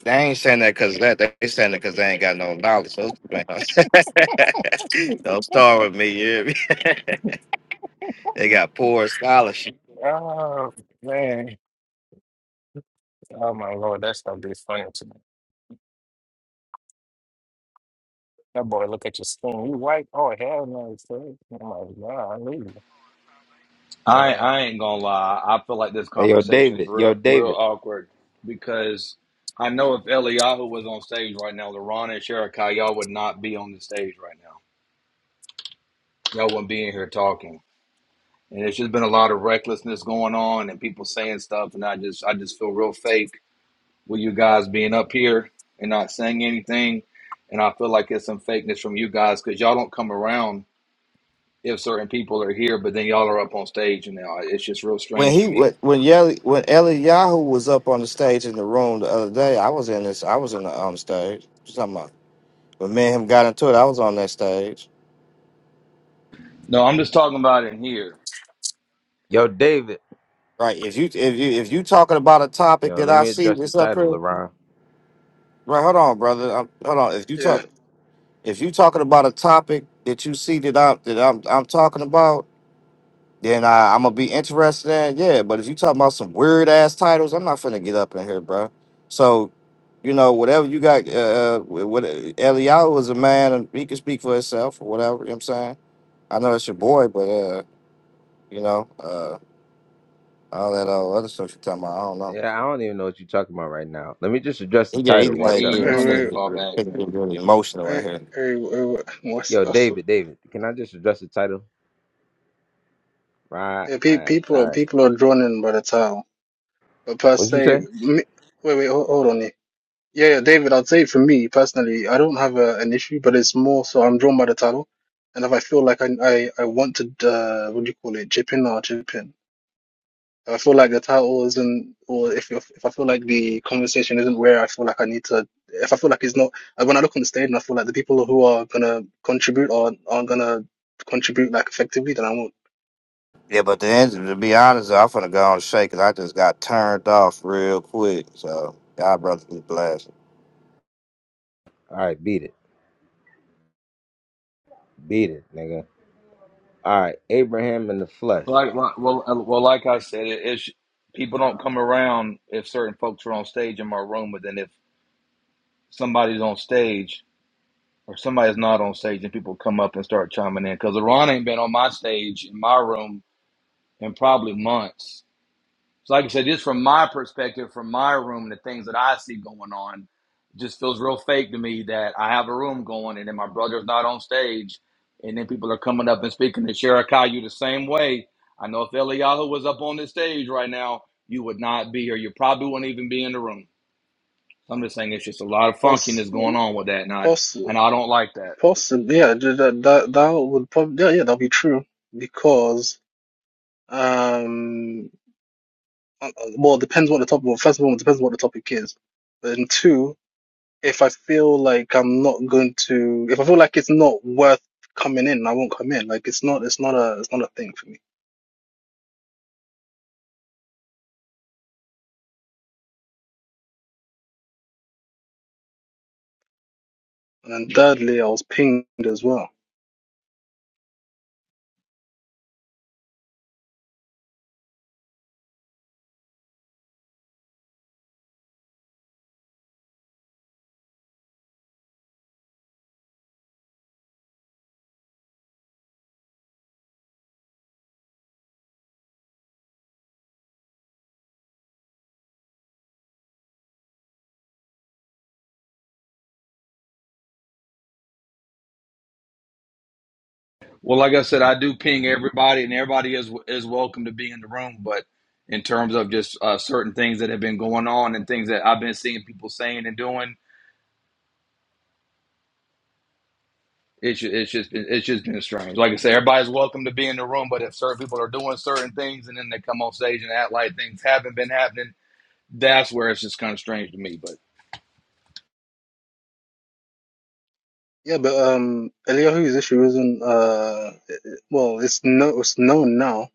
[SPEAKER 8] They ain't saying that because that. They saying that because they ain't got no knowledge. Those people ain't- don't start with me. You hear me? they got poor scholarship.
[SPEAKER 2] Oh man. Oh my lord, that stuff be funny to me. That boy look at your skin. You white? Oh hell no, it's fake. Oh my god, I leave you.
[SPEAKER 1] I
[SPEAKER 2] Yeah.
[SPEAKER 1] I ain't gonna lie. I feel like this
[SPEAKER 9] Hey, yo,
[SPEAKER 1] conversation is
[SPEAKER 9] David. Yo,
[SPEAKER 1] real real
[SPEAKER 9] David.
[SPEAKER 1] awkward because I know if Eliyahu was on stage right now, LaRon and Sherekai, y'all would not be on the stage right now. Y'all wouldn't be in here talking. and it's just been a lot of recklessness going on and people saying stuff and i just i just feel real fake with you guys being up here and not saying anything and i feel like it's some fakeness from you guys because y'all don't come around if certain people are here but then y'all are up on stage and now it's just real
[SPEAKER 8] When
[SPEAKER 1] strange to
[SPEAKER 8] he
[SPEAKER 1] me
[SPEAKER 8] when when Yeli, when Eliyahu was up on the stage in the room the other day, I was in this. I was in the um stage. But me and him got into it. I was on that stage.
[SPEAKER 1] no i'm just talking about in here
[SPEAKER 9] Yo, David.
[SPEAKER 8] Right. If you if you if you talking about a topic
[SPEAKER 9] Yo,
[SPEAKER 8] that
[SPEAKER 9] let
[SPEAKER 8] I
[SPEAKER 9] me
[SPEAKER 8] see
[SPEAKER 9] address the
[SPEAKER 8] that's up
[SPEAKER 9] title,
[SPEAKER 8] here,
[SPEAKER 9] LaRon.
[SPEAKER 8] right? Hold on, brother. i hold on. If you talk if you talking about a topic that you see that I'm that I'm I'm talking about, then I, I'm gonna be interested in. Yeah. But if you talking about some weird ass titles, I'm not finna get up in here, bro. So. You know, whatever you got, uh, uh, what Eliyahu is a man and he can speak for himself or whatever, you know what I'm saying? I know it's your boy, but, uh, you know, uh. All that old other stuff you're talking about, I don't know.
[SPEAKER 9] Yeah, I don't even know what you're talking about right now. Let me just address the
[SPEAKER 8] He get he's
[SPEAKER 9] title.
[SPEAKER 1] man
[SPEAKER 9] Watch
[SPEAKER 8] like
[SPEAKER 1] e
[SPEAKER 9] out.
[SPEAKER 8] yeah,
[SPEAKER 1] you're
[SPEAKER 8] it's
[SPEAKER 1] gonna
[SPEAKER 8] gonna
[SPEAKER 1] need
[SPEAKER 7] Uh,
[SPEAKER 1] to
[SPEAKER 8] get,
[SPEAKER 1] fall
[SPEAKER 8] re-
[SPEAKER 1] back
[SPEAKER 8] it's gonna get
[SPEAKER 1] man
[SPEAKER 8] really emotional
[SPEAKER 7] uh,
[SPEAKER 8] in here.
[SPEAKER 7] uh, uh, what's,
[SPEAKER 9] Yo,
[SPEAKER 7] what's,
[SPEAKER 9] David, David. Can I just address the title? Right.
[SPEAKER 7] uh,
[SPEAKER 9] All
[SPEAKER 7] pe-
[SPEAKER 9] right.
[SPEAKER 7] people are
[SPEAKER 9] All right.
[SPEAKER 7] people are droning by the time. But per
[SPEAKER 9] What'd you
[SPEAKER 7] se,
[SPEAKER 9] say?
[SPEAKER 7] me, wait, wait, hold, hold on here. Yeah, yeah, David, I'd say for me personally, I don't have a, an issue, but it's more so I'm drawn by the title, and if I feel like I I, I want to, uh, what do you call it, chip in, I'll chip in. If I feel like the title isn't, or if if I feel like the conversation isn't where I feel like I need to, if I feel like it's not, uh, when I look on the stage and I feel like the people who are gonna contribute are aren't gonna contribute like effectively, then I won't.
[SPEAKER 8] Yeah, but the end, to be honest, I'm finna go on and shake 'cause I just got turned off real quick. So y'all brothers be blessed.
[SPEAKER 9] All right. Beat it. Beat it, nigga. All right. Abraham in the flesh.
[SPEAKER 1] like like- well uh, well like i said it, it's people don't come around if certain folks are on stage in my room but then if somebody's on stage or somebody's not on stage and people come up and start chiming in because Iran ain't been on my stage in my room in probably months. So, like I said, just from my perspective, from my room, and the things that I see going on, it just feels real fake to me that I have a room going and then my brother's not on stage, and then people are coming up and speaking to Sherikai you the same way. I know if Eliyahu was up on this stage right now, you would not be here. You probably wouldn't even be in the room. I'm just saying it's just a lot of
[SPEAKER 7] Poss,
[SPEAKER 1] funkiness going on with that, and I,
[SPEAKER 7] poss,
[SPEAKER 1] and I don't like that.
[SPEAKER 7] possibly, yeah, that that that would probably, yeah, yeah, that'll be true because, um, uh, uh, well, it depends what the topic. Well, first of all, it depends what the topic is, and two. if I feel like I'm not going to, if I feel like it's not worth coming in, I won't come in. Like it's not, it's not a, it's not a thing for me. And then thirdly, I was pinged as well.
[SPEAKER 1] Well, like I said, I do ping everybody, and everybody is is welcome to be in the room. But in terms of just uh, certain things that have been going on and things that I've been seeing people saying and doing, it's ju- it's just been, it's just been strange. Like I said, everybody's welcome to be in the room, but if certain people are doing certain things and then they come on stage and act like things haven't been happening, that's where it's just kind of strange to me. But
[SPEAKER 7] Yeah, but um, Eliyahu's issue isn't uh, it- it- well, it's no, it's known now.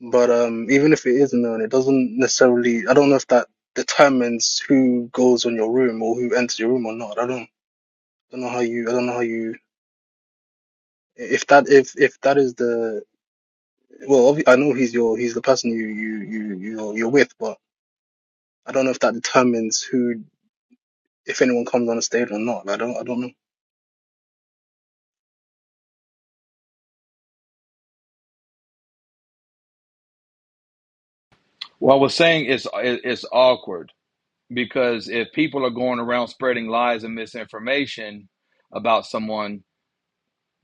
[SPEAKER 7] But um, even if it is known, it doesn't necessarily. I don't know if that determines who goes on your room or who enters your room or not. I don't, don't know how you, I don't know how you. If that, if if that is the Well, obvi- I know he's your he's the person you you you you're, you're with, but I don't know if that determines who if anyone comes on the stage or not. I don't I don't know.
[SPEAKER 1] what I was saying is it- it's awkward because if people are going around spreading lies and misinformation about someone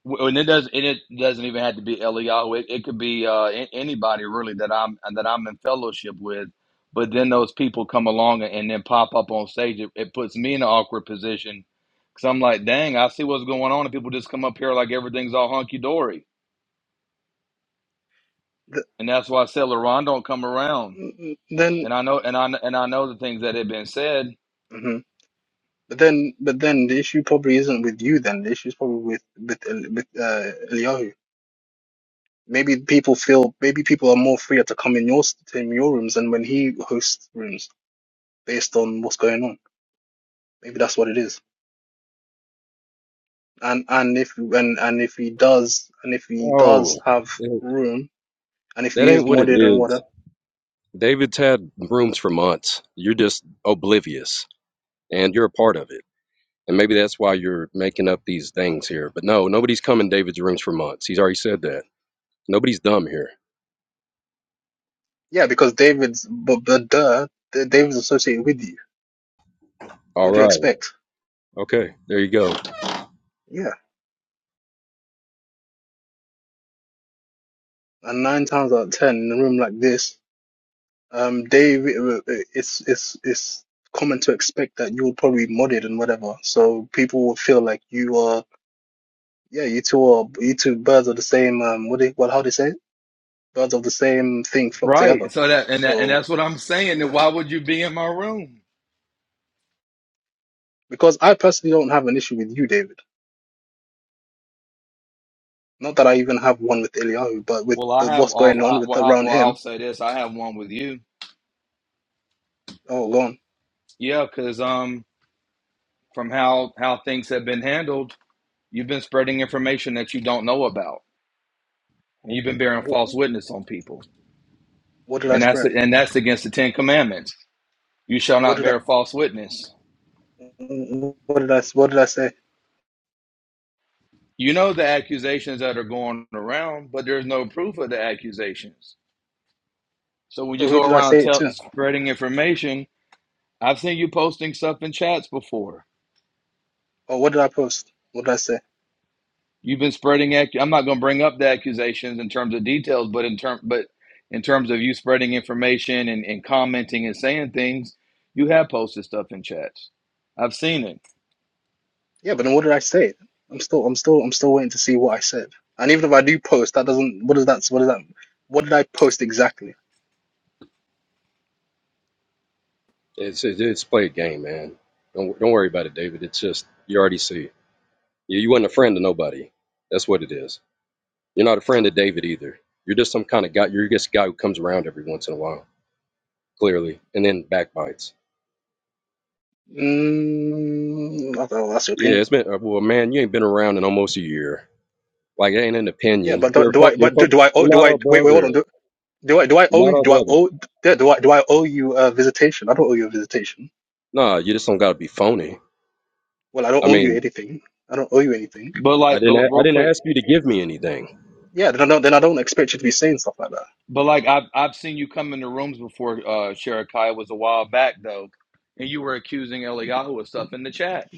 [SPEAKER 1] Well, and it does and it doesn't even have to be Eliyahu. It, it could be uh, a- anybody really that I'm that I'm in fellowship with. But then those people come along and, then pop up on stage. It, it puts me in an awkward position because I'm like, dang, I see what's going on, and people just come up here like everything's all hunky dory.
[SPEAKER 7] Th-
[SPEAKER 1] And that's why I said, LeRon, don't come around.
[SPEAKER 7] mm, Then,
[SPEAKER 1] And I know, and I and I know the things that have been said.
[SPEAKER 7] hmm but then but then the issue probably isn't with you. Then the issue is probably with with El- with uh, Eliyahu. Maybe people feel maybe people are more freer to come in your s- to your rooms than when he hosts rooms based on what's going on. Maybe that's what it is. And and if and and if he does and if he does
[SPEAKER 10] Oh,
[SPEAKER 7] have
[SPEAKER 10] that
[SPEAKER 7] room and if
[SPEAKER 10] that
[SPEAKER 7] he is
[SPEAKER 10] ain't what it
[SPEAKER 7] modded and whatever
[SPEAKER 10] is. David's had rooms for months. You're just oblivious, and you're a part of it. And maybe that's why you're making up these things here. But no, nobody's come in David's rooms for months. He's already said that. Nobody's dumb here.
[SPEAKER 7] Yeah, because David's, but, but duh, D- David's associated with you.
[SPEAKER 10] All
[SPEAKER 7] What do you
[SPEAKER 10] right.
[SPEAKER 7] expect?
[SPEAKER 10] Okay. There you go.
[SPEAKER 7] Yeah. And nine times out of ten in a room like this, um, David, uh, uh, it's, it's, it's common to expect that you'll probably be modded and whatever. So people will feel like you are, yeah, you two are, you two birds of the same, um, what do, you, well, how do you say it? Birds of the same thing flock together.
[SPEAKER 1] Right. So that and that, and
[SPEAKER 7] So,
[SPEAKER 1] that's what I'm saying. Then
[SPEAKER 7] yeah.
[SPEAKER 1] why would you be in my room?
[SPEAKER 7] Because I personally don't have an issue with you, David. Not that I even have one with Eliyahu, but with
[SPEAKER 1] Well,
[SPEAKER 7] the,
[SPEAKER 1] I have.
[SPEAKER 7] what's
[SPEAKER 1] Uh,
[SPEAKER 7] going on
[SPEAKER 1] I,
[SPEAKER 7] with
[SPEAKER 1] well, I,
[SPEAKER 7] around
[SPEAKER 1] well, I'll
[SPEAKER 7] him.
[SPEAKER 1] say this. I have one with you
[SPEAKER 7] Oh, go
[SPEAKER 1] Yeah, because um, from how how things have been handled, you've been spreading information that you don't know about, and you've been bearing
[SPEAKER 7] on.
[SPEAKER 1] false witness on people,
[SPEAKER 7] What did I
[SPEAKER 1] and that's
[SPEAKER 7] spread?
[SPEAKER 1] and that's against the Ten Commandments. You shall
[SPEAKER 7] What
[SPEAKER 1] not
[SPEAKER 7] did I?
[SPEAKER 1] bear false witness.
[SPEAKER 7] What did I? What did I say?
[SPEAKER 1] You know the accusations that are going around, but there's no proof of the accusations. So when you
[SPEAKER 7] So who
[SPEAKER 1] go
[SPEAKER 7] did I
[SPEAKER 1] around
[SPEAKER 7] say it
[SPEAKER 1] tell,
[SPEAKER 7] to?
[SPEAKER 1] spreading information, I've seen you posting stuff in chats before
[SPEAKER 7] Or what did I post? What did I say?
[SPEAKER 1] You've been spreading. Ac- I'm not going to bring up the accusations in terms of details, but in term, but in terms of you spreading information and, and commenting and saying things, you have posted stuff in chats. I've seen it.
[SPEAKER 7] Yeah, but then what did I say? I'm still, I'm still, I'm still waiting to see what I said. And even if I do post, that doesn't. What does that? What does that? What did I post exactly?
[SPEAKER 10] It's it's, it's play a game, man. Don't don't worry about it, David. It's just you already see. You you wasn't a friend to nobody. That's what it is. You're not a friend to David either. You're just some kind of guy. You're just a guy who comes around every once in a while, clearly, and then backbites.
[SPEAKER 7] Mm, I don't know, that's your
[SPEAKER 10] Yeah,
[SPEAKER 7] opinion.
[SPEAKER 10] it's been uh, well, man. You ain't been around in almost a year. Like, it ain't an
[SPEAKER 7] Yeah,
[SPEAKER 10] opinion.
[SPEAKER 7] but do,
[SPEAKER 10] You're
[SPEAKER 7] do
[SPEAKER 10] fo-
[SPEAKER 7] I?
[SPEAKER 10] you're
[SPEAKER 7] But
[SPEAKER 10] fo-
[SPEAKER 7] do, do I? owe
[SPEAKER 10] you're
[SPEAKER 7] do
[SPEAKER 10] not
[SPEAKER 7] I?
[SPEAKER 10] our
[SPEAKER 7] Wait, wait, hold
[SPEAKER 10] brother.
[SPEAKER 7] on. Do, do I? Do I
[SPEAKER 10] You're
[SPEAKER 7] owe
[SPEAKER 10] not
[SPEAKER 7] you?
[SPEAKER 10] our
[SPEAKER 7] Do I
[SPEAKER 10] brother.
[SPEAKER 7] owe? yeah, Do I? Do I owe you a visitation? I don't owe you a visitation.
[SPEAKER 10] Nah, you just don't gotta be phony.
[SPEAKER 7] Well, I don't
[SPEAKER 10] I
[SPEAKER 7] owe you
[SPEAKER 10] mean,
[SPEAKER 7] anything. I don't owe you anything.
[SPEAKER 1] But
[SPEAKER 10] I
[SPEAKER 1] like,
[SPEAKER 10] didn't
[SPEAKER 1] but
[SPEAKER 10] a- I
[SPEAKER 1] real
[SPEAKER 10] didn't
[SPEAKER 1] quick,
[SPEAKER 10] ask you to give me anything.
[SPEAKER 7] Yeah, then I don't. Then I don't expect you to be saying stuff like that.
[SPEAKER 1] but like, I've I've seen you come into rooms before. Uh, Sherakai It was a while back though, and you were accusing Eliyahu of stuff in the chat,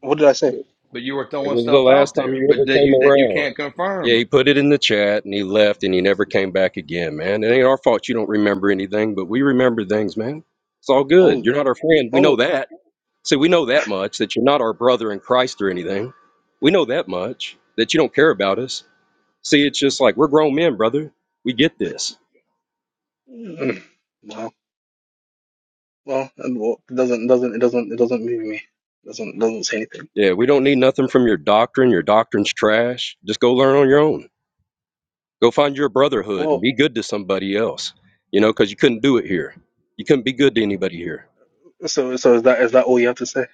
[SPEAKER 7] What did I say?
[SPEAKER 1] but, but you were
[SPEAKER 10] It
[SPEAKER 1] throwing
[SPEAKER 10] was the
[SPEAKER 1] stuff
[SPEAKER 10] last
[SPEAKER 1] out
[SPEAKER 10] time
[SPEAKER 1] there,
[SPEAKER 10] you
[SPEAKER 1] but
[SPEAKER 10] ever
[SPEAKER 1] that you
[SPEAKER 10] came
[SPEAKER 1] that you
[SPEAKER 10] around.
[SPEAKER 1] can't
[SPEAKER 10] Yeah,
[SPEAKER 1] confirm.
[SPEAKER 10] he put it in the chat and he left and he never came back again, man. It ain't our fault you don't remember anything, but we remember things, man. It's all good.
[SPEAKER 7] Oh,
[SPEAKER 10] You're not our friend. We know
[SPEAKER 7] oh,
[SPEAKER 10] that. See, we know that much that you're not our brother in Christ or anything. We know that much that you don't care about us. See, it's just like we're grown men, brother. We get this.
[SPEAKER 7] mm, well, well, and well, it doesn't, doesn't, it doesn't, it doesn't move me. doesn't, doesn't say anything.
[SPEAKER 10] Yeah, we don't need nothing from your doctrine. Your doctrine's trash. Just go learn on your own. Go find your brotherhood and
[SPEAKER 7] Well,
[SPEAKER 10] be good to somebody else. You know, because you couldn't do it here. You couldn't be good to anybody here.
[SPEAKER 7] so, so is that, is that all you have to say?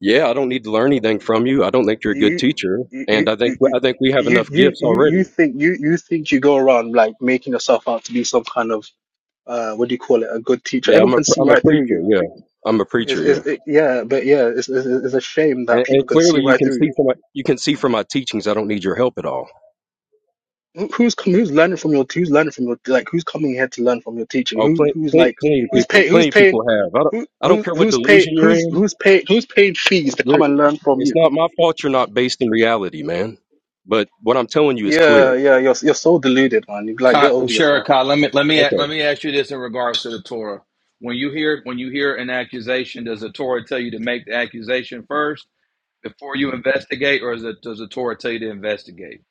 [SPEAKER 10] Yeah, I don't need to learn anything from you. I don't think you're a good
[SPEAKER 7] You,
[SPEAKER 10] teacher,
[SPEAKER 7] you, you,
[SPEAKER 10] and I
[SPEAKER 7] you,
[SPEAKER 10] think
[SPEAKER 7] you,
[SPEAKER 10] I think we have
[SPEAKER 7] you,
[SPEAKER 10] enough
[SPEAKER 7] you
[SPEAKER 10] gifts
[SPEAKER 7] you you
[SPEAKER 10] already.
[SPEAKER 7] think you, you think you go around like making yourself out to be some kind of, uh, what do you call it? A good teacher.
[SPEAKER 10] Yeah,
[SPEAKER 7] Everyone
[SPEAKER 10] I'm a
[SPEAKER 7] can see
[SPEAKER 10] I'm a
[SPEAKER 7] right through
[SPEAKER 10] preacher.
[SPEAKER 7] you.
[SPEAKER 10] Yeah, I'm a
[SPEAKER 7] Is,
[SPEAKER 10] preacher.
[SPEAKER 7] is,
[SPEAKER 10] Yeah,
[SPEAKER 7] it, yeah, but yeah, it's, it's, it's a shame that
[SPEAKER 10] and,
[SPEAKER 7] people
[SPEAKER 10] and
[SPEAKER 7] can see
[SPEAKER 10] clearly you
[SPEAKER 7] right
[SPEAKER 10] can
[SPEAKER 7] through you.
[SPEAKER 10] see from my, you can see from my teachings I don't need your help at all.
[SPEAKER 7] Who- Who's com- who's learning from your who's learning from your like who's coming here to learn from your teacher?
[SPEAKER 10] Oh,
[SPEAKER 7] Who
[SPEAKER 10] plenty,
[SPEAKER 7] who's
[SPEAKER 10] plenty,
[SPEAKER 7] like
[SPEAKER 10] plenty of
[SPEAKER 7] who's
[SPEAKER 10] people,
[SPEAKER 7] pay who's
[SPEAKER 10] plenty of
[SPEAKER 7] paying
[SPEAKER 10] people have. I don't,
[SPEAKER 7] who
[SPEAKER 10] I don't
[SPEAKER 7] who
[SPEAKER 10] care what
[SPEAKER 7] who's pay
[SPEAKER 10] delusion you're
[SPEAKER 7] who's
[SPEAKER 10] in.
[SPEAKER 7] who's pay who's paying fees to
[SPEAKER 10] You're,
[SPEAKER 7] come and learn from
[SPEAKER 10] it's
[SPEAKER 7] you?
[SPEAKER 10] not my fault you're not based in reality, man. But what I'm telling you is clear.
[SPEAKER 7] Yeah, yeah, you're you're so deluded, man. You like get
[SPEAKER 1] Ka-
[SPEAKER 7] over yourself.
[SPEAKER 1] Sherakah, let me let me
[SPEAKER 10] Okay.
[SPEAKER 1] let me ask you this in regards to the Torah. When you hear when you hear an accusation, does the Torah tell you to make the accusation first before you investigate, or is it, does the Torah tell you to investigate?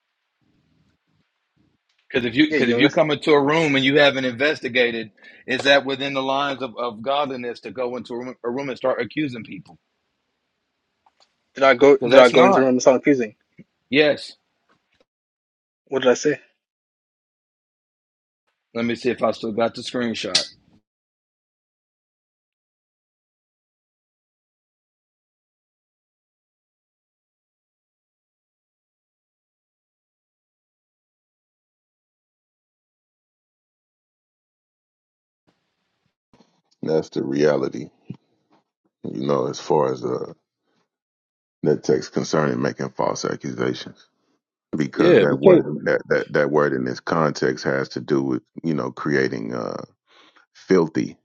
[SPEAKER 1] Because if you
[SPEAKER 7] Yeah,
[SPEAKER 1] because
[SPEAKER 7] you
[SPEAKER 1] if you
[SPEAKER 7] invest.
[SPEAKER 1] come into a room and you haven't investigated, is that within the lines of, of godliness to go into a room, a room and start accusing people?
[SPEAKER 7] Did I go?
[SPEAKER 1] Because
[SPEAKER 7] Did I
[SPEAKER 1] that's
[SPEAKER 7] go into the
[SPEAKER 1] not.
[SPEAKER 7] room and sound accusing?
[SPEAKER 1] Yes.
[SPEAKER 7] What did I say?
[SPEAKER 1] Let me see if I still got the screenshot.
[SPEAKER 6] That's the reality, you know, as far as uh, that text concerning making false accusations because
[SPEAKER 10] Yeah,
[SPEAKER 6] that
[SPEAKER 10] we can't.
[SPEAKER 6] word that, that, that word in this context has to do with you know creating uh, filthy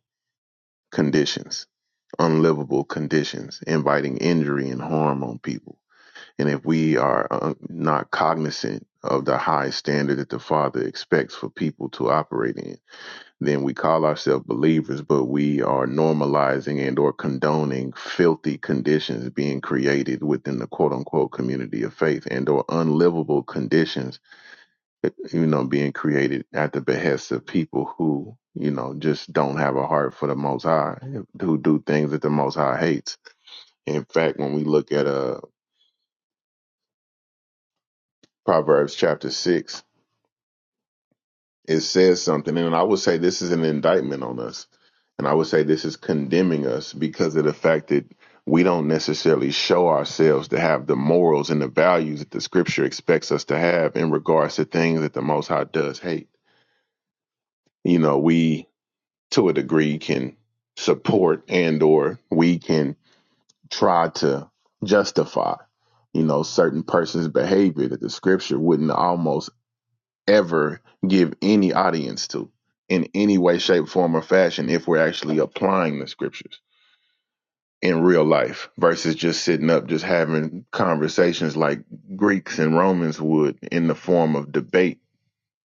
[SPEAKER 6] conditions unlivable conditions inviting injury and harm on people and if we are uh, not cognizant of the high standard that the father expects for people to operate in then we call ourselves believers, but we are normalizing and or condoning filthy conditions being created within the quote unquote community of faith and or unlivable conditions, you know, being created at the behest of people who, you know, just don't have a heart for the most high, who do things that the most high hates. In fact, when we look at uh Proverbs chapter six, It says something, and I would say this is an indictment on us, and I would say this is condemning us because of the fact that we don't necessarily show ourselves to have the morals and the values that the Scripture expects us to have in regards to things that the Most High does hate. You know, we to a degree can support and or we can try to justify you know certain person's behavior that the scripture wouldn't almost ever give any audience to in any way, shape, form, or fashion if we're actually applying the scriptures in real life versus just sitting up, just having conversations like Greeks and Romans would in the form of debate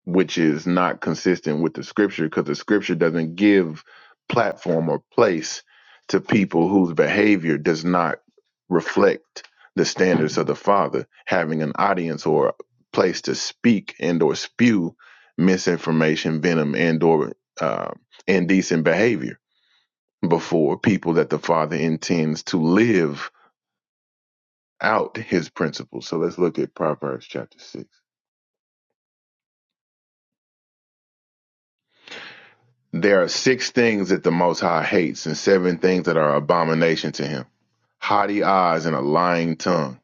[SPEAKER 6] which is not consistent with the scripture because the scripture doesn't give platform or place to people whose behavior does not reflect the standards of the father having an audience or a place to speak and or spew misinformation venom and or uh, indecent behavior before people that the father intends to live out his principles so let's look at proverbs chapter 6 There are six things that the Most High hates, and seven things that are abomination to him haughty eyes, and a lying tongue,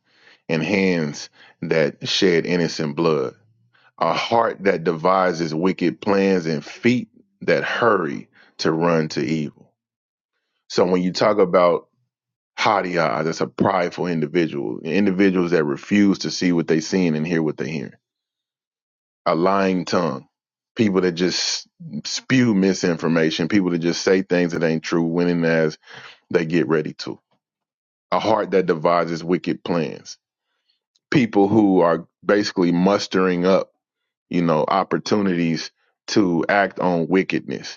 [SPEAKER 6] and hands that shed innocent blood, a heart that devises wicked plans, and feet that hurry to run to evil. So when you talk about haughty eyes, that's a prideful individual, individuals that refuse to see what they're seeing and hear what they're hearing, a lying tongue. People that just spew misinformation, people that just say things that ain't true, winning as they get ready to. A heart that devises wicked plans. People who are basically mustering up, you know, opportunities to act on wickedness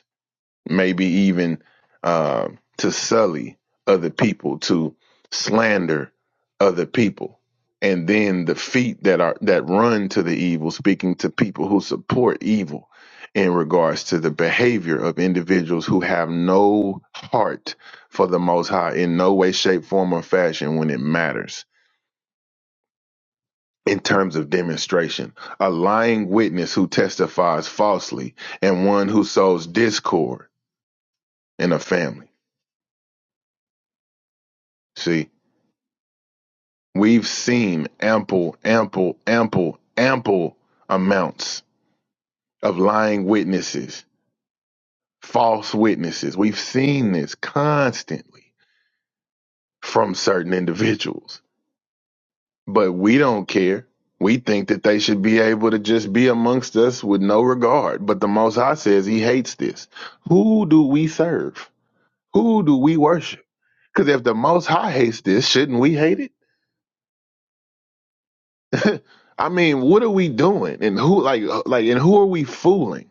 [SPEAKER 6] maybe even uh, to sully other people, to slander other people, and then the feet that are that run to the evil, speaking to people who support evil in regards to the behavior of individuals who have no heart for the Most High in no way, shape, form, or fashion when it matters. In terms of demonstration, a lying witness who testifies falsely and one who sows discord in a family. See, We've seen ample, ample, ample, ample amounts of lying witnesses, false witnesses. We've seen this constantly from certain individuals, but we don't care. We think that they should be able to just be amongst us with no regard. But the Most High says he hates this. Who do we serve? Who do we worship? Because if the Most High hates this, shouldn't we hate it? I mean, what are we doing? And who, like, like, and who are we fooling?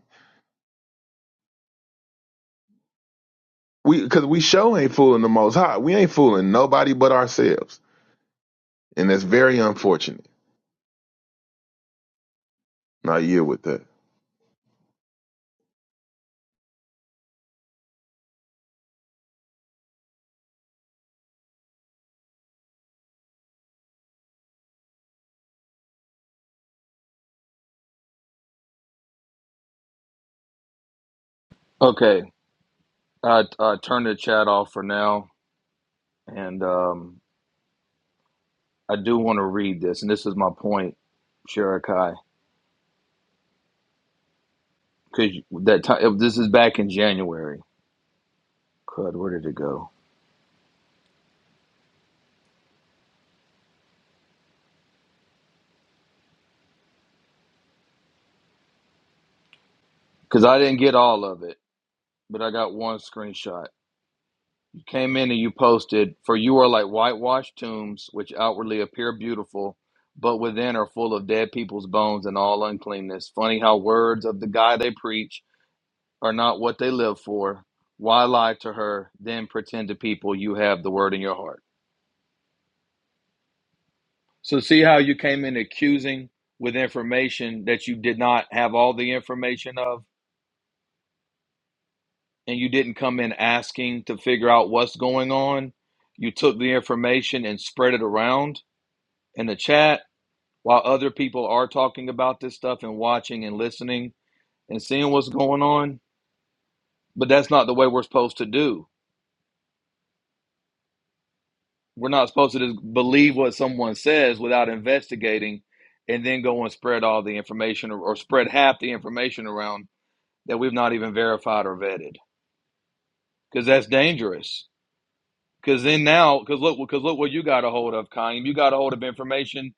[SPEAKER 6] We because we show ain't fooling the Most High. We ain't fooling nobody but ourselves, and that's very unfortunate. Now you with that.
[SPEAKER 1] Okay. I uh, turn the chat off for now, and um, I do want to read this, and this is my point, Sharakai, because that time this is back in January. Crud, where did it go? Because I didn't get all of it, but I got one screenshot. You came in and you posted, "For you are like whitewashed tombs, which outwardly appear beautiful, but within are full of dead people's bones and all uncleanness." Funny how words of the guy they preach are not what they live for. Why lie to her, then pretend to people you have the word in your heart? So see how you came in accusing with information that you did not have all the information of, and you didn't come in asking to figure out what's going on. You took the information and spread it around in the chat while other people are talking about this stuff and watching and listening and seeing what's going on. But that's not the way we're supposed to do. We're not supposed to just believe what someone says without investigating and then go and spread all the information or, or spread half the information around that we've not even verified or vetted because that's dangerous. Because then now, because look, because look what you got a hold of, Kaim. You got a hold of information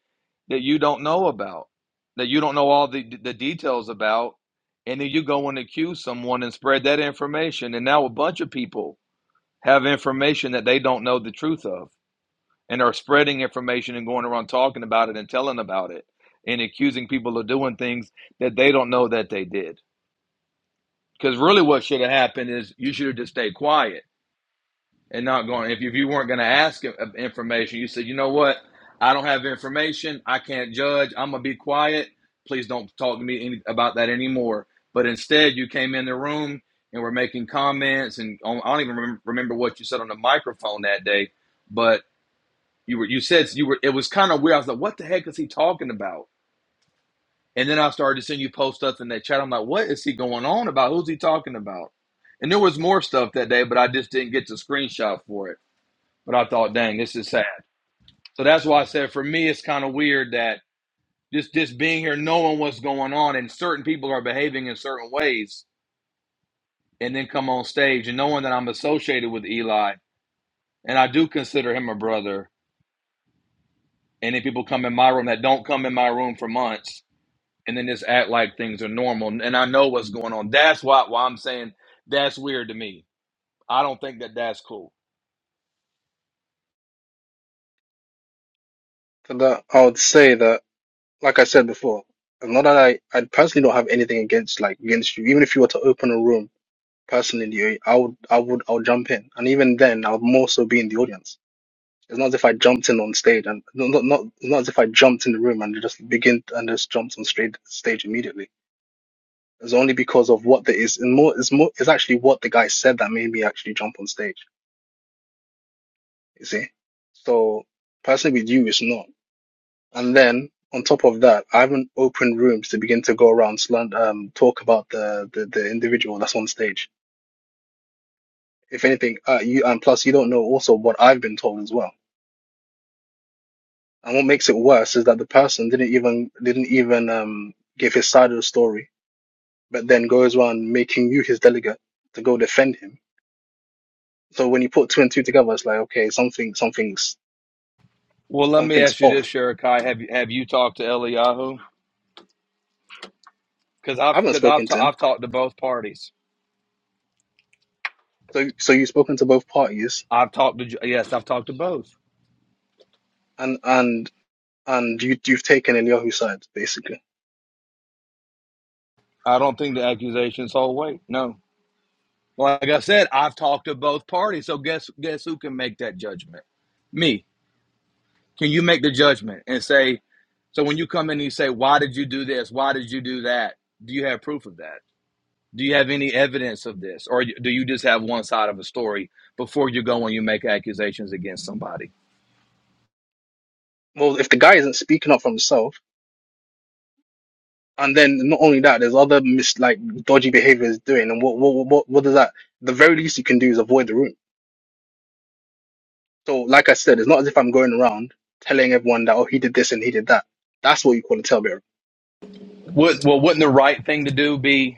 [SPEAKER 1] that you don't know about, that you don't know all the the details about, and then you go and accuse someone and spread that information, and now a bunch of people have information that they don't know the truth of, and are spreading information and going around talking about it and telling about it, and accusing people of doing things that they don't know that they did. Because really, what should have happened is you should have just stayed quiet and not going. If, you, if you weren't going to ask information, you said, you know what? I don't have information. I can't judge. I'm going to be quiet. Please don't talk to me any, about that anymore. But instead, you came in the room and were making comments, and on, I don't even remember, remember what you said on the microphone that day. But you were you said you were. It was kind of weird. I was like, what the heck is he talking about? And then I started to send you post stuff in that chat. I'm like, what is he going on about? Who's he talking about? And there was more stuff that day, but I just didn't get the screenshot for it. But I thought, dang, this is sad. So that's why I said for me, it's kind of weird that just just being here, knowing what's going on, and certain people are behaving in certain ways, and then come on stage and knowing that I'm associated with Eli, and I do consider him a brother. And then people come in my room that don't come in my room for months, and then just act like things are normal. And I know what's going on. That's why why I'm saying that's weird to me. I don't think that that's cool.
[SPEAKER 7] So that I would say that, like I said before, and not that I I personally don't have anything against like against you. Even if you were to open a room personally, I would I would I would jump in, and even then I would more so be in the audience It's not as if I jumped in on stage and no, not not it's not as if I jumped in the room and just begin and just jumped on straight stage immediately. It's only because of what there is and more is more is actually what the guy said that made me actually jump on stage. You see? So personally with you it's not. And then on top of that, I haven't opened rooms to begin to go around slant um talk about the, the the individual that's on stage. If anything, uh, you and plus you don't know also what I've been told as well And what makes it worse is that the person didn't even didn't even um give his side of the story, but then goes around making you his delegate to go defend him. So when you put two and two together, it's like okay, something something's
[SPEAKER 1] Well, let me
[SPEAKER 7] something's
[SPEAKER 1] ask you this,
[SPEAKER 7] off.
[SPEAKER 1] Sherekai. Have you have you talked to Eliyahu? Because I've
[SPEAKER 7] I haven't
[SPEAKER 1] because I've
[SPEAKER 7] spoken to
[SPEAKER 1] ta-
[SPEAKER 7] him.
[SPEAKER 1] I've talked to both parties.
[SPEAKER 7] So so you've spoken to both parties,
[SPEAKER 1] I've talked to Ju- yes, I've talked to both.
[SPEAKER 7] and and and you you've taken Eliyahu's side basically.
[SPEAKER 1] I don't think the accusations hold weight. No, like I said, I've talked to both parties. So guess guess who can make that judgment? Me. Can you make the judgment and say? So when you come in and you say, "Why did you do this? Why did you do that?" Do you have proof of that? Do you have any evidence of this, or do you just have one side of a story before you go and you make accusations against somebody?
[SPEAKER 7] Well, if the guy isn't speaking up for himself, and then not only that, there's other mis like dodgy behavior he's doing, and what what what what does that? The very least you can do is avoid the room So, like I said, it's not as if I'm going around telling everyone that, oh, he did this and he did that. That's what you call a tailbearer.
[SPEAKER 1] Would, well, wouldn't the right thing to do be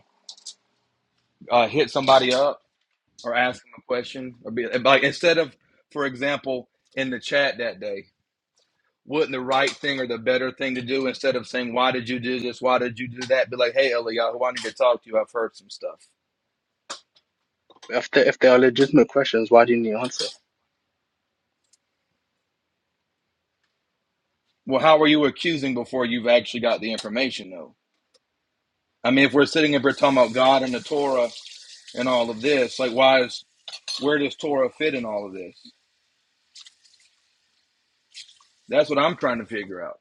[SPEAKER 1] uh, hit somebody up or ask them a question or be like instead of for example in the chat that day wouldn't the right thing or the better thing to do instead of saying why did you do this why did you do that be like hey Eliyahu I need to talk to you I've heard some stuff
[SPEAKER 7] If there, if there are legitimate questions, why do you need an answer?
[SPEAKER 1] well how are you accusing before you've actually got the information though I mean if we're sitting here we're talking about God and the Torah and all of this like why is where does Torah fit in all of this that's what I'm trying to figure out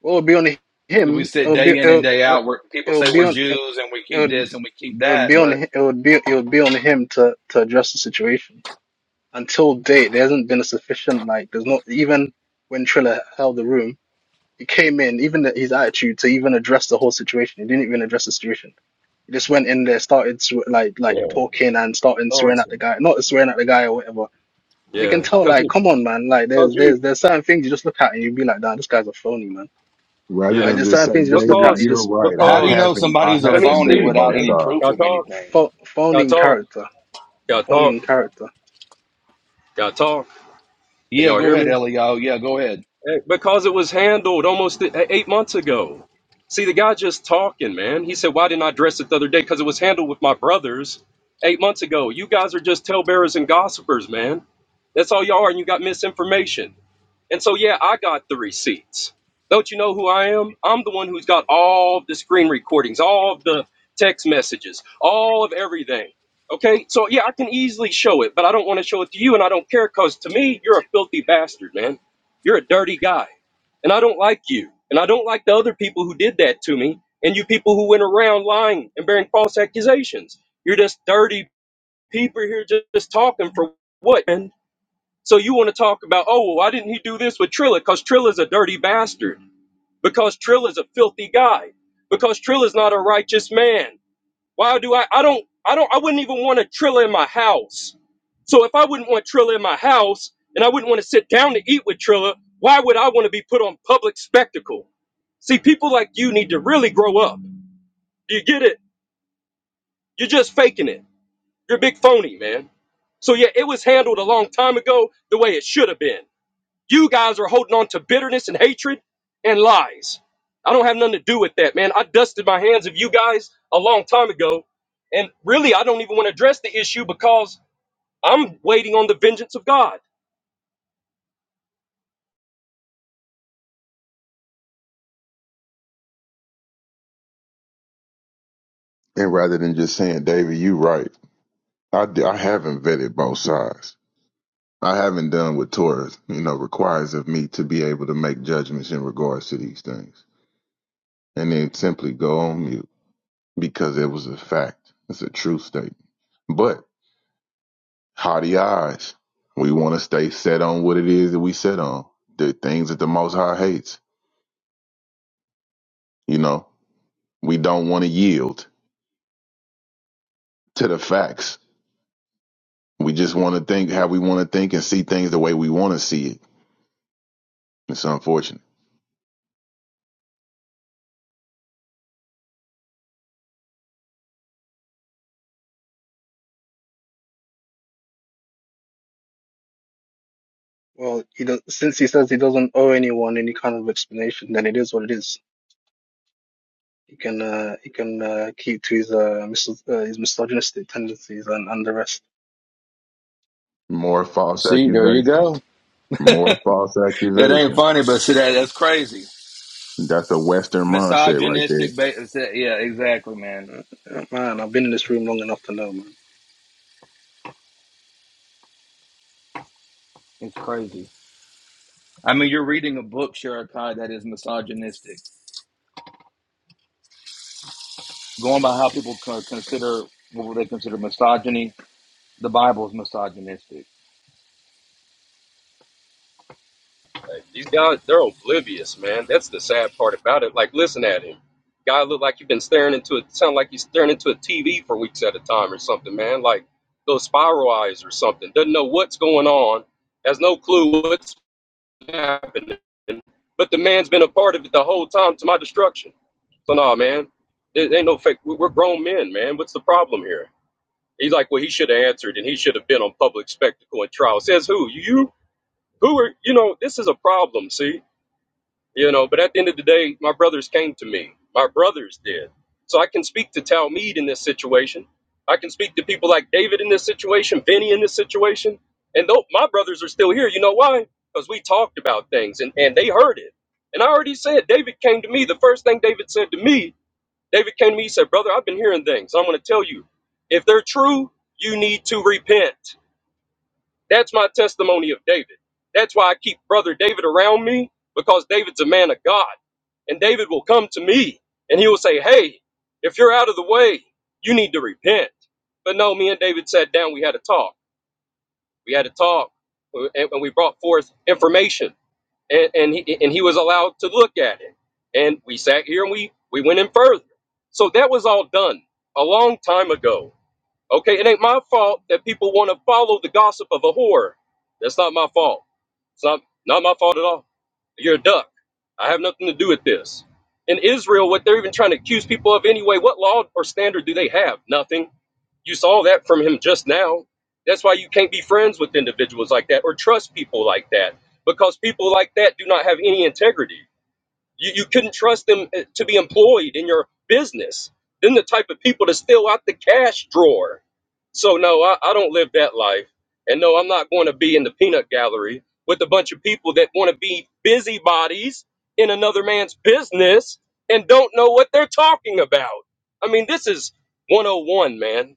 [SPEAKER 7] Well, it'll be on
[SPEAKER 1] because we
[SPEAKER 7] him.
[SPEAKER 1] sit
[SPEAKER 7] It'll be
[SPEAKER 1] day in and
[SPEAKER 7] it'll,
[SPEAKER 1] day
[SPEAKER 7] it'll
[SPEAKER 1] out where people
[SPEAKER 7] it'll
[SPEAKER 1] say
[SPEAKER 7] be
[SPEAKER 1] we're
[SPEAKER 7] on it'll,
[SPEAKER 1] Jews and we keep this
[SPEAKER 7] it'll
[SPEAKER 1] and we keep that
[SPEAKER 7] be on
[SPEAKER 1] but
[SPEAKER 7] it'll be it'll be on him to to address the situation. Until date, there hasn't been a sufficient like. There's not even when Triller held the room. He came in, even the, his attitude to even address the whole situation. He didn't even address the situation. He just went in there, started swe- like like
[SPEAKER 10] Yeah,
[SPEAKER 7] talking and starting swearing
[SPEAKER 10] because,
[SPEAKER 7] at the guy, not swearing at the guy or whatever. So you
[SPEAKER 10] yeah,
[SPEAKER 7] can tell,
[SPEAKER 10] because
[SPEAKER 7] like,
[SPEAKER 10] you,
[SPEAKER 7] come on, man. Like,
[SPEAKER 10] because
[SPEAKER 7] there's there's
[SPEAKER 10] you,
[SPEAKER 7] there's certain things you just look at and you be like, nah, this guy's a phony, man.
[SPEAKER 6] Rather
[SPEAKER 7] Like,
[SPEAKER 10] yeah,
[SPEAKER 6] than
[SPEAKER 7] there's
[SPEAKER 6] just
[SPEAKER 7] certain
[SPEAKER 6] say,
[SPEAKER 7] things you just look
[SPEAKER 6] David,
[SPEAKER 7] at, you
[SPEAKER 10] because,
[SPEAKER 6] you're
[SPEAKER 7] just
[SPEAKER 6] right.
[SPEAKER 1] How
[SPEAKER 6] I
[SPEAKER 1] do you know
[SPEAKER 10] because.
[SPEAKER 6] haven't, I
[SPEAKER 1] somebody's a
[SPEAKER 10] Let me
[SPEAKER 6] haven't
[SPEAKER 1] phony
[SPEAKER 6] vetted
[SPEAKER 10] speak,
[SPEAKER 1] without
[SPEAKER 6] both
[SPEAKER 1] any
[SPEAKER 10] man.
[SPEAKER 6] sides.
[SPEAKER 1] proof
[SPEAKER 10] Got to
[SPEAKER 1] of
[SPEAKER 10] talk,
[SPEAKER 1] anything?
[SPEAKER 7] pho- phony
[SPEAKER 10] got to
[SPEAKER 7] in
[SPEAKER 10] talk,
[SPEAKER 7] character,
[SPEAKER 10] got to
[SPEAKER 7] phony
[SPEAKER 10] talk,
[SPEAKER 7] in character.
[SPEAKER 10] got to talk. Can
[SPEAKER 1] Yeah,
[SPEAKER 10] y'all
[SPEAKER 1] go
[SPEAKER 10] hear
[SPEAKER 1] ahead,
[SPEAKER 10] me?
[SPEAKER 1] Elio. Yeah, go ahead.
[SPEAKER 10] Eh, Because it was handled almost e- e, eight months ago. See, the guy just talking, man. He said, Why didn't I dress it the other day? Because it was handled with my brothers eight months ago. You guys are just talebearers and gossipers, man. That's all y'all are, and you got misinformation. And so, yeah, I got the receipts. Don't you know who I am? I'm the one who's got all of the screen recordings, all of the text messages, all of everything. Okay, so yeah, I can easily show it, but I don't want to show it to you, and I don't care because to me, you're a filthy bastard, man. You're a dirty guy, and I don't like you, and I don't like the other people who did that to me, and you people who went around lying and bearing false accusations. You're just dirty people here just, just talking for what, man? So you want to talk about, oh, well, why didn't he do this with Trilla? Because Trilla's a dirty bastard. Because Trilla's a filthy guy. Because Trilla's not a righteous man. Why do I? I don't. I don't. I wouldn't even want a Trilla in my house. So if I wouldn't want Trilla in my house, and I wouldn't want to sit down to eat with Trilla, why would I want to be put on public spectacle? See, people like you need to really grow up. Do you get it? You're just faking it. You're a big phony, man. So yeah, it was handled a long time ago the way it should have been. You guys are holding on to bitterness and hatred and lies. I don't have nothing to do with that, man. I dusted my hands of you guys a long time ago. And really, I don't even want to address the issue because I'm waiting on the vengeance of God.
[SPEAKER 6] And rather than just saying, David, you right. I, d- I haven't vetted both sides. I haven't done what Torah, you know, requires of me to be able to make judgments in regards to these things. And then simply go on mute because it was a fact. It's a true statement. but. haughty eyes. We want to stay set on what it is that we set on, the things that the Most High hates. You know, we don't want to yield to the facts. We just want to think how we want to think and see things the way we want to see it. It's unfortunate.
[SPEAKER 7] Well, he does, since he says he doesn't owe anyone any kind of explanation, then it is what it is. He can uh, he can uh, keep to his uh, mis- uh, his misogynistic tendencies and, and the rest.
[SPEAKER 6] More false
[SPEAKER 1] See, there you
[SPEAKER 6] accusations.
[SPEAKER 1] go.
[SPEAKER 6] More false
[SPEAKER 1] It ain't
[SPEAKER 6] accusations.
[SPEAKER 1] funny, but see that that's crazy.
[SPEAKER 6] That's a Western mindset right there.
[SPEAKER 1] Misogynistic. Ba- yeah, exactly, man.
[SPEAKER 7] Uh, Man, I've been in this room long enough to know, man.
[SPEAKER 1] It's crazy. I mean, you're reading a book, Sherakai, that is misogynistic. Going by how people co- consider what they consider misogyny, the Bible is misogynistic.
[SPEAKER 10] These guys, they're oblivious, man. That's the sad part about it. Like, listen at him. Guy look like you've been staring into it, sound like he's staring into a TV for weeks at a time or something, man. Like those spiral eyes or something. Doesn't know what's going on, has no clue what's happening. But the man's been a part of it the whole time to my destruction. So no, man, it ain't no fake. we- are grown men, man. What's the problem here? He's like, well, he should have answered, and he should have been on public spectacle and trial. Says who? You? Who are? You know, this is a problem. See, you know. But at the end of the day, my brothers came to me. My brothers did. So I can speak to Talmud in this situation. I can speak to people like David in this situation, Vinny in this situation, and though my brothers are still here, you know why? Because we talked about things and and they heard it. And I already said David came to me. The first thing David said to me, David came to me. He said, "Brother, I've been hearing things. I'm going to tell you, if they're true, you need to repent." That's my testimony of David. That's why I keep brother David around me because David's a man of God. And David will come to me and he will say, Hey, if you're out of the way, you need to repent. But no, me and David sat down. We had a talk. We had a talk and and we brought forth information and, and, he, and he was allowed to look at it. And we sat here and we, we went in further. So that was all done a long time ago. Okay, it ain't my fault that people want to follow the gossip of a whore. That's not my fault. It's not, not my fault at all. You're a duck. I have nothing to do with this. In Israel, what they're even trying to accuse people of anyway, what law or standard do they have? Nothing. You saw that from him just now. That's why you can't be friends with individuals like that or trust people like that because people like that do not have any integrity. You, you couldn't trust them uh, to be employed in your business. Then the type of people to steal out the cash drawer. So no, I, I don't live that life. And no, I'm not going to be in the peanut gallery with a bunch of people that want to be busybodies in another man's business and don't know what they're talking about. I mean, this is 101, man.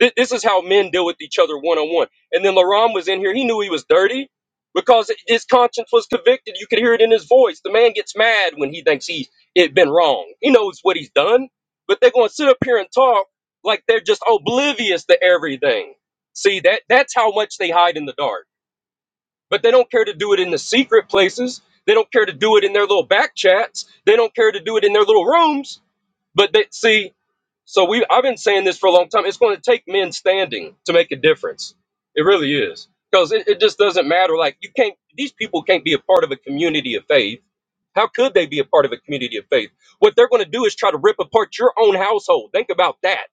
[SPEAKER 10] Thi- This is how men deal with each other one on one. And then LaRon was in here. He knew he was dirty because his conscience was convicted. You could hear it in his voice. The man gets mad when he thinks he it been wrong. He knows what he's done, but they're going to sit up here and talk like they're just oblivious to everything. See that that's how much they hide in the dark. But they don't care to do it in the secret places. They don't care to do it in their little back chats. They don't care to do it in their little rooms. But they see so we I've been saying this for a long time. It's going to take men standing to make a difference. It really is. Because it, it just doesn't matter. Like you can't these people can't be a part of a community of faith. How could they be a part of a community of faith? What they're going to do is try to rip apart your own household. Think about that.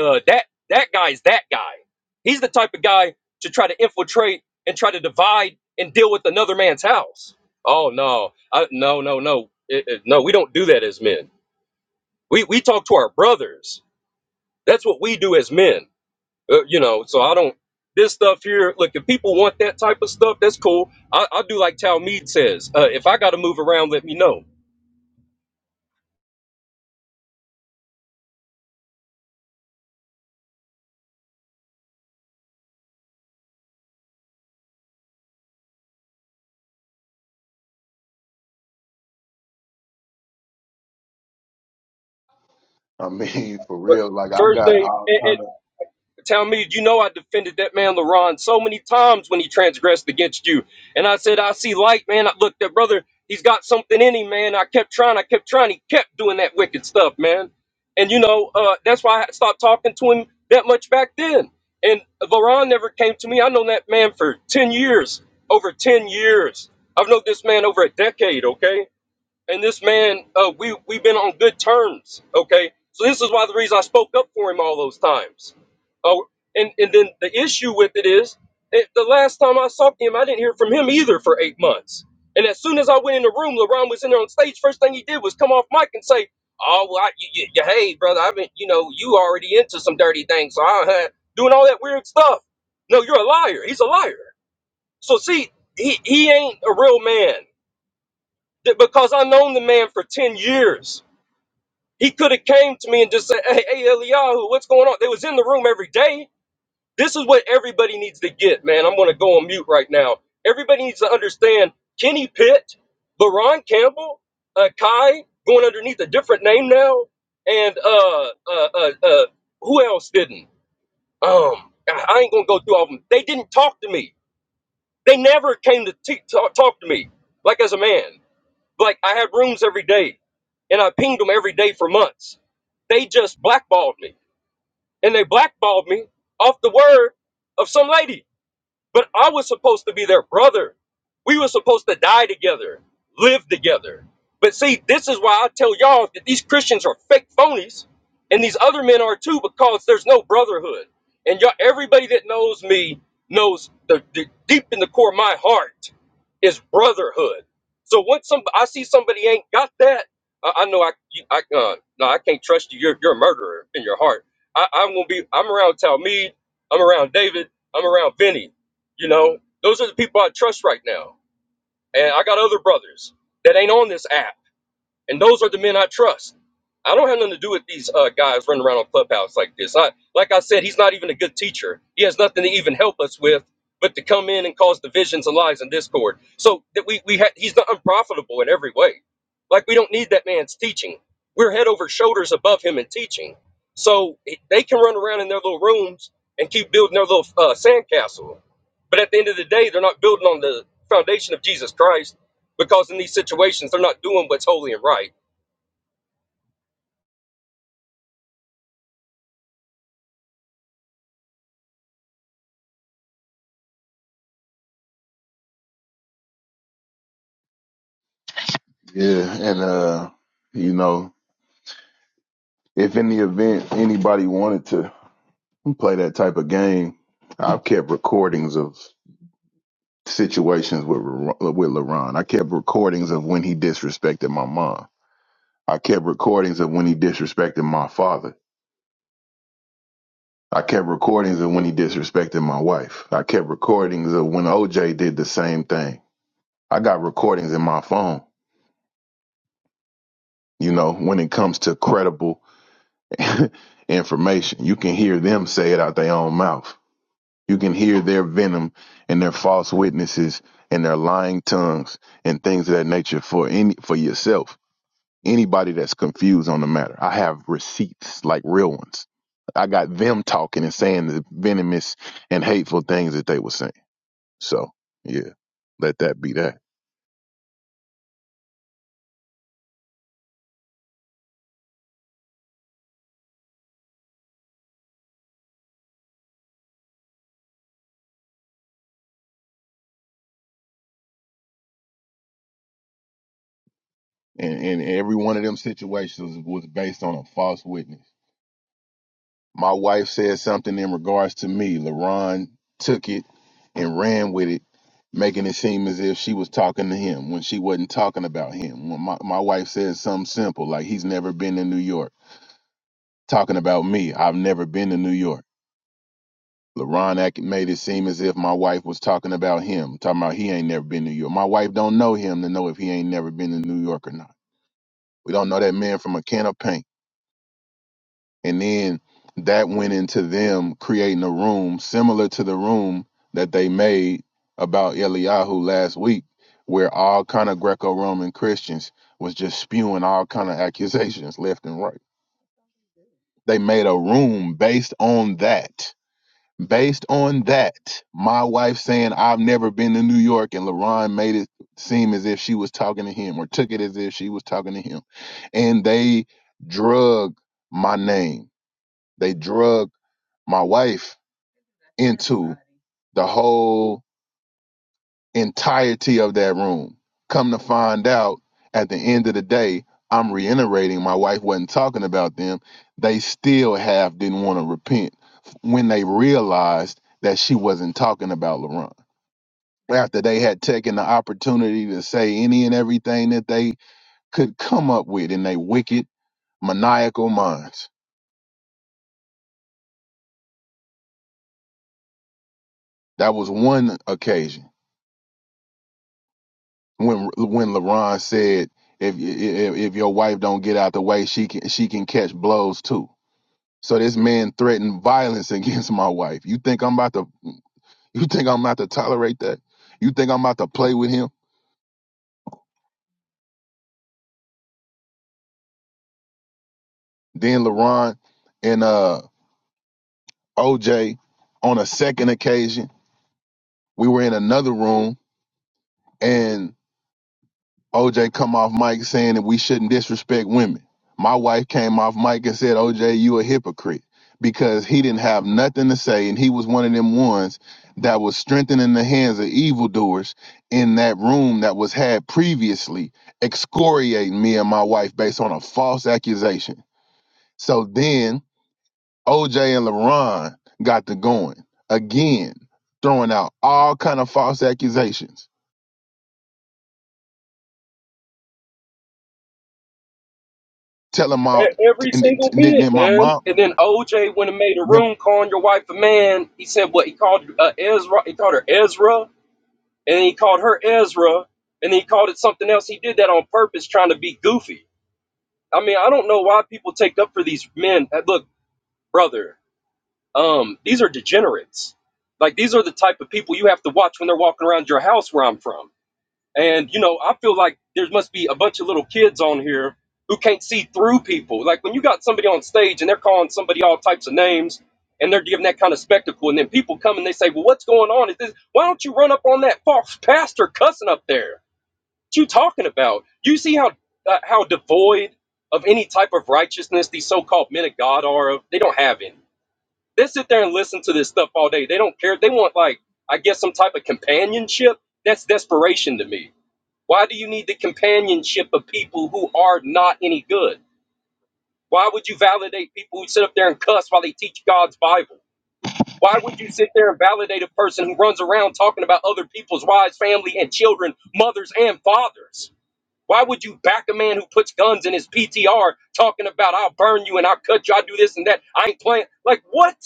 [SPEAKER 10] Uh, that that guy's that guy. He's the type of guy to try to infiltrate and try to divide and deal with another man's house. Oh no, I, no, no, no, It- it- no. We don't do that as men. We we talk to our brothers. That's what we do as men, uh, you know. So I don't this stuff here. Look, if people want that type of stuff, that's cool. I, I do like Talmud says. Uh, if I got to move around, let me know.
[SPEAKER 6] I mean, for
[SPEAKER 10] But
[SPEAKER 6] real. Like I've
[SPEAKER 10] first
[SPEAKER 6] got
[SPEAKER 10] thing,
[SPEAKER 6] all
[SPEAKER 10] and, and
[SPEAKER 6] kind of
[SPEAKER 10] tell me, you know, I defended that man LaRon so many times when he transgressed against you. And I said, I see light, man. I, look, that brother, he's got something in him, man. I kept trying, I kept trying. He kept doing that wicked stuff, man. And, you know, uh, that's why I stopped talking to him that much back then. And LaRon never came to me. I known that man for 10 years, over 10 years. I've known this man over a decade, okay? and this man uh, we we've been on good terms okay so this is why the reason i spoke up for him all those times oh and and then the issue with it is it, the last time i saw him i didn't hear from him either for eight months and as soon as i went in the room lebron was in there on stage first thing he did was come off mic and say oh well I, y y- y- hey brother i've been you know you already into some dirty things so i uh, doing all that weird stuff no you're a liar he's a liar so see he, he ain't a real man that- because I known the man for 10 years. He could have came to me and just said, hey, hey, Eliyahu, what's going on? They was in the room every day. This is what everybody needs to get, man. I'm going to go on mute right now. Everybody needs to understand Kenny Pitt, LaRon Campbell, uh, Kai, going underneath a different name now, and uh, uh, uh, uh, who else didn't? Um, I I ain't going to go through all of them. They didn't talk to me. They never came to t- talk, talk to me, like as a man. Like I had rooms every day, and I pinged them every day for months. They just blackballed me, and they blackballed me off the word of some lady. But I was supposed to be their brother. We were supposed to die together, live together. But see, this is why I tell y'all that these Christians are fake phonies, and these other men are too, because there's no brotherhood. And y'all, everybody that knows me knows the, the deep in the core of my heart is brotherhood. So once some I see somebody ain't got that, I, I know I, you, I uh, no, I can't trust you. You're you're a murderer in your heart. I, I'm gonna be. I'm around Talmud. I'm around David. I'm around Vinny you know, those are the people I trust right now. And I got other brothers that ain't on this app and those are the men I trust. I don't have nothing to do with these uh, guys running around on Clubhouse like this. I, like I said, he's not even a good teacher. He has nothing to even help us with, but to come in and cause divisions and lies and discord. So that we we ha- he's not unprofitable in every way. Like we don't need that man's teaching. We're head over shoulders above him in teaching. So it- they can run around in their little rooms and keep building their little uh, sandcastle. But at the end of the day, they're not building on the foundation of Jesus Christ because in these situations they're not doing what's holy and right.
[SPEAKER 6] yeah, and uh, you know, if in the event anybody wanted to play that type of game, I've kept recordings of situations with Ler- with LeBron. I kept recordings of when he disrespected my mom. I kept recordings of when he disrespected my father. I kept recordings of when he disrespected my wife. I kept recordings of when OJ did the same thing. I got recordings in my phone. You know, when it comes to credible information, you can hear them say it out their own mouth. You can hear their venom and their false witnesses and their lying tongues and things of that nature for any for yourself. Anybody that's confused on the matter. I have receipts, like real ones. I got them talking and saying the venomous and hateful things that they were saying. So yeah, let that be that. And and every one of them situations was based on a false witness My wife said something in regards to me. LaRon took it and ran with it, making it seem as if she was talking to him when she wasn't talking about him. When my, my wife said something simple, like he's never been to New York, talking about me. I've never been to New York. LaRon act made it seem as if my wife was talking about him, talking about he ain't never been to New York. My wife don't know him to know if he ain't never been to New York or not. We don't know that man from a can of paint. And then that went into them creating a room similar to the room that they made about Eliyahu last week, where all kind of Greco-Roman Christians was just spewing all kind of accusations left and right. They made a room based on that. Based on that, my wife saying I've never been to New York, and LaRon made it seem as if she was talking to him, or took it as if she was talking to him, and they drug my name. They drug my wife into the whole entirety of that room. Come to find out, at the end of the day, I'm reiterating my wife wasn't talking about them. They still have didn't want to repent when they realized that she wasn't talking about LaRon. After they had taken the opportunity to say any and everything that they could come up with in their wicked, maniacal minds. That was one occasion when when LeBron said if, if if your wife don't get out the way, she can she can catch blows too. So this man threatened violence against my wife. You think I'm about to you think I'm about to tolerate that? You think I'm about to play with him? Then LeBron and uh OJ on a second occasion, we were in another room and. OJ come off mic saying that we shouldn't disrespect women. My wife came off mic and said, OJ, you a hypocrite because he didn't have nothing to say. And he was one of them ones that was strengthening the hands of evildoers in that room that was had previously, excoriating me and my wife based on a false accusation. So then OJ and LaRon got to going again, throwing out all kind of false accusations, telling my,
[SPEAKER 10] E-
[SPEAKER 6] t-
[SPEAKER 10] Every
[SPEAKER 6] and t-
[SPEAKER 10] single
[SPEAKER 6] and then
[SPEAKER 10] bit,
[SPEAKER 6] then my
[SPEAKER 10] man.
[SPEAKER 6] mom.
[SPEAKER 10] And then OJ went and made a room calling your wife a man. He said what he called uh, Ezra. He called her Ezra, and he called her Ezra, and he called it something else. He did that on purpose, trying to be goofy. I mean, I don't know why people take up for these men. Uh, Look, brother, um, these are degenerates. Like these are the type of people you have to watch when they're walking around your house where I'm from. And you know, I feel like there must be a bunch of little kids on here who can't see through people. Like when you got somebody on stage and they're calling somebody all types of names and they're giving that kind of spectacle, and then people come and they say, "Well, what's going on? Is this? Why don't you run up on that false pastor cussing up there? What you talking about? You see how uh, how devoid of any type of righteousness these so-called men of God are? Of they don't have any. They sit there and listen to this stuff all day. They don't care. They want like I guess some type of companionship. That's desperation to me why do you need the companionship of people who are not any good? Why would you validate people who sit up there and cuss while they teach God's Bible? Why would you sit there and validate a person who runs around talking about other people's wives, family, and children, mothers, and fathers? Why would you back a man who puts guns in his PTR talking about, I'll burn you and I'll cut you, I'll do this and that? I ain't playing. Like, what?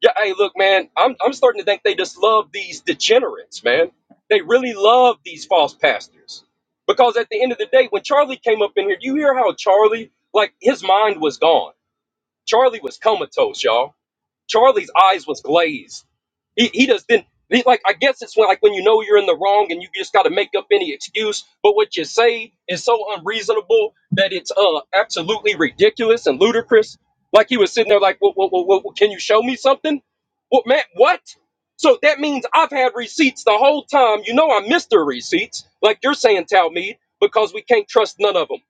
[SPEAKER 10] Yeah, hey, look, man, I'm I'm starting to think they just love these degenerates, man. They really love these false pastors. Because at the end of the day, when Charlie came up in here, do you hear how Charlie, like his mind was gone. Charlie was comatose, y'all. Charlie's eyes was glazed. He he just didn't. He, like I guess it's when like when you know you're in the wrong and you just got to make up any excuse. But what you say is so unreasonable that it's uh absolutely ridiculous and ludicrous. Like he was sitting there like, what, what, what, what, what- can you show me something? What man? What? So that means I've had receipts the whole time. You know I missed the receipts. Like you're saying, Talmeed, because we can't trust none of them.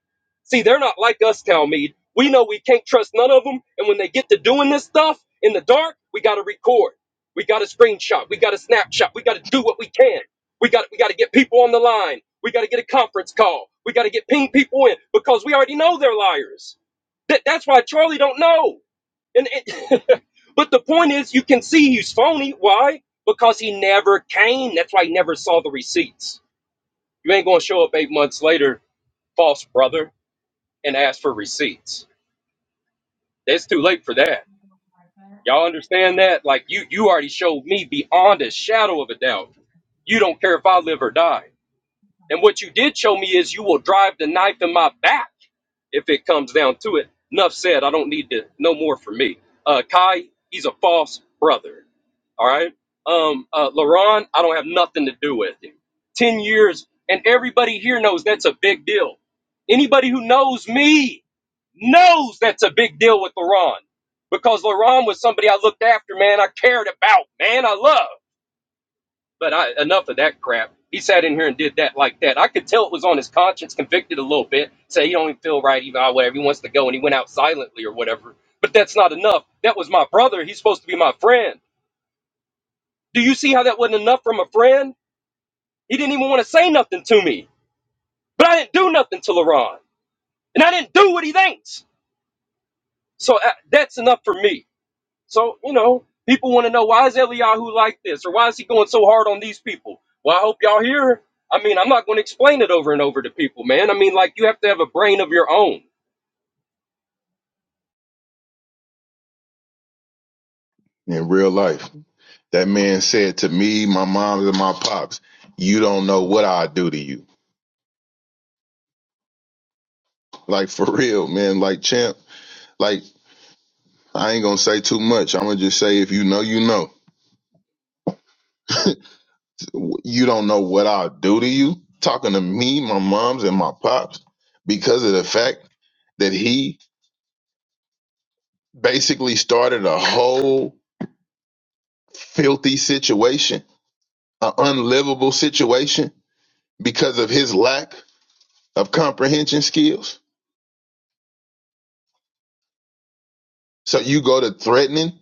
[SPEAKER 10] See, they're not like us, Talmeed. We know we can't trust none of them, and when they get to doing this stuff in the dark, we got to record, we got to screenshot, we got to snapshot, we got to do what we can. We got we got to get people on the line. We got to get a conference call. We got to get ping people in because we already know they're liars. That, that's why Charlie don't know. And, and but the point is, you can see he's phony. Why? Because he never came. That's why he never saw the receipts. You ain't gonna show up eight months later, false brother and ask for receipts. It's too late for that. Y'all understand that? Like you you already showed me beyond a shadow of a doubt. You don't care if I live or die. And what you did show me is you will drive the knife in my back if it comes down to it. Enough said. I don't need to no more for me. Uh, Kai, he's a false brother. All right. Um, uh, LaRon, I don't have nothing to do with him. Ten years, and everybody here knows that's a big deal. Anybody who knows me knows that's a big deal with LaRon because LaRon was somebody I looked after, man. I cared about, man. I loved. But I, enough of that crap. He sat in here and did that like that. I could tell it was on his conscience, convicted a little bit. Say he don't even feel right, even ah, whatever. He wants to go, and he went out silently or whatever. But that's not enough. That was my brother. He's supposed to be my friend. Do you see how that wasn't enough from a friend? He didn't even want to say nothing to me. But I didn't do nothing to LaRon, and I didn't do what he thinks. So uh, that's enough for me. So, you know, people want to know why is Eliyahu like this or why is he going so hard on these people? Well, I hope y'all hear. I mean, I'm not going to explain it over and over to people, man. I mean, like, you have to have a brain of your own.
[SPEAKER 6] in real life. That man said to me, my mom, and my pops, "You don't know what I do to you." Like for real, man. Like champ. Like I ain't gonna say too much. I'm gonna just say if you know, you know. You don't know what I do to you. Talking to me, my mom's, and my pops because of the fact that he basically started a whole filthy situation an unlivable situation because of his lack of comprehension skills. So you go to threatening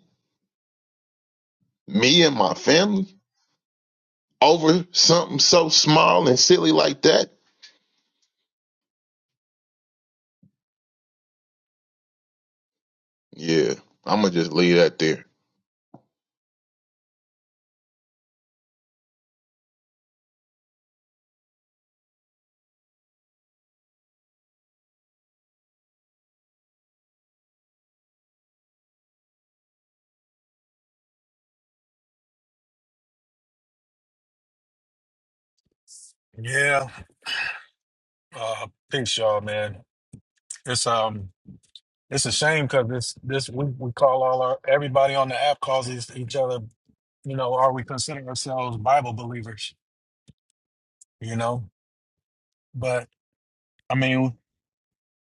[SPEAKER 6] me and my family over something so small and silly like that? Yeah, I'm gonna just leave that there.
[SPEAKER 11] Yeah, uh, peace, y'all, man. It's um, it's a shame because this this we, we call all our everybody on the app calls each, each other. You know, are we considering ourselves Bible believers? You know, but I mean,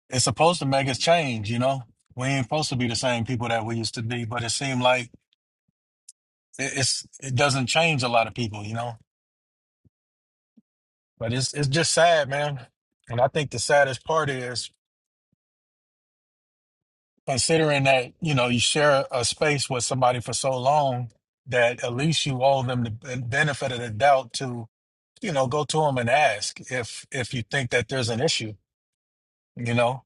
[SPEAKER 11] it's supposed to make us change. You know, we ain't supposed to be the same people that we used to be. But it seemed like it, it's it doesn't change a lot of people. You know, but it's it's just sad, man. And I think the saddest part is considering that you know you share a space with somebody for so long that at least you owe them the ben- benefit of the doubt to you know go to them and ask if if you think that there's an issue you know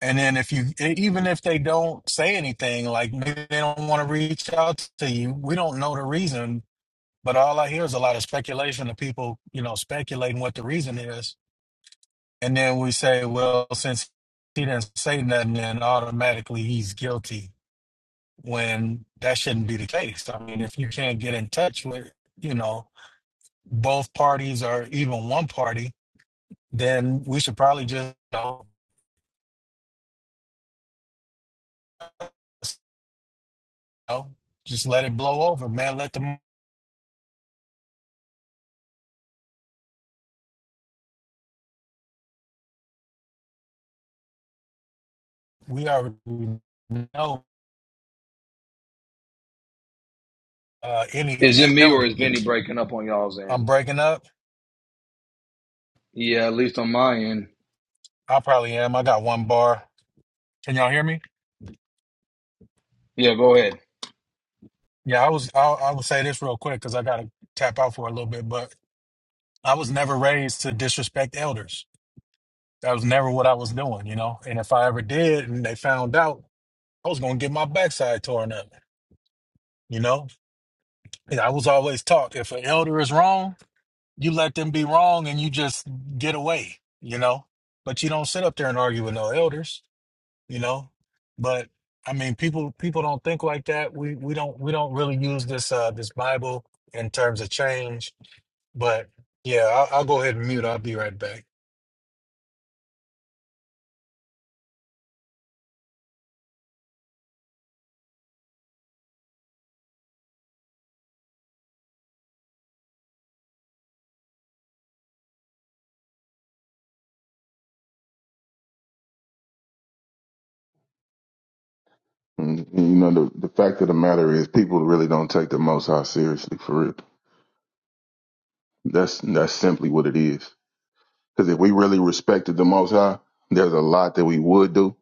[SPEAKER 11] and then if you e- even if they don't say anything like maybe they don't want to reach out to you we don't know the reason but all i hear is a lot of speculation of people you know speculating what the reason is and then we say well since he didn't say nothing then automatically he's guilty when that shouldn't be the case. I mean, if you can't get in touch with, you know, both parties or even one party, then we should probably just, you know, s- you know, just let it blow over, man. Let them, we already know uh,
[SPEAKER 1] Is it
[SPEAKER 11] any
[SPEAKER 1] me or
[SPEAKER 11] elder.
[SPEAKER 1] is Vinny breaking up on y'all's
[SPEAKER 11] I'm
[SPEAKER 1] end?
[SPEAKER 11] breaking up.
[SPEAKER 1] Yeah, at least on my end.
[SPEAKER 11] I probably am. I got one bar. Can y'all hear me?
[SPEAKER 1] Yeah, go ahead.
[SPEAKER 11] Yeah, I was, I'll, I will say this real quick because I got to tap out for a little bit, but I was never raised to disrespect elders. That was never what I was doing, you know. And if I ever did and they found out, I was going to get my backside torn up, you know. And I was always taught if an elder is wrong, you let them be wrong and you just get away, you know. But you don't sit up there and argue with no elders, you know. But I mean, people people don't think like that. We we don't we don't really use this uh this Bible in terms of change. But yeah, I'll, I'll go ahead and mute. I'll be right back.
[SPEAKER 6] And, and, you know, the, the fact of the matter is, people really don't take the Most High seriously for real. That's that's simply what it is. Because if we really respected the Most High, there's a lot that we would do,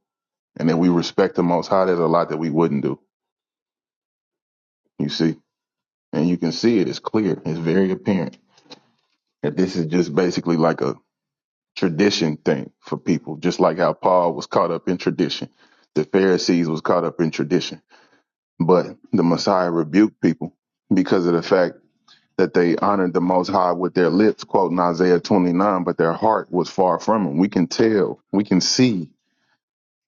[SPEAKER 6] and if we respect the Most High, there's a lot that we wouldn't do. You see. and you can see It's clear. It's very apparent that this is just basically like a tradition thing for people, just like how Paul was caught up in tradition. The Pharisees was caught up in tradition, but the Messiah rebuked people because of the fact that they honored the Most High with their lips, quoting Isaiah 29, but their heart was far from Him. We can tell, we can see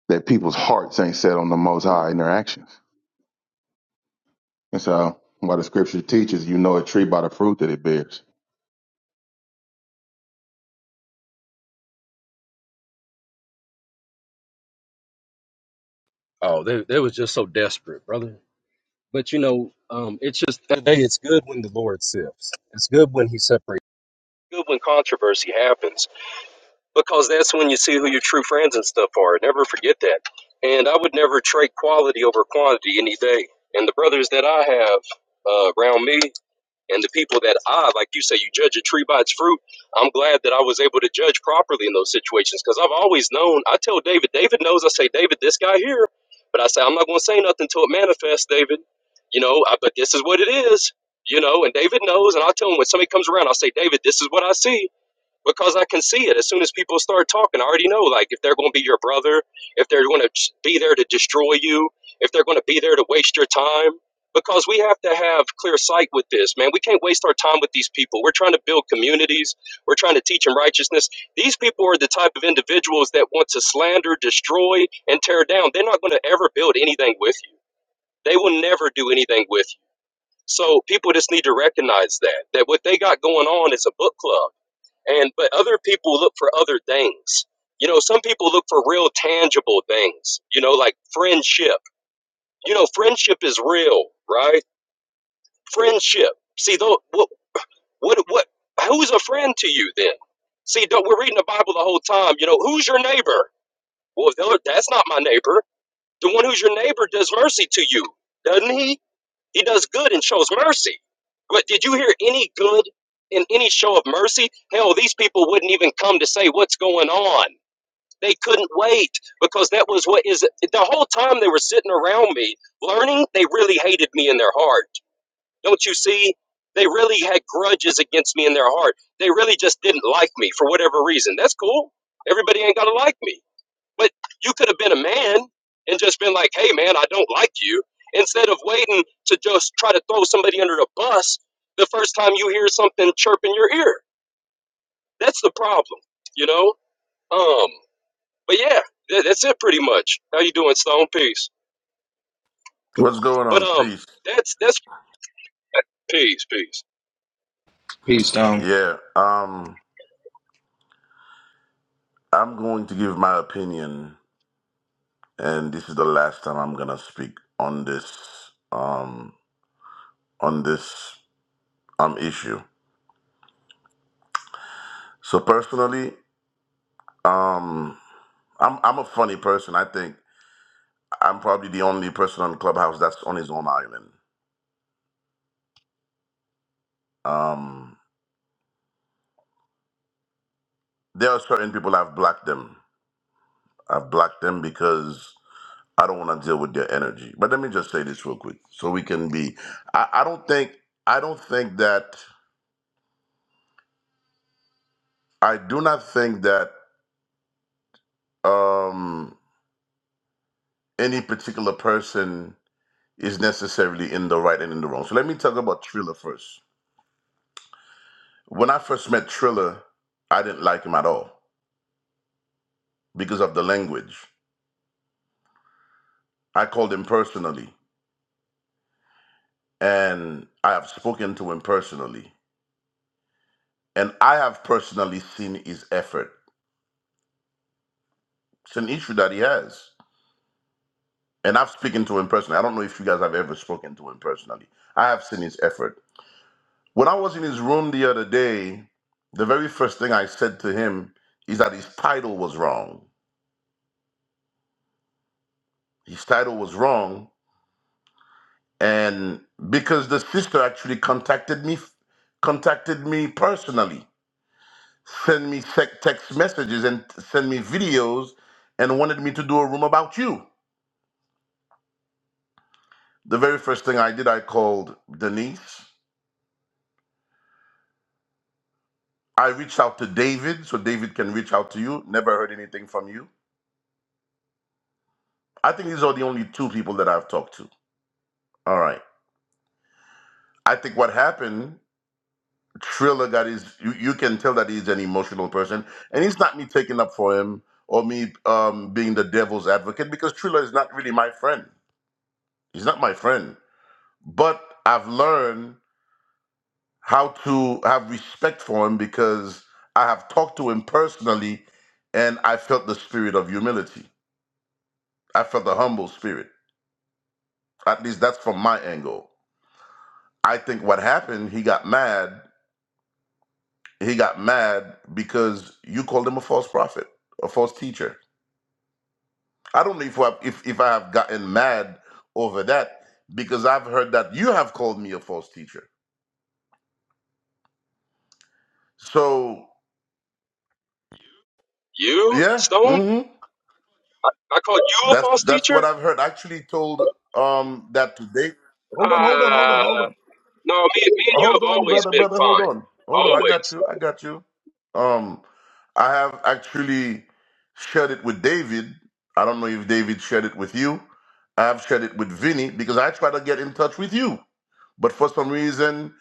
[SPEAKER 6] that people's hearts ain't set on the Most High in their actions. And so, why the Scripture teaches, you know a tree by the fruit that it bears.
[SPEAKER 10] Oh, they, they was just so desperate, brother. But, you know, um, it's just that day. it's good when the Lord sifts. It's good when He separates. good when controversy happens. because that's when you see who your true friends and stuff are. Never forget that. And I would never trade quality over quantity any day. And the brothers that I have uh, around me and the people that I, like you say, you judge a tree by its fruit. I'm glad that I was able to judge properly in those situations because I've always known. I tell David, David knows. I say, David, this guy here, but I say I'm not going to say nothing till it manifests, David. You know, I, but this is what it is. You know, and David knows, and I tell him when somebody comes around, I say, David, this is what I see because I can see it as soon as people start talking. I already know, like, if they're going to be your brother, if they're going to be there to destroy you, if they're going to be there to waste your time. Because we have to have clear sight with this, man. We can't waste our time with these people. We're trying to build communities, we're trying to teach them righteousness. These people are the type of individuals that want to slander, destroy, and tear down. They're not going to ever build anything with you, they will never do anything with you. So people just need to recognize that that what they got going on is a book club and but other people look for other things you know some people look for real tangible things you know like friendship you know friendship is real right friendship see though what what what who's a friend to you then see though we're reading the bible the whole time you know who's your neighbor well if that's not my neighbor the one who's your neighbor does mercy to you doesn't he he does good and shows mercy but did you hear any good in any show of mercy hell these people wouldn't even come to say what's going on They couldn't wait because that was what is the whole time they were sitting around me learning, they really hated me in their heart. Don't you see? They really had grudges against me in their heart. They really just didn't like me for whatever reason. That's cool. Everybody ain't got to like me. But you could have been a man and just been like, hey, man, I don't like you. Instead of waiting to just try to throw somebody under the bus the first time you hear something chirp in your ear. That's the problem, you know? Um, but yeah, that, that's it pretty much. How you doing, Stone? Peace.
[SPEAKER 12] What's going
[SPEAKER 10] But
[SPEAKER 12] on,
[SPEAKER 10] um,
[SPEAKER 12] Peace?
[SPEAKER 10] that's that's peace, peace.
[SPEAKER 1] Peace, Stone.
[SPEAKER 12] Yeah, um, I'm going to give my opinion, and this is the last time I'm gonna speak on this, um, on this um issue. So personally, um, I'm I'm a funny person. I think I'm probably the only person on Clubhouse that's on his own island. Um, there are certain people I've blocked them. I've blocked them because I don't want to deal with their energy. But let me just say this real quick, so we can be. I, I don't think. I don't think that. I do not think that um, any particular person is necessarily in the right and in the wrong. So let me talk about Triller first. When I first met Triller, I didn't like him at all because of the language. I called him personally, and I have spoken to him personally, and I have personally seen his effort. It's an issue that he has and I've spoken to him personally. I don't know if you guys have ever spoken to him personally. I have seen his effort. When I was in his room the other day, the very first thing I said to him is that his title was wrong. His title was wrong, and because the sister actually contacted me, contacted me personally, sent me sec- text messages and sent me videos, and wanted me to do a room about you. The very first thing I did, I called Denise I reached out to David so David can reach out to you. Never heard anything from you. I think these are the only two people that I've talked to. All right. I think what happened, Triller got his, you, you can tell that he's an emotional person. And it's not me taking up for him or me um, being the devil's advocate because Triller is not really my friend. He's not my friend. But I've learned how to have respect for him because I have talked to him personally and I felt the spirit of humility. I felt the humble spirit. At least that's from my angle. I think what happened, he got mad. He got mad because you called him a false prophet, a false teacher. I don't know if I, if, if I have gotten mad over that because I've heard that you have called me a false teacher. So
[SPEAKER 10] You,
[SPEAKER 12] yeah,
[SPEAKER 10] Stone?
[SPEAKER 12] hmm
[SPEAKER 10] I called you a
[SPEAKER 12] that's
[SPEAKER 10] false
[SPEAKER 12] that's
[SPEAKER 10] teacher?
[SPEAKER 12] what I've heard. I actually told um that today. Hold on, hold on, hold on, hold on.
[SPEAKER 10] Uh no, me, me and you
[SPEAKER 12] Hold
[SPEAKER 10] have
[SPEAKER 12] on,
[SPEAKER 10] always
[SPEAKER 12] brother,
[SPEAKER 10] been
[SPEAKER 12] brother, hold
[SPEAKER 10] fine.
[SPEAKER 12] on. Hold on. I got
[SPEAKER 10] Always.
[SPEAKER 12] you. I got you. Um, I have actually shared it with David. I don't know if David shared it with you. I have shared it with Vinny because I tried to get in touch with you. But for some reason,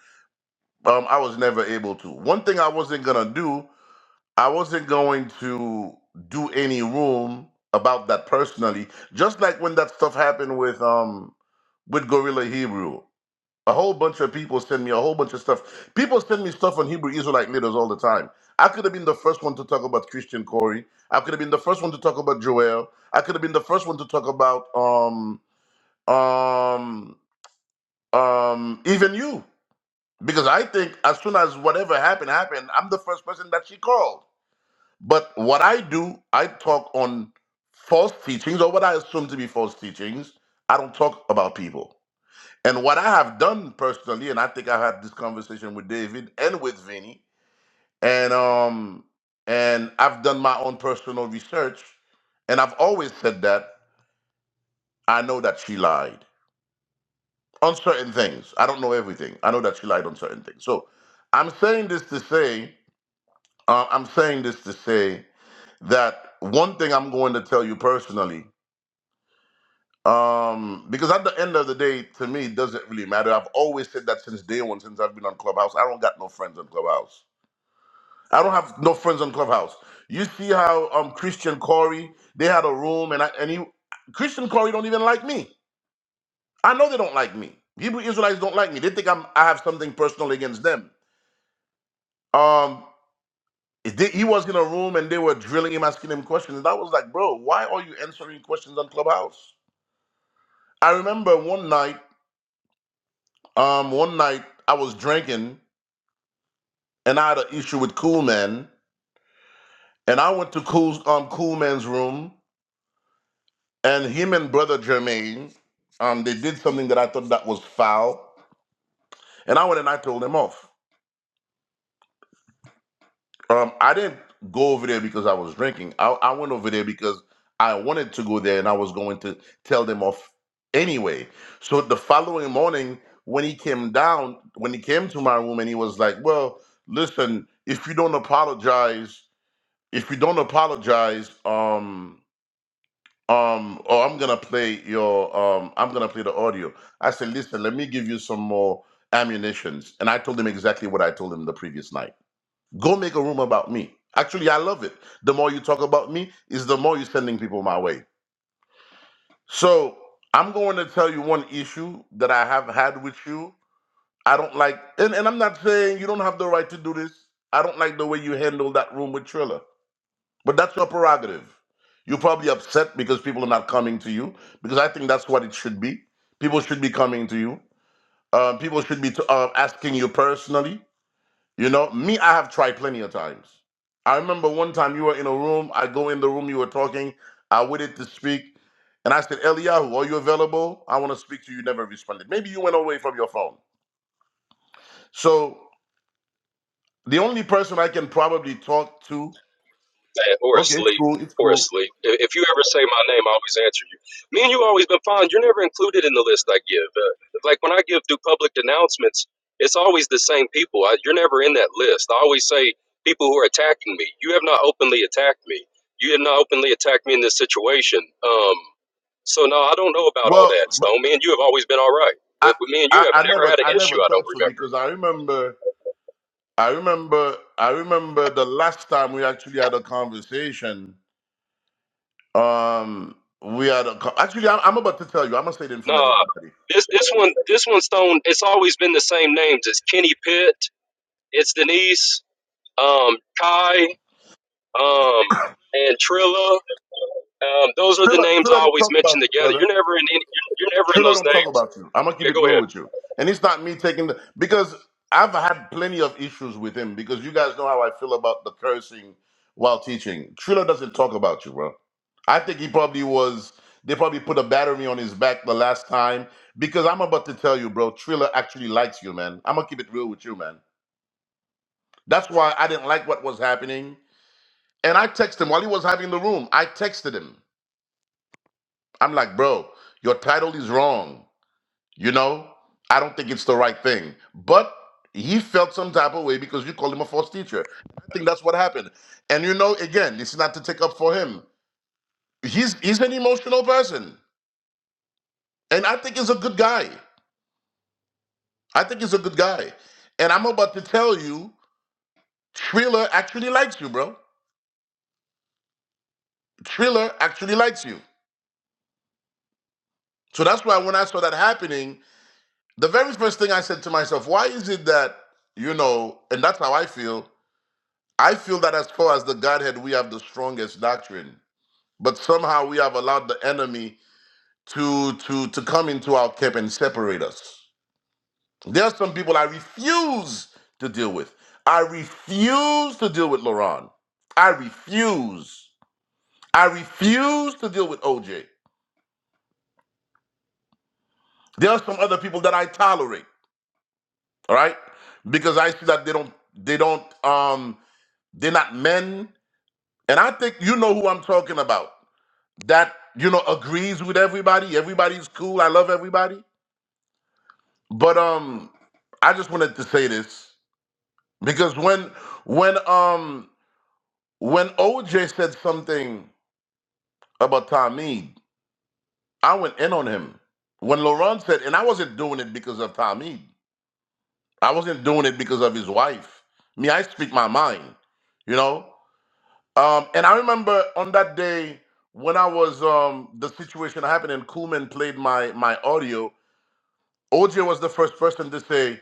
[SPEAKER 12] um, I was never able to. One thing I wasn't gonna do, I wasn't going to do any room about that personally. Just like when that stuff happened with um with Gorilla Hebrew. A whole bunch of people send me a whole bunch of stuff. People send me stuff on Hebrew Israelite leaders all the time. I could have been the first one to talk about Christian Corey. I could have been the first one to talk about Joel. I could have been the first one to talk about um um um even you. Because I think as soon as whatever happened happened, I'm the first person that she called. But what I do, I talk on false teachings or what I assume to be false teachings. I don't talk about people. And what I have done personally, and I think I had this conversation with David and with Vinny, and um, and I've done my own personal research, and I've always said that I know that she lied on certain things. I don't know everything. I know that she lied on certain things. So I'm saying this to say, uh, I'm saying this to say that one thing I'm going to tell you personally. Um, because at the end of the day, to me, it doesn't really matter. I've always said that since day one, since I've been on Clubhouse. I don't got no friends on Clubhouse. I don't have no friends on Clubhouse. You see how um Christian Corey they had a room, and I and he Christian Corey don't even like me. I know they don't like me. Hebrew Israelites don't like me. They think I'm I have something personal against them. Um, they, he was in a room and they were drilling him, asking him questions, and I was like, bro, why are you answering questions on Clubhouse? I remember one night. Um, one night I was drinking and I had an issue with Cool Man, and I went to Cool um Cool Man's room, and him and Brother Jermaine, um, they did something that I thought that was foul, and I went and I told them off. Um, I didn't go over there because I was drinking. I, I went over there because I wanted to go there, and I was going to tell them off anyway. So the following morning, when he came down, when he came to my room, and he was like, "Well, listen, if you don't apologize." if you don't apologize, um, um, or I'm gonna play your, um, I'm gonna play the audio. I said, listen, let me give you some more ammunitions, and I told him exactly what I told him the previous night. Go make a room about me. Actually, I love it. The more you talk about me, is the more you're sending people my way. So I'm going to tell you one issue that I have had with you. I don't like, and, and I'm not saying you don't have the right to do this. I don't like the way you handled that room with Triller. But that's your prerogative. You're probably upset because people are not coming to you, because I think that's what it should be. People should be coming to you. Uh, people should be t- uh, asking you personally. You know, me, I have tried plenty of times. I remember one time you were in a room. I go in the room, you were talking. I waited to speak. And I said, Eliyahu, are you available? I want to speak to you. You never responded. Maybe you went away from your phone. So the only person I can probably talk to,
[SPEAKER 10] that or
[SPEAKER 12] okay, it's
[SPEAKER 10] asleep
[SPEAKER 12] cool, it's
[SPEAKER 10] or
[SPEAKER 12] cool.
[SPEAKER 10] asleep. If, if you ever say my name, I always answer you. Me and you always been fine. You're never included in the list I give. Uh, like when I give do public announcements, it's always the same people. I, you're never in that list. I always say people who are attacking me. You have not openly attacked me. You have not openly attacked me in this situation. Um, so no, I don't know about all
[SPEAKER 12] Well,
[SPEAKER 10] that, Stone. Me and you have always been all right.
[SPEAKER 12] I,
[SPEAKER 10] With, with me and you
[SPEAKER 12] I
[SPEAKER 10] have
[SPEAKER 12] I
[SPEAKER 10] never
[SPEAKER 12] never
[SPEAKER 10] had an
[SPEAKER 12] I
[SPEAKER 10] issue.
[SPEAKER 12] never
[SPEAKER 10] I don't
[SPEAKER 12] thought so
[SPEAKER 10] remember.
[SPEAKER 12] because I remember I remember I remember the last time we actually had a conversation. Um, we had a co- actually I'm, I'm about to tell you. I'm gonna say it in front of
[SPEAKER 10] Nah,
[SPEAKER 12] everybody.
[SPEAKER 10] this this one this one Stone. It's always been the same names. It's Kenny Pitt. It's Denise, um, Kai, um, and Trilla. Um, those are the
[SPEAKER 12] Trilla,
[SPEAKER 10] names I
[SPEAKER 12] Trilla don't
[SPEAKER 10] always
[SPEAKER 12] talk
[SPEAKER 10] mention
[SPEAKER 12] about you,
[SPEAKER 10] together.
[SPEAKER 12] brother.
[SPEAKER 10] You're never in any, you're never in
[SPEAKER 12] Trilla
[SPEAKER 10] those
[SPEAKER 12] don't talk about you. I'm gonna keep it real with you. And it's not me taking the because I've had plenty of issues with him because you guys know how I feel about the cursing while teaching. Trilla doesn't talk about you, bro. I think he probably was they probably put a battery on his back the last time because I'm about to tell you, bro, Trilla actually likes you, man. I'm gonna keep it real with you, man. That's why I didn't like what was happening. And I texted him while he was having the room. I texted him. I'm like, bro, your title is wrong. You know, I don't think it's the right thing. But he felt some type of way because you called him a false teacher. I think that's what happened. And you know, again, it's not to take up for him. He's he's an emotional person, and I think he's a good guy. I think he's a good guy. And I'm about to tell you, Triller actually likes you, bro. Triller actually likes you. So that's why when I saw that happening, the very first thing I said to myself, why is it that you know? And that's how I feel. I feel that as far as the Godhead, we have the strongest doctrine, but somehow we have allowed the enemy to to to come into our camp and separate us. There are some people I refuse to deal with. I refuse to deal with Laron. I refuse. I refuse to deal with OJ. There are some other people that I tolerate, all right, because I see that they don't they don't um they're not men, and I think you know who I'm talking about. that you know agrees with everybody. Everybody's cool. I love everybody. But um, I just wanted to say this because when when um when OJ said something about Tommy, I went in on him. When Laurent said, and I wasn't doing it because of Tommy. I wasn't doing it because of his wife. Me, I speak my mind, you know. Um, and I remember on that day when I was um the situation happened and Coolman played my my audio. OJ was the first person to say,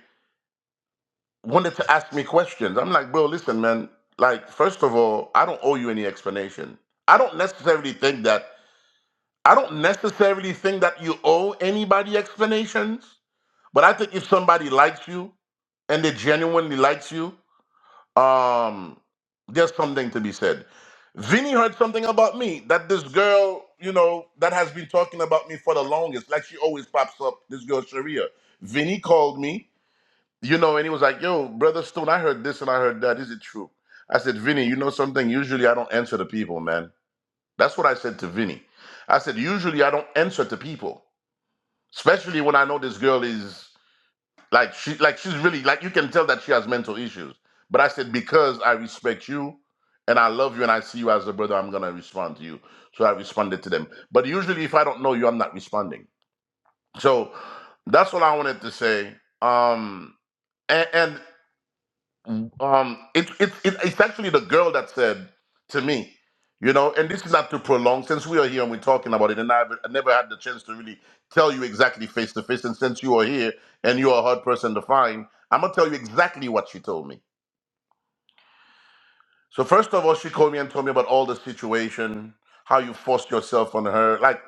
[SPEAKER 12] wanted to ask me questions. I'm like, bro, listen, man, like, first of all, I don't owe you any explanation. I don't necessarily think that, I don't necessarily think that you owe anybody explanations, but I think if somebody likes you and they genuinely likes you, um, there's something to be said. Vinny heard something about me that this girl, you know, that has been talking about me for the longest, like she always pops up, this girl, Sharia. Vinny called me you know, and he was like, "Yo, brother Stone, I heard this and I heard that. Is it true?" I said, "Vinny, you know something? Usually I don't answer to people, man. That's what I said to Vinny. I said, usually I don't answer to people, especially when I know this girl is like she like she's really like you can tell that she has mental issues. But I said because I respect you and I love you and I see you as a brother, I'm gonna respond to you. So I responded to them. But usually if I don't know you, I'm not responding. So that's what I wanted to say. Um, and, and Um, it, it, it, it's actually the girl that said to me, you know, and this is not to prolong since we are here and we're talking about it, and I've I never had the chance to really tell you exactly face to face. And since you are here and you are a hard person to find, I'm gonna tell you exactly what she told me. So first of all, she called me and told me about all the situation, how you forced yourself on her. Like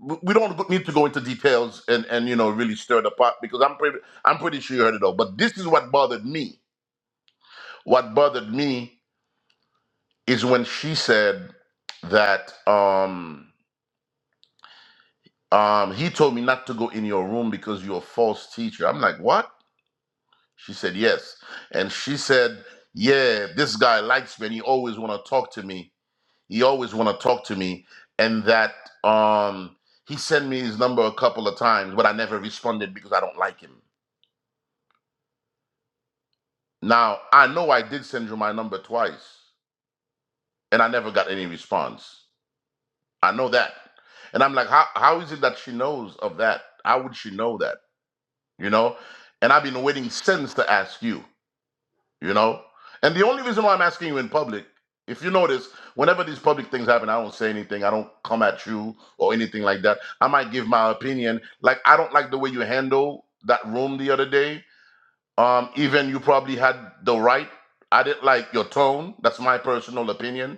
[SPEAKER 12] w- we don't go- need to go into details and and you know really stir the pot because I'm pretty I'm pretty sure you heard it all. But this is what bothered me. What bothered me is when she said that um um he told me not to go in your room because you're a false teacher. I'm like, what? She said yes. And she said, Yeah, this guy likes me and he always wanna talk to me. He always wanna talk to me. And that um he sent me his number a couple of times, but I never responded because I don't like him. Now I know I did send you my number twice and I never got any response. I know that. And I'm like, how, how is it that she knows of that? How would she know that? You know? And I've been waiting since to ask you, you know? And the only reason why I'm asking you in public, if you notice, whenever these public things happen, I don't say anything. I don't come at you or anything like that. I might give my opinion. Like, I don't like the way you handle that room the other day. Um, even you probably had the right. I didn't like your tone. That's my personal opinion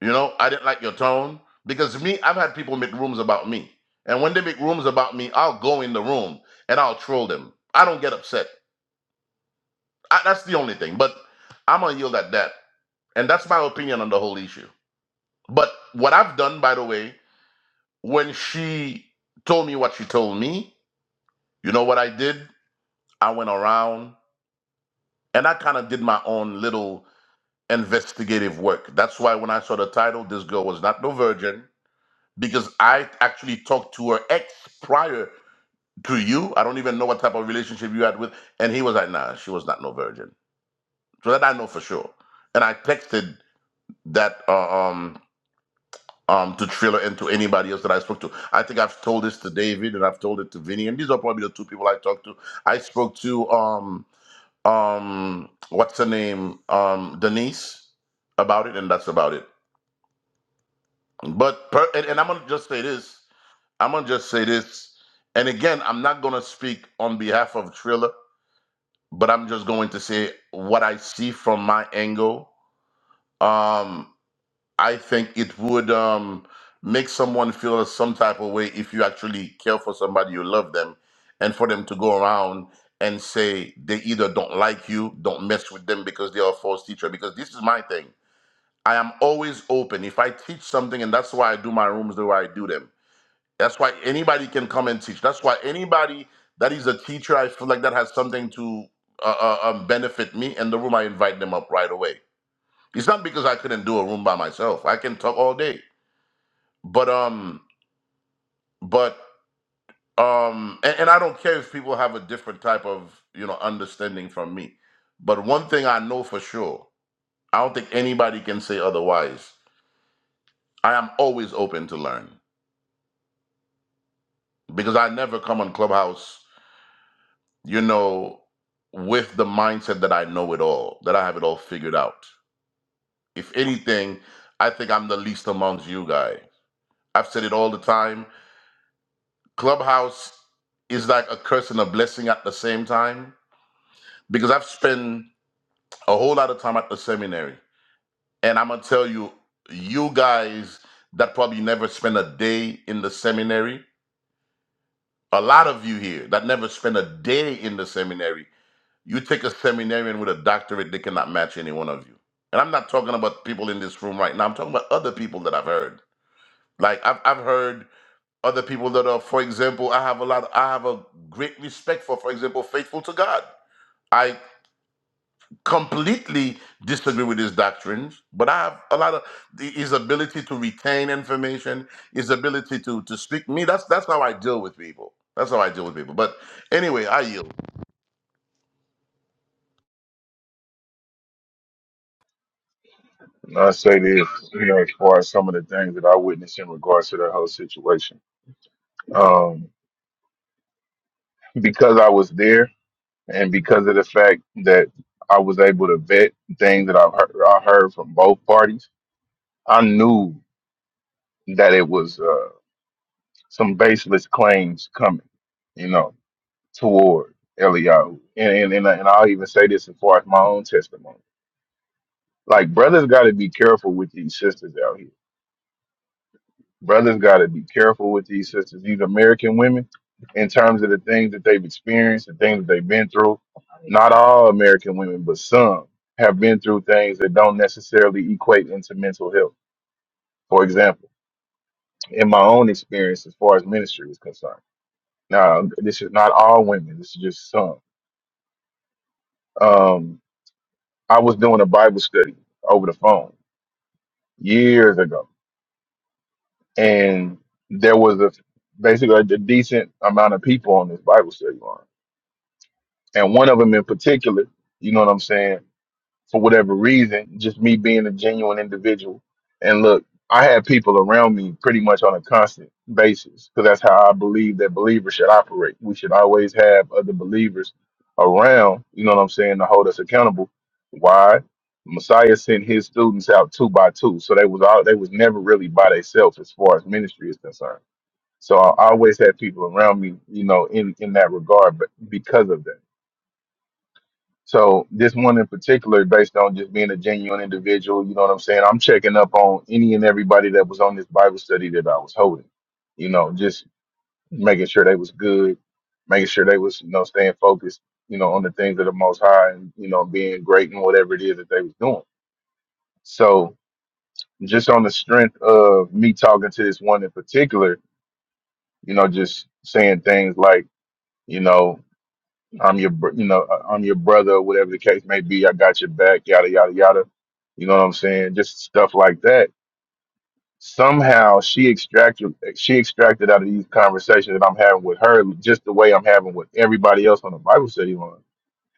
[SPEAKER 12] you know, I didn't like your tone because me, I've had people make rooms about me. And when they make rooms about me, I'll go in the room and I'll troll them. I don't get upset. I, that's the only thing. But I'm going to yield at that. And that's my opinion on the whole issue. But what I've done, by the way, when she told me what she told me, you know what I did? I went around and I kind of did my own little investigative work. That's why when I saw the title, This Girl Was Not No Virgin, because I actually talked to her ex prior to you. I don't even know what type of relationship you had with, and he was like, "Nah, she was not no virgin." So that I know for sure. And I texted that uh, um um to Triller and to anybody else that I spoke to. I think I've told this to David and I've told it to Vinny, and these are probably the two people I talked to. I spoke to um um what's her name um Denise about it, and that's about it. But per, and, and I'm gonna just say this. I'm gonna just say this, and again, I'm not gonna speak on behalf of Triller, but I'm just going to say what I see from my angle. Um, I think it would um, make someone feel some type of way if you actually care for somebody you love them, and for them to go around and say they either don't like you, don't mess with them because they are a false teacher. Because this is my thing. I am always open. If I teach something, and that's why I do my rooms the way I do them. That's why anybody can come and teach. That's why anybody that is a teacher, I feel like that has something to uh, uh, um, benefit me in the room. I invite them up right away. It's not because I couldn't do a room by myself. I can talk all day, but um, but um, and, and I don't care if people have a different type of you know understanding from me. But one thing I know for sure, I don't think anybody can say otherwise. I am always open to learn because I never come on Clubhouse you know, with the mindset that I know it all, that I have it all figured out. If anything, I think I'm the least amongst you guys. I've said it all the time. Clubhouse is like a curse and a blessing at the same time because I've spent a whole lot of time at the seminary. And I'm going to tell you, you guys that probably never spent a day in the seminary, a lot of you here that never spent a day in the seminary You take a seminarian with a doctorate, they cannot match any one of you. And I'm not talking about people in this room right now. I'm talking about other people that I've heard. Like I've I've heard other people that are, for example, I have a lot, I have a great respect for, for example, faithful to God. I completely disagree with his doctrines, but I have a lot of the- his ability to retain information, his ability to to speak me. That's that's how I deal with people. That's how I deal with people. But anyway, I yield.
[SPEAKER 6] if you know, as far as some of the things that I witnessed in regards to that whole situation. Um, because I was there, and because of the fact that I was able to vet things that I've heard, I heard from both parties, I knew that it was uh, some baseless claims coming, you know, toward Eliyahu. And and and, I- and I'll even say this as far as my own testimony. Like brothers got to be careful with these sisters out here brothers got to be careful with these sisters, these American women, in terms of the things that they've experienced, the things that they've been through. Not all American women, but some have been through things that don't necessarily equate into mental health. For example, in my own experience, as far as ministry is concerned, now this is not all women. This is just some. Um, I was doing a Bible study over the phone years ago, and there was a basically a decent amount of people on this Bible study line and one of them in particular, you know what I'm saying, for whatever reason, just me being a genuine individual. And look, I had people around me pretty much on a constant basis because that's how I believe that believers should operate. We should always have other believers around, you know what I'm saying, to hold us accountable. Why? Messiah sent his students out two by two, so they was all they was never really by themselves as far as ministry is concerned. So I always had people around me, you know, in in that regard, but because of that. So this one in particular, based on just being a genuine individual, you know what I'm saying? I'm checking up on any and everybody that was on this Bible study that I was holding. You know, just making sure they was good, making sure they was, you know, staying focused, you know, on the things of the most high and, you know, being great in whatever it is that they was doing. So just on the strength of me talking to this one in particular, you know, just saying things like, you know, I'm your, br- you know, uh, I'm your brother, whatever the case may be. I got your back, yada yada yada. You know what I'm saying? Just stuff like that. Somehow she extracted, she extracted out of these conversations that I'm having with her, just the way I'm having with everybody else on the Bible study line.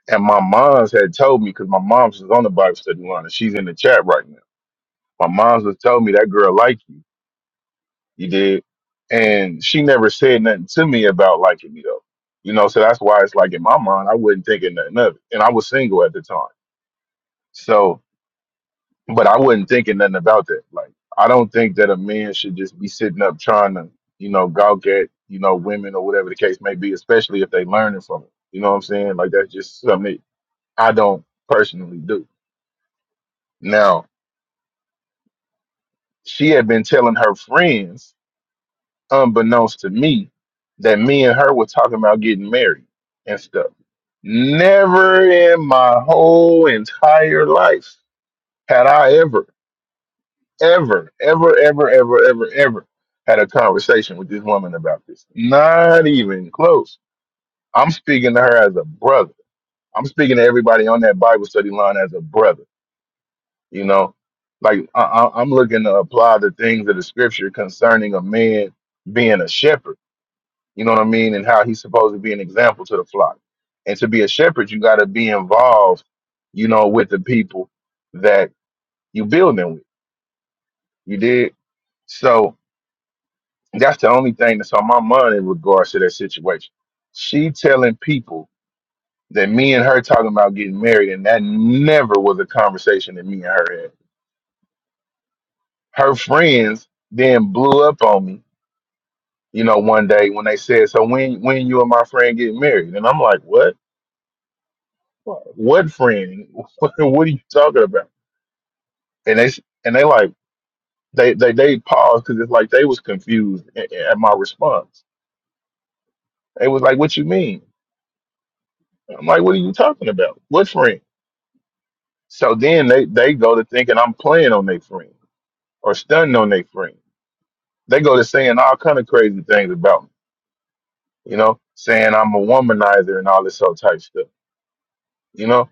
[SPEAKER 6] And my mom's had told me because my mom's is on the Bible study line and she's in the chat right now. My mom's has told me that girl like you. You did. And she never said nothing to me about liking me though. You know, so that's why it's like in my mind, I wasn't thinking nothing of it. And I was single at the time. So, but I wasn't thinking nothing about that. Like, I don't think that a man should just be sitting up trying to, you know, gawk at, you know, women or whatever the case may be, especially if they learning from it. You know what I'm saying? Like, that's just something that I don't personally do. Now, she had been telling her friends unbeknownst to me, that me and her were talking about getting married and stuff. Never in my whole entire life had I ever, ever, ever, ever, ever, ever, ever had a conversation with this woman about this. Not even close. I'm speaking to her as a brother. I'm speaking to everybody on that Bible study line as a brother. You know, like I, I- I'm looking to apply the things of the scripture concerning a man being a shepherd you know what I mean, and how he's supposed to be an example to the flock. And to be a shepherd, you got to be involved, you know, with the people that you building with. You did so. That's the only thing that's on my mind in regards to that situation. She telling people that me and her talking about getting married, and that never was a conversation that me and her had. Her friends then blew up on me, you know, one day when they said, "So when when you and my friend get married?" And I'm like, "What?" What friend? what are you talking about? And they and they like they they they paused because it's like they was confused a- a- at my response. They was like, "What you mean?" I'm like, "What are you talking about? What friend?" So then they they go to thinking I'm playing on their friend or stunning on their friend. They go to saying all kind of crazy things about me, you know, saying I'm a womanizer and all this sort of type stuff, you know.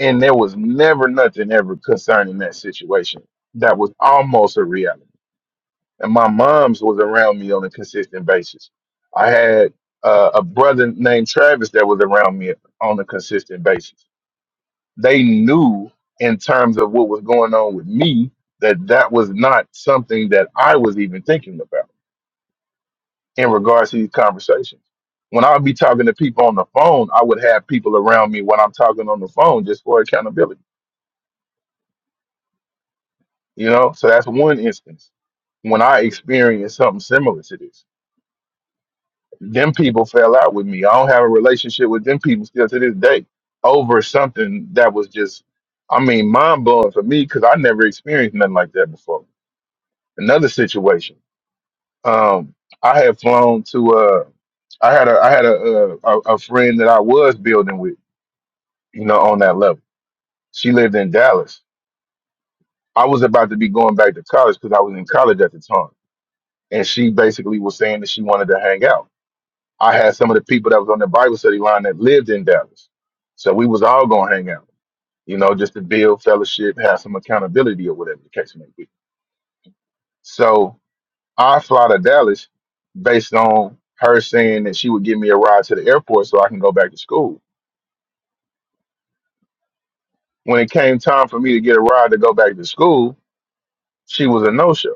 [SPEAKER 6] And there was never nothing ever concerning that situation. That was almost a reality and my mom's was around me on a consistent basis. I had uh, a brother named Travis that was around me on a consistent basis. They knew in terms of what was going on with me that that was not something that I was even thinking about in regards to these conversations. When I would be talking to people on the phone, I would have people around me when I'm talking on the phone just for accountability. You know, so that's one instance when I experienced something similar to this. them people fell out with me. I don't have a relationship with them people still to this day over something that was just, I mean, mind blowing for me because I never experienced nothing like that before. Another situation, um, I had flown to, uh, I had a, I had a, a, a a friend that I was building with, you know, on that level. She lived in Dallas. I was about to be going back to college because I was in college at the time, and she basically was saying that she wanted to hang out. I had some of the people that was on the Bible study line that lived in Dallas. So we was all gonna hang out, you know, just to build fellowship, have some accountability or whatever the case may be. So I fly to Dallas based on her saying that she would give me a ride to the airport so I can go back to school. When it came time for me to get a ride to go back to school, she was a no show.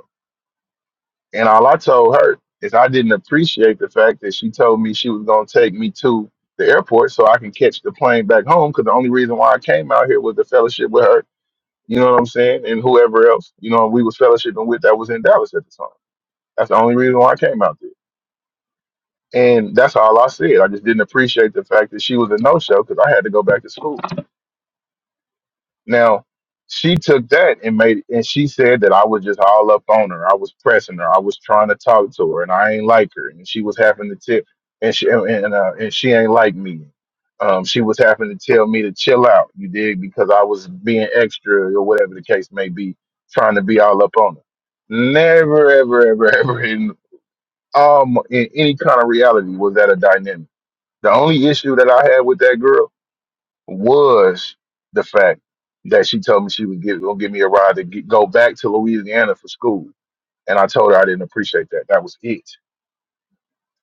[SPEAKER 6] And all I told her is I didn't appreciate the fact that she told me she was going to take me to the airport so I can catch the plane back home. Because the only reason why I came out here was the fellowship with her. You know what I'm saying? And whoever else, you know, we was fellowshipping with that was in Dallas at the time. That's the only reason why I came out there. And that's all I said. I just didn't appreciate the fact that she was a no show because I had to go back to school. Now, she took that and made and she said that I was just all up on her. I was pressing her. I was trying to talk to her, and I ain't like her. And she was having to tip, and she and uh, and she ain't like me. Um, she was having to tell me to chill out. You dig? Because I was being extra or whatever the case may be, trying to be all up on her. Never, ever, ever, ever in um in any kind of reality was that a dynamic. The only issue that I had with that girl was the fact that she told me she would give, gonna give me a ride to get, go back to Louisiana for school, and I told her I didn't appreciate that. That was it.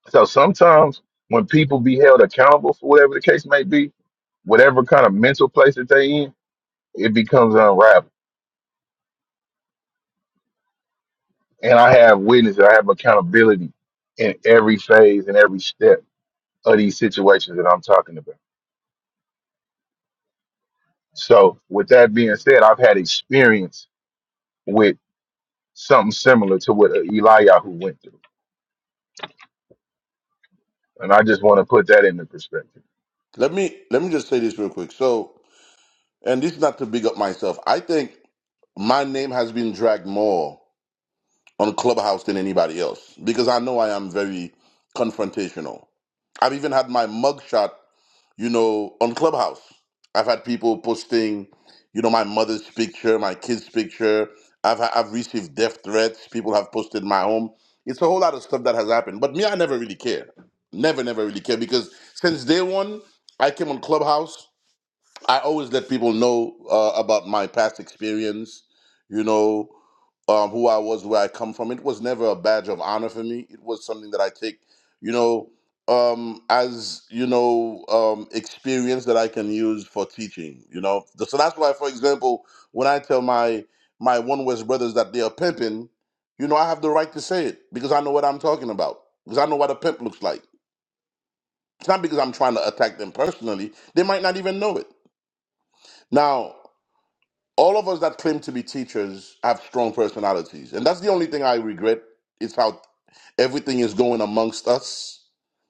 [SPEAKER 6] So sometimes when people be held accountable for whatever the case may be, whatever kind of mental place that they in, it becomes unraveled. And I have witness, I have accountability in every phase and every step of these situations that I'm talking about. So with that being said, I've had experience with something similar to what Eliyahu went through. And I just want to put that into perspective.
[SPEAKER 12] Let me let me just say this real quick. So and this is not to big up myself. I think my name has been dragged more on Clubhouse than anybody else because I know I am very confrontational. I've even had my mugshot, you know, on Clubhouse. I've had people posting, you know, my mother's picture, my kid's picture. I've I've received death threats. People have posted my home. It's a whole lot of stuff that has happened. But me, I never really care. Never, never really care because since day one, I came on Clubhouse I always let people know uh, about my past experience, you know, um, who I was, where I come from. It was never a badge of honor for me. It was something that I take, you know, um, as, you know, um, experience that I can use for teaching, you know. So that's why, for example, when I tell my my One West brothers that they are pimping, you know, I have the right to say it because I know what I'm talking about, because I know what a pimp looks like. It's not because I'm trying to attack them personally. They might not even know it. Now, all of us that claim to be teachers have strong personalities and that's the only thing i regret is how everything is going amongst us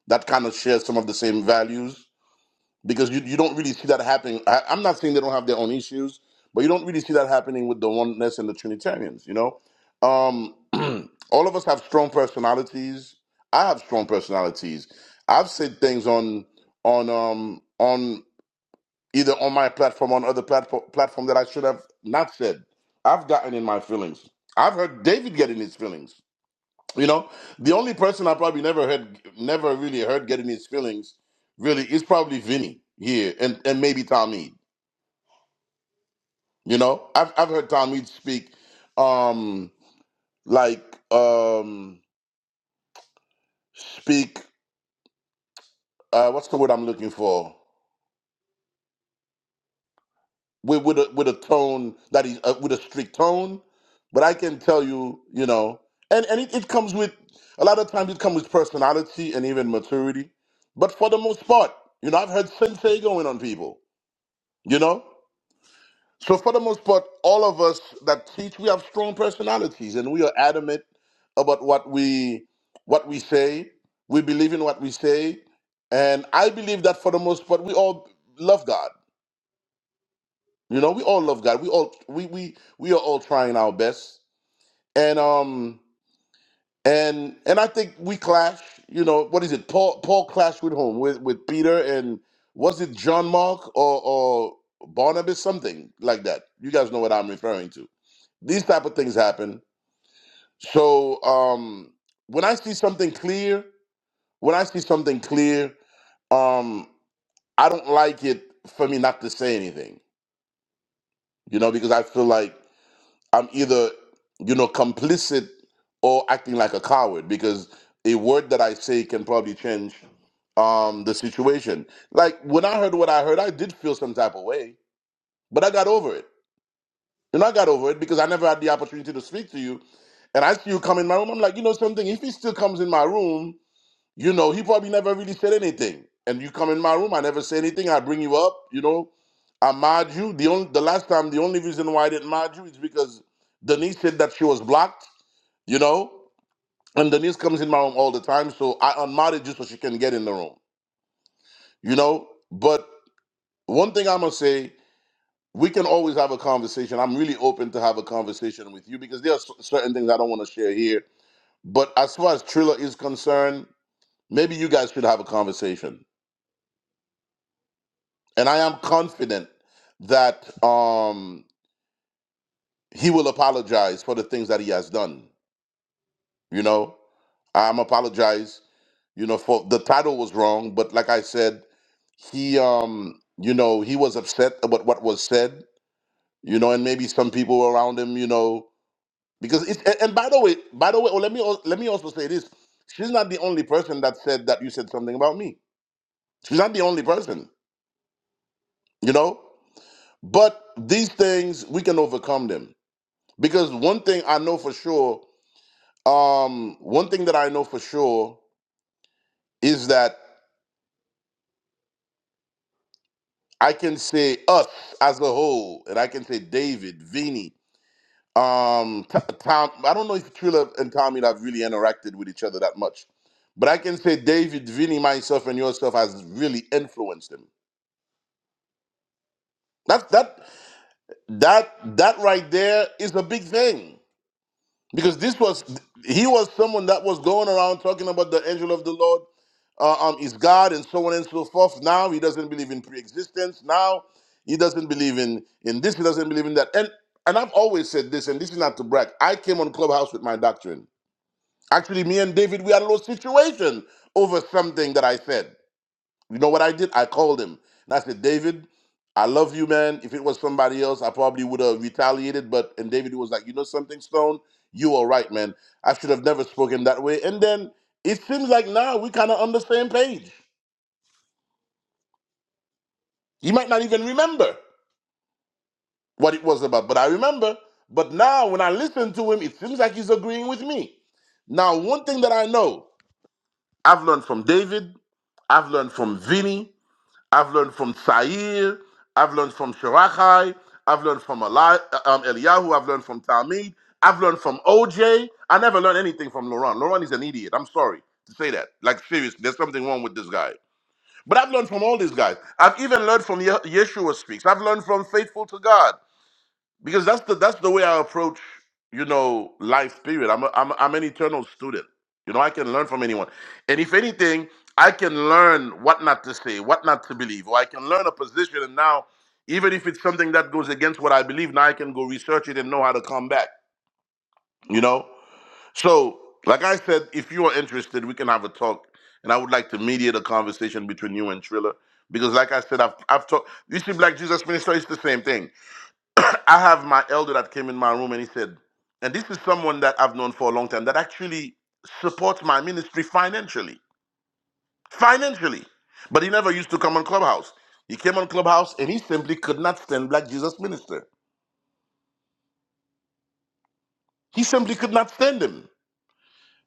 [SPEAKER 12] that kind of shares some of the same values because you, you don't really see that happening I, i'm not saying they don't have their own issues but you don't really see that happening with the oneness and the trinitarians you know um, all of us have strong personalities i have strong personalities i've said things on on um on either on my platform or on other platform platform that I should have not said. I've gotten in my feelings. I've heard David get in his feelings. You know, the only person I probably never heard, never really heard getting his feelings, really is probably Vinny here, and and maybe Talmud. You know, I've I've heard Talmud speak, um, like um, speak. Uh, what's the word I'm looking for? with with a with a tone that is uh, with a strict tone. But I can tell you, you know, and and it, it comes with a lot of times it comes with personality and even maturity. But for the most part, you know, I've heard sensei going on people, you know. So for the most part, all of us that teach, we have strong personalities, and we are adamant about what we what we say. We believe in what we say, and I believe that for the most part, we all love God you know, we all love God. We all we we we are all trying our best. And um and and I think we clash, you know, what is it? Paul Paul clashed with whom? With with Peter and was it John Mark or or Barnabas something like that. You guys know what I'm referring to. These type of things happen. So um when I see something clear, when I see something clear, um I don't like it for me not to say anything. You know, because I feel like I'm either, you know, complicit or acting like a coward because a word that I say can probably change um the situation. Like when I heard what I heard, I did feel some type of way, but I got over it. You know, I got over it because I never had the opportunity to speak to you. And I see you come in my room. I'm like, you know something, if he still comes in my room you know, he probably never really said anything. And you come in my room, I never say anything. I bring you up. You know, I mod you. The only the last time, the only reason why I didn't mod you is because Denise said that she was blocked. You know, and Denise comes in my room all the time, so I unmodded you so she can get in the room. You know, but one thing I'm gonna say. We can always have a conversation. I'm really open to have a conversation with you because there are cer- certain things I don't want to share here. But as far as Triller is concerned, maybe you guys should have a conversation And I am confident that um, he will apologize for the things that he has done. You know, I'm apologize. You know, for the title was wrong, but like I said, he, um, you know, he was upset about what was said. You know, and maybe some people around him, you know, because it's. And, and by the way, by the way, oh, let me al- let me also say this: she's not the only person that said that you said something about me. She's not the only person. You know, but these things we can overcome them Because one thing I know for sure, um, one thing that I know for sure is that I can say us as a whole, and I can say David, Vinny, um, T- Tom. I don't know if Trilla and Tommy have really interacted with each other that much, but I can say David, Vinny, myself, and yourself has really influenced him. That that that that right there is a big thing. because this was he was someone that was going around talking about the angel of the Lord uh, um, is God and so on and so forth. Now he doesn't believe in pre-existence. Now he doesn't believe in in this. He doesn't believe in that. And and I've always said this, and this is not to brag. I came on Clubhouse with my doctrine. Actually, me and David we had a little situation over something that I said. You know what I did? I called him and I said, David, I love you, man. If it was somebody else, I probably would have retaliated. But and David was like, you know something, Stone, you are right, man. I should have never spoken that way. And then it seems like now we kind of on the same page. He might not even remember what it was about, but I remember. But now when I listen to him, it seems like he's agreeing with me. Now, one thing that I know, I've learned from David, I've learned from Vinny, I've learned from Sair. I've learned from Shirachai. I've learned from Eli- uh, um, Eliyahu. I've learned from Talmud. I've learned from OJ. I never learned anything from Laurent. Laurent is an idiot. I'm sorry to say that. Like, seriously, there's something wrong with this guy. But I've learned from all these guys. I've even learned from Ye- Yeshua Speaks. I've learned from Faithful to God because that's the that's the way I approach you know life period I'm a, I'm I'm an eternal student you know I can learn from anyone and if anything I can learn what not to say what not to believe or I can learn a position and now even if it's something that goes against what I believe now I can go research it and know how to come back you know so like I said if you are interested we can have a talk and I would like to mediate a conversation between you and Triller because like I said I've I've talked you see Black Jesus Minister it's the same thing I have my elder that came in my room and he said, and this is someone that I've known for a long time that actually supports my ministry financially. Financially. But he never used to come on Clubhouse. He came on Clubhouse and he simply could not stand Black Jesus Minister. He simply could not stand him.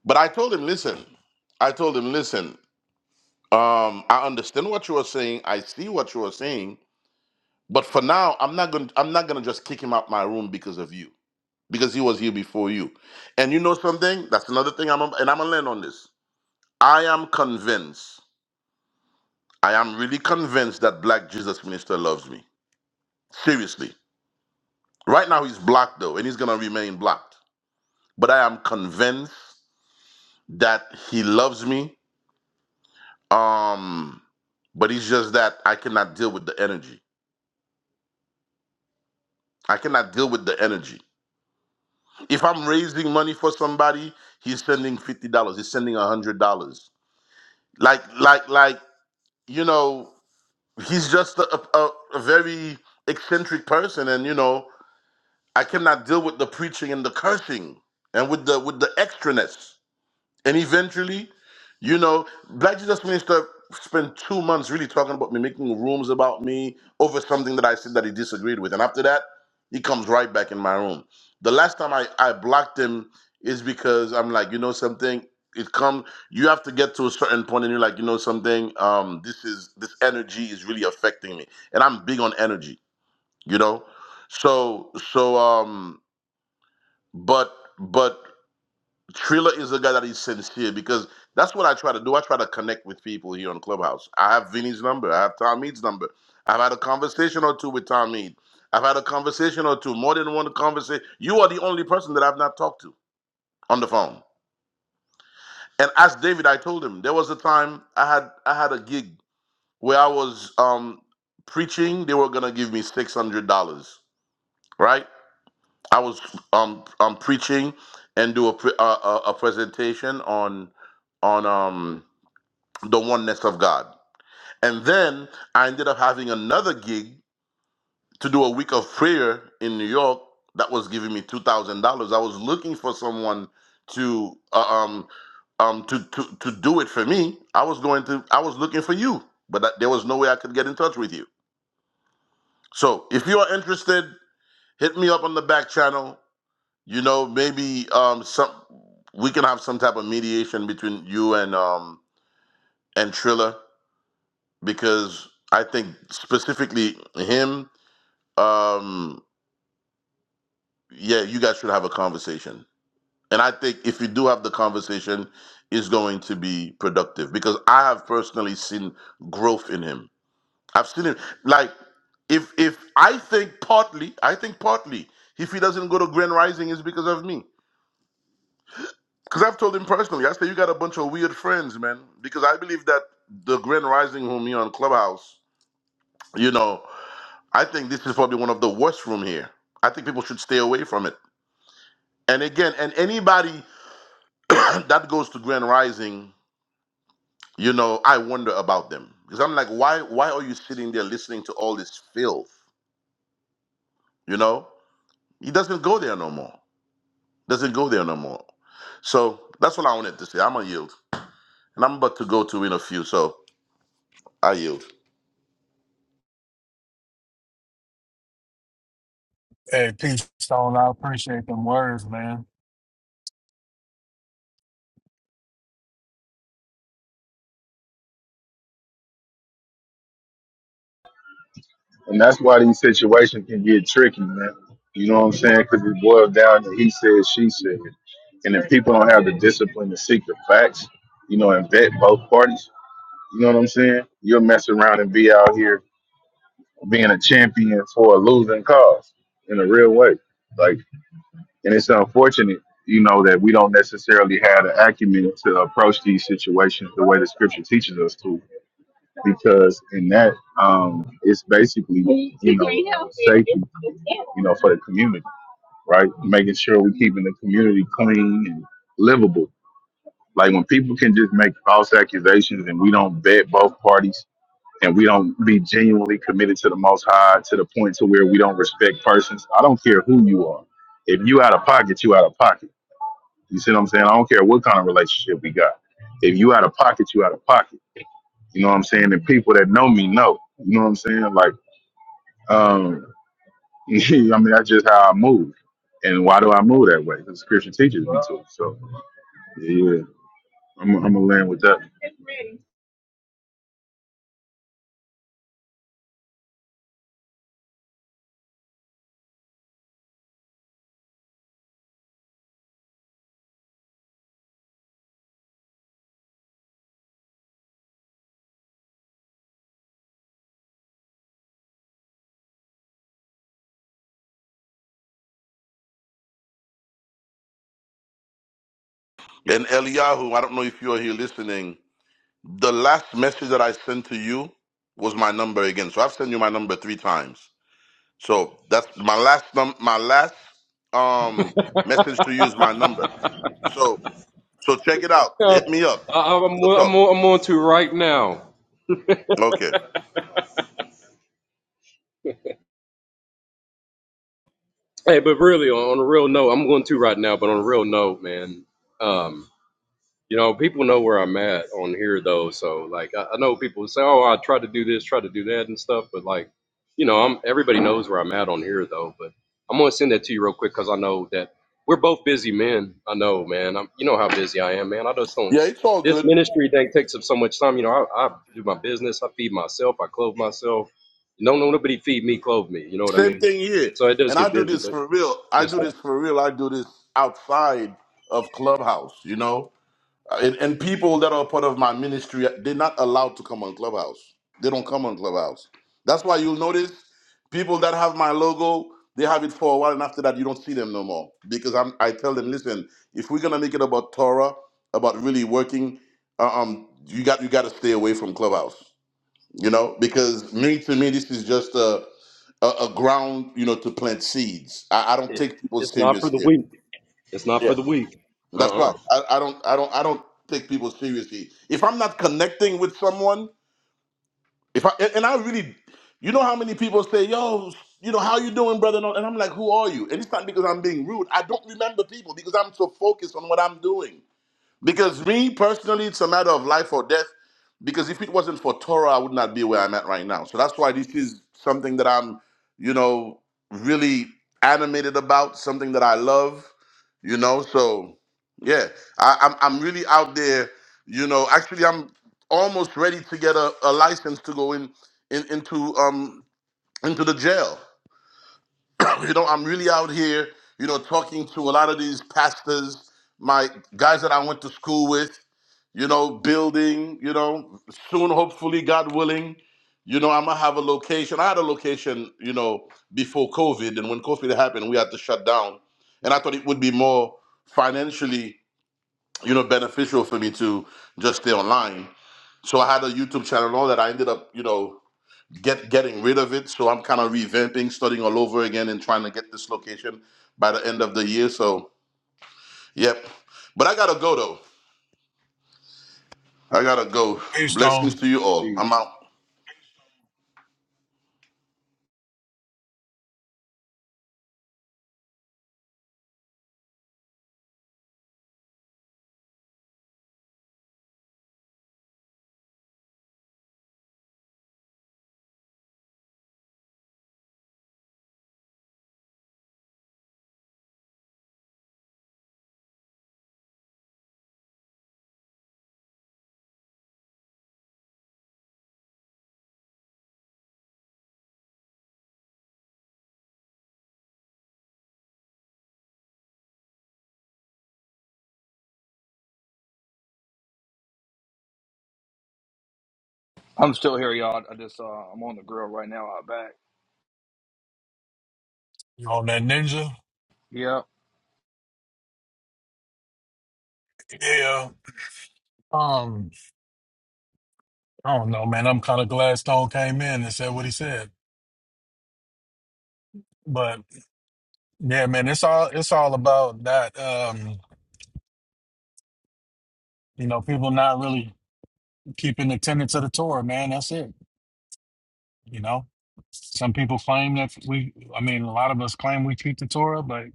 [SPEAKER 12] But I told him, listen, I told him, listen, um, I understand what you are saying. I see what you are saying. But for now, I'm not gonna I'm not gonna just kick him out my room because of you. because he was here before you. And you know something? That's another thing I'm and I'm gonna land on this. I am convinced. I am really convinced that black Jesus minister loves me. Seriously. Right now he's blocked though, and he's gonna remain blocked. But I am convinced that he loves me. Um, but it's just that I cannot deal with the energy. I cannot deal with the energy. If I'm raising money for somebody, he's sending fifty dollars. He's sending a hundred dollars. Like, like, like, you know. he's just a, a, a very eccentric person and you know i cannot deal with the preaching and the cursing and with the with the extraness and eventually, you know, Black Jesus Minister spent two months really talking about me, making rooms about me over something that I said that he disagreed with. And after that, he comes right back in my room. The last time I, I blocked him is because I'm like, you know something? It come you have to get to a certain point and you're like, you know something, um, this is this energy is really affecting me. And I'm big on energy, you know? So so um but but Trilla is the guy that is sincere because that's what I try to do. I try to connect with people here on Clubhouse. I have Vinny's number. I have Tom Mead's number. I've had a conversation or two with Tom Mead. I've had a conversation or two, more than one conversation. You are the only person that I've not talked to on the phone. And as David, I told him there was a time I had I had a gig where I was um, preaching. They were gonna give me six hundred dollars. Right? I was um, um preaching and do a pre- uh, a a presentation on on um the oneness of God. And then I ended up having another gig to do a week of prayer in New York that was giving me two thousand dollars. I was looking for someone to uh, um um to, to to do it for me. I was going to I was looking for you, but that, there was no way I could get in touch with you. So if you are interested, hit me up on the back channel. You know, maybe um some we can have some type of mediation between you and um and Trilla because I think specifically him, um, yeah, you guys should have a conversation. And I think if you do have the conversation, it's going to be productive because I have personally seen growth in him. I've seen him like if if I think partly, I think partly if he doesn't go to Grand Rising is because of me. Because I've told him personally, I say you got a bunch of weird friends, man. Because I believe that the Grand Rising room here on Clubhouse, you know, I think this is probably one of the worst room here. I think people should stay away from it. And again, and anybody that goes to Grand Rising, you know, I wonder about them because I'm like, why? Why are you sitting there listening to all this filth? You know, he doesn't go there no more. Doesn't go there no more. So that's what I wanted to say. I'm gonna yield, and I'm about to go to in a few. So I yield.
[SPEAKER 11] Hey, peace, Stone. I appreciate them words, man.
[SPEAKER 6] And that's why these situations can get tricky, man. You know what I'm saying? Because it boils down to he said, she said. And if people don't have the discipline to seek the facts, you know, and vet both parties, you know what I'm saying? You'll mess around and be out here being a champion for a losing cause in a real way. Like, and it's unfortunate, you know, that we don't necessarily have the acumen to approach these situations the way the scripture teaches us to because in that um, it's basically you know safety you know for the community right making sure we're keeping the community clean and livable like when people can just make false accusations and we don't vet both parties and we don't be genuinely committed to the most high to the point to where we don't respect persons i don't care who you are if you out of pocket you out of pocket you see what i'm saying i don't care what kind of relationship we got if you out of pocket you out of pocket you know what I'm saying? And people that know me know. You know what I'm saying? Like, um, I mean, that's just how I move. And why do I move that way? Because Scripture teaches me to. So, yeah, I'm, I'm gonna land with that.
[SPEAKER 12] And Eliyahu, I don't know if you are here listening. The last message that I sent to you was my number again. So I've sent you my number three times. So that's my last num- my last um
[SPEAKER 10] names. Yeah,
[SPEAKER 12] message to you
[SPEAKER 10] go
[SPEAKER 12] is my number.
[SPEAKER 10] ahead.
[SPEAKER 12] So so check it out.
[SPEAKER 10] Yeah,
[SPEAKER 12] Hit me up.
[SPEAKER 10] I, I'm,
[SPEAKER 12] We'll
[SPEAKER 10] I'm,
[SPEAKER 12] talk.
[SPEAKER 10] on- I'm on to right now.
[SPEAKER 12] Okay.
[SPEAKER 10] Hey, but really, on, on a real note, I'm going to right now, but on a real note, man. um, You know, people know where I'm at on here though, so like I, I know people say, "Oh, I try to do this, try to do that, and stuff," but like, you know, I'm everybody knows where I'm at on here though. But I'm gonna send that to you real quick because I know that we're both busy men. I know, man. I'm, you know how busy I am, man. I just don't.
[SPEAKER 12] Yeah, it's all
[SPEAKER 10] This
[SPEAKER 12] good.
[SPEAKER 10] ministry thing takes up so much time. You know, I, I do my business, I feed myself, I clothe myself. No, no, nobody feed me, clothe me. You know what I
[SPEAKER 12] Same
[SPEAKER 10] mean?
[SPEAKER 12] thing here.
[SPEAKER 10] So it does
[SPEAKER 12] And I
[SPEAKER 10] get
[SPEAKER 12] do
[SPEAKER 10] busy,
[SPEAKER 12] this
[SPEAKER 10] but
[SPEAKER 12] for real. I
[SPEAKER 10] yes,
[SPEAKER 12] do
[SPEAKER 10] sir.
[SPEAKER 12] this for real. I do this outside of Clubhouse, you know? Uh, and, and people that are part of my ministry uh, they're not allowed to come on clubhouse they don't come on clubhouse that's why you'll notice people that have my logo they have it for a while and after that you don't see them no more because I'm, i tell them listen if we're gonna make it about torah about really working uh, um you got you got to stay away from clubhouse you know because me to me this is just a a, a ground you know to plant seeds I, I don't
[SPEAKER 10] It-
[SPEAKER 12] take people
[SPEAKER 10] it's not for
[SPEAKER 12] serious
[SPEAKER 10] the
[SPEAKER 12] here
[SPEAKER 10] weak. It's not for the weak.
[SPEAKER 12] that's
[SPEAKER 10] Uh
[SPEAKER 12] right. I, I don't I don't I don't take people seriously. If I'm not connecting with someone, if I and, and I really you know how many people say, yo, you know, how you doing, brother? And all- and I'm like, who are you? And it's not because I'm being rude. I don't remember people because I'm so focused on what I'm doing. Because me personally, it's a matter of life or death. Because if it wasn't for Torah, I would not be where I'm at right now. So that's why this is something that I'm, you know, really animated about, something that I love, you know. So yeah, I, I'm I'm really out there, you know. Actually, I'm almost ready to get a, a license to go in, in into um into the jail. you know, I'm really out here, you know, talking to a lot of these pastors, my guys that I went to school with you know, building, you know, soon, hopefully, God willing, you know, I'm gonna have a location. I had a location, you know, before COVID, and when COVID happened, we had to shut down. And I thought it would be more financially, you know, beneficial for me to just stay online. So I had a YouTube channel and all that. I ended up, you know, get getting rid of it. So I'm kind of revamping, starting all over again, and trying to get this location by the end of the year. So, yep. But I gotta go though. I gotta go.
[SPEAKER 11] Hey Stone,
[SPEAKER 12] Blessings to you all.
[SPEAKER 10] uh
[SPEAKER 12] I'm out.
[SPEAKER 1] I'm still here, y'all. I just uh, I'm on the grill right now out back.
[SPEAKER 11] you on that ninja?
[SPEAKER 1] Yeah,
[SPEAKER 11] Yeah. Um, I don't know, man. I'm kind of glad Stone came in and said what he said. But yeah, man, it's all it's all about that. Um, you know, people not really keeping the tenets of the Torah, man. That's it. You know, some people claim that we. I mean, a lot of us claim we keep the Torah, but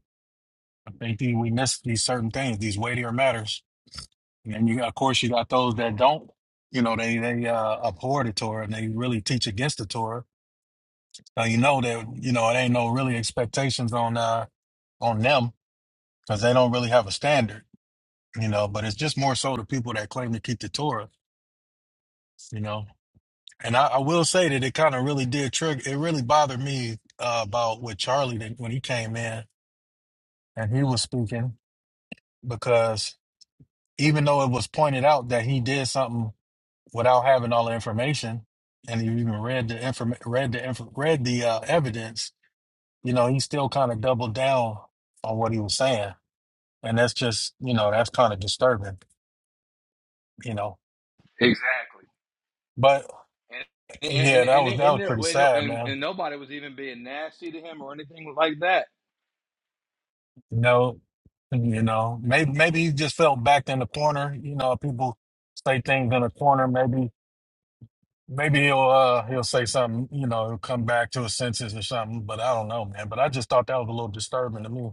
[SPEAKER 11] I think the, we miss these certain things, these weightier matters. And you, of course, you got those that don't. You know, they they uh, abhor the Torah and they really teach against the Torah So you know that you know it ain't no really expectations on uh on them because they don't really have a standard, you know. But it's just more so the people that claim to keep the Torah, you know. And I, I will say that it kind of really did trigger. It really bothered me uh, about with Charlie that when he came in and he was speaking because even though it was pointed out that he did something without having all the information and he even read the inform read the inf- read the uh, evidence, you know, he still kind of doubled down on what he was saying and that's just you know that's kind of disturbing you know
[SPEAKER 1] exactly.
[SPEAKER 11] but
[SPEAKER 1] And
[SPEAKER 11] yeah
[SPEAKER 1] and
[SPEAKER 11] that
[SPEAKER 1] and
[SPEAKER 11] was that
[SPEAKER 1] and, and,
[SPEAKER 11] was pretty
[SPEAKER 1] and,
[SPEAKER 11] sad
[SPEAKER 1] and,
[SPEAKER 11] man
[SPEAKER 1] and nobody was even being nasty to him or anything like that.
[SPEAKER 11] you know you know maybe maybe he just felt backed in the corner you know people say things in a corner maybe maybe he'll uh he'll say something you know he'll come back to his senses or something but i don't know man but i just thought that was a little disturbing to me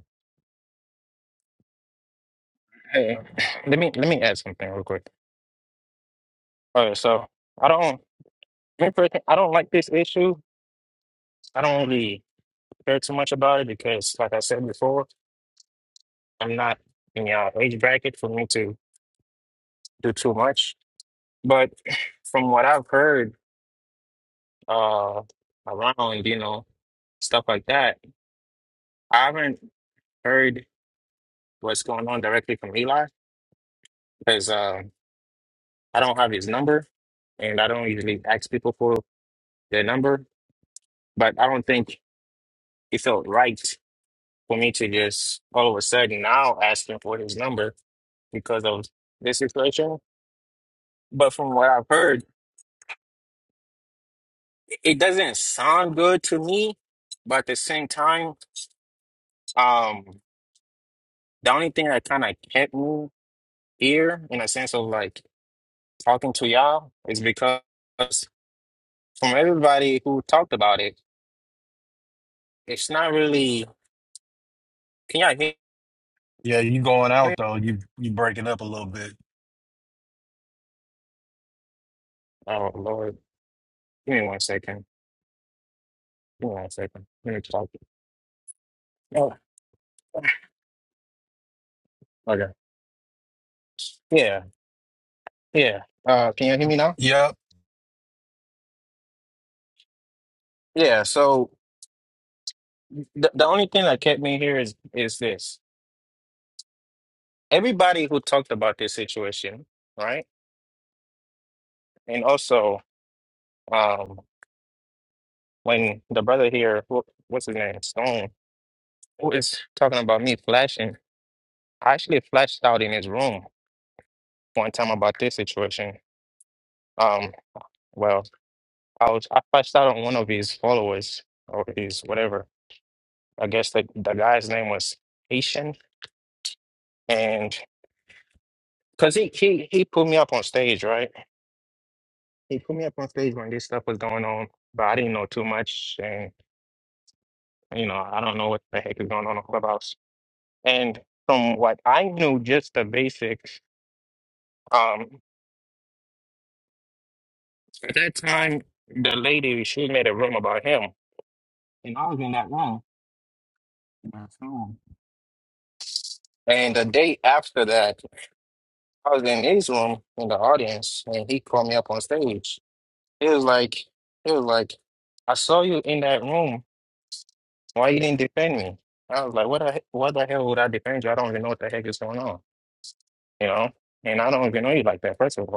[SPEAKER 2] Hey, let me let me add something real quick. All right, so I don't me personally, I don't like this issue. I don't really care too much about it because like I said before. I'm not in your age bracket for me to do too much. But from what I've heard uh, around, you know, stuff like that, I haven't heard what's going on directly from Eli because uh, I don't have his number and I don't usually ask people for their number. But I don't think it felt right for me to just all of a sudden now ask him for his number because of this situation. But from what I've heard, it doesn't sound good to me, but at the same time, um, the only thing that kind of kept me here in a sense of like talking to y'all is because from everybody who talked about it, it's not really. Can y'all hear
[SPEAKER 11] yeah you going
[SPEAKER 2] me?
[SPEAKER 11] out though you you breaking up a little bit
[SPEAKER 2] Oh Lord, give me one second. Give me one second. Let me talk. Oh, okay. Yeah, yeah. Uh, can you hear me now?
[SPEAKER 11] yep
[SPEAKER 2] Yeah. So the the only thing that kept me here is is this. Everybody who talked about this situation, right? And also, um, when the brother here, wh- what's his name, Stone, who is talking about me flashing, I actually flashed out in his room one time about this situation. Um, well, I was I flashed out on one of his followers or his whatever. I guess the the guy's name was Haitian, and because he he he put me up on stage, right? He put me up on stage when this stuff was going on, but I didn't know too much, and you know I don't know what the heck is going on on Clubhouse. And from what I knew, just the basics, um, at that time, the lady, she made a room about him. And I was in that room. That's all. And the day after that, I was in his room in the audience, and he called me up on stage. He was like, he was like, I saw you in that room. Why you didn't defend me? I was like, what the, he- what the hell would I defend you? I don't even know what the heck is going on, you know? And I don't even know you like that, first of all.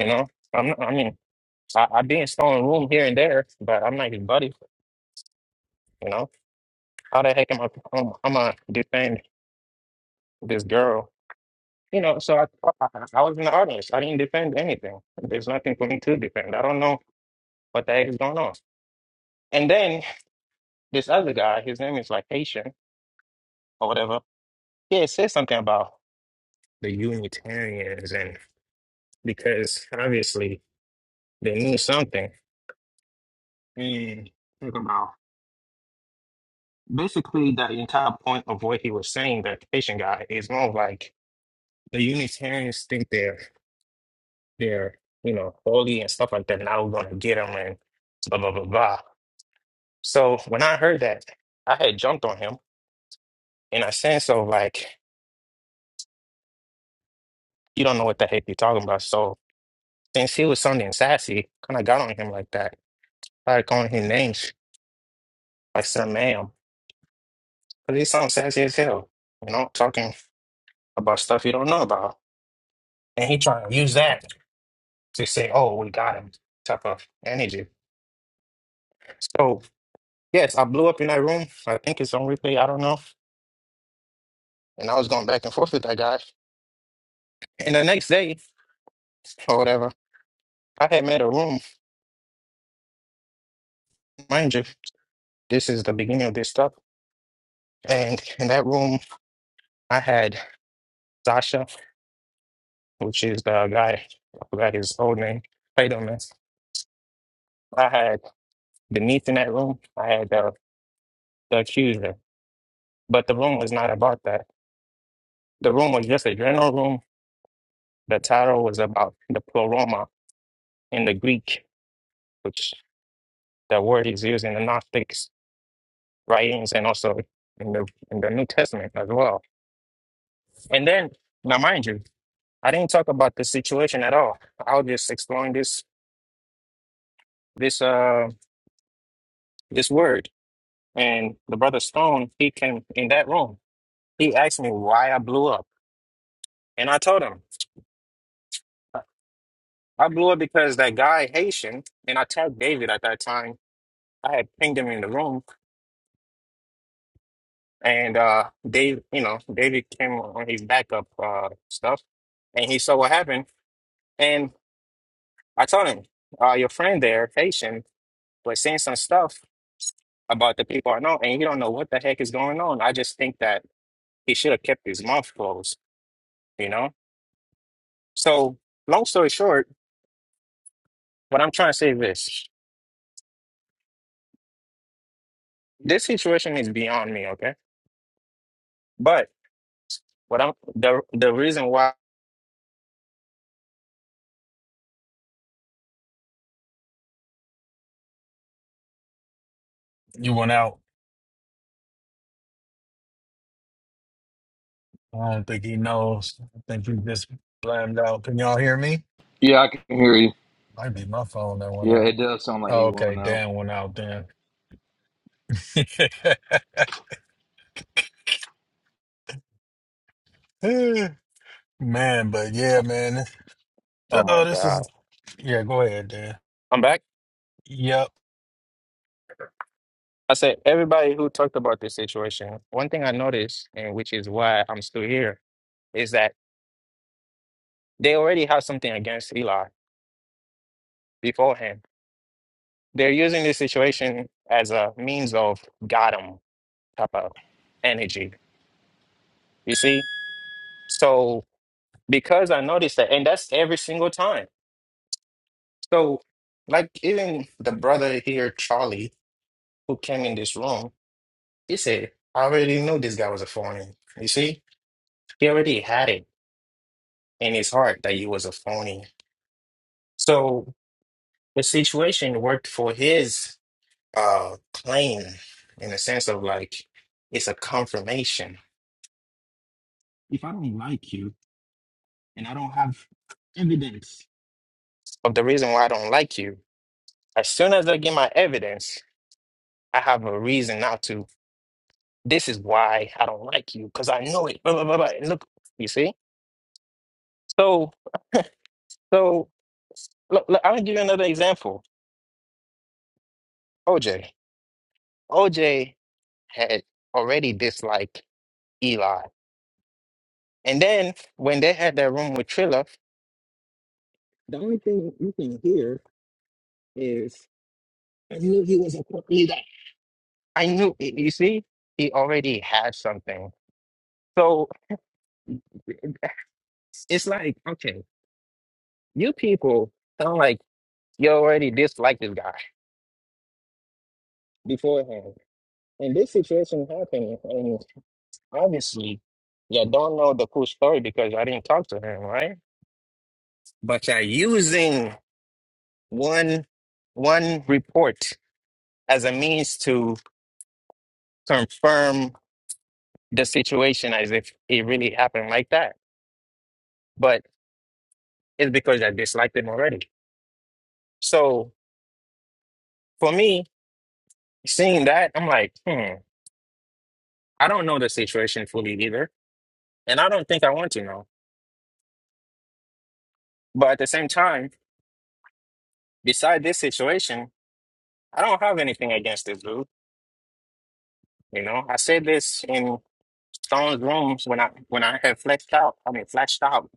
[SPEAKER 2] You know, I'm not, I mean, I, I be in stolen room here and there, but I'm not his buddy. You know, how the heck am I? I'm, I'm gonna defend this girl. You know, so I, I I was in the audience. I didn't defend anything. There's nothing for me to defend. I don't know what the heck is going on. And then this other guy, his name is like Haitian or whatever. Yeah, it says something about the Unitarians, and because obviously they knew something. Mm. basically the entire point of what he was saying, that Haitian guy, is more of like the Unitarians think they're they're you know holy and stuff like that. Now we're gonna get them and blah blah blah blah. So when I heard that, I had jumped on him in a sense of like you don't know what the heck you're talking about. So since he was sounding sassy, kind of got on him like that, started calling his names like some ma'am, because he sounds sassy as hell. You know, talking about stuff you don't know about, and he trying to use that to say, "Oh, we got him" type of energy. So yes, I blew up in that room. I think it's on replay. I don't know. And I was going back and forth with that guy. And the next day, or whatever, I had made a room. Mind you, this is the beginning of this stuff. And in that room, I had Sasha, which is the guy. I forgot his old name. Play I had Denise in that room. I had the, the accuser. But the room was not about that. The room was just a general room. The title was about the pleroma in the Greek, which the word is used in the Gnostic writings and also in the in the New Testament as well. And then now mind you, I didn't talk about the situation at all. I was just exploring this this uh this word. And the brother Stone, he came in that room. He asked me why I blew up. And I told him I blew up because that guy Haitian and I tagged David at that time. I had pinged him in the room and uh Dave, you know, David came on his backup uh stuff and he saw what happened and I told him, uh your friend there, Haitian, was saying some stuff about the people I know and you don't know what the heck is going on. I just think that he should have kept his mouth closed, you know? So long story short, what I'm trying to say is this. This situation is beyond me, okay? But what I'm the the reason why
[SPEAKER 11] you went out I don't think he knows. I think he just blamed out. Can y'all hear me?
[SPEAKER 1] Yeah, I can hear you.
[SPEAKER 11] Might be my phone that went
[SPEAKER 1] Yeah,
[SPEAKER 11] out.
[SPEAKER 1] it does sound like
[SPEAKER 11] Oh,
[SPEAKER 1] he
[SPEAKER 11] okay,
[SPEAKER 1] went out.
[SPEAKER 11] Dan went out then. man, but yeah, man.
[SPEAKER 2] oh my
[SPEAKER 11] Oh, this
[SPEAKER 2] God.
[SPEAKER 11] is yeah. Go ahead, Dan.
[SPEAKER 2] I'm back.
[SPEAKER 11] Yep,
[SPEAKER 2] I said, everybody who talked about this situation, one thing I noticed, and which is why I'm still here, is that they already have something against Eli beforehand. They're using this situation as a means of got 'em type of energy. You see? So because I noticed that, and that's every single time. So like even the brother here, Charlie, who came in this room, he said, I already knew this guy was a phony. You see? He already had it in his heart that he was a phony So the situation worked for his uh claim in the sense of like it's a confirmation. If I don't like you and I don't have evidence of the reason why I don't like you, as soon as I get my evidence, I have a reason not to. This is why I don't like you because I know it. Blah, blah, blah, blah. And Look, you see? So, so look, look, I'm gonna give you another example. OJ. OJ had already disliked Eli And then when they had their room with Trilla, the only thing you can hear is I knew he was a cult leader. I knew it. You see, he already had something. So it's, it's like, okay, you people sound like you already dislike this guy beforehand. And this situation happened, and obviously, you don't know the full story because I didn't talk to him, right? But you're using one one report as a means to confirm the situation as if it really happened like that. But it's because I disliked him already. So for me, seeing that, I'm like, hmm, I don't know the situation fully either. And I don't think I want to know. But at the same time, beside this situation, I don't have anything against this dude. You know, I said this in Stone's rooms when I when I had flexed out. I mean, flashed out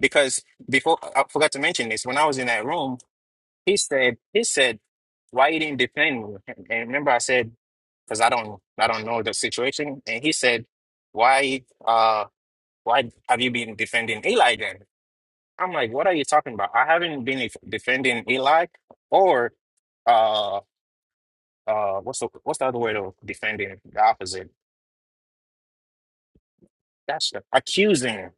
[SPEAKER 2] because before I forgot to mention this. When I was in that room, He said, he said, why you didn't defend me? And and remember I said, because I don't I don't know the situation. And he said, Why uh why have you been defending Eli then? I'm like, what are you talking about? I haven't been def- defending Eli or uh uh what's the what's the other way to defending the opposite? That's the- accusing.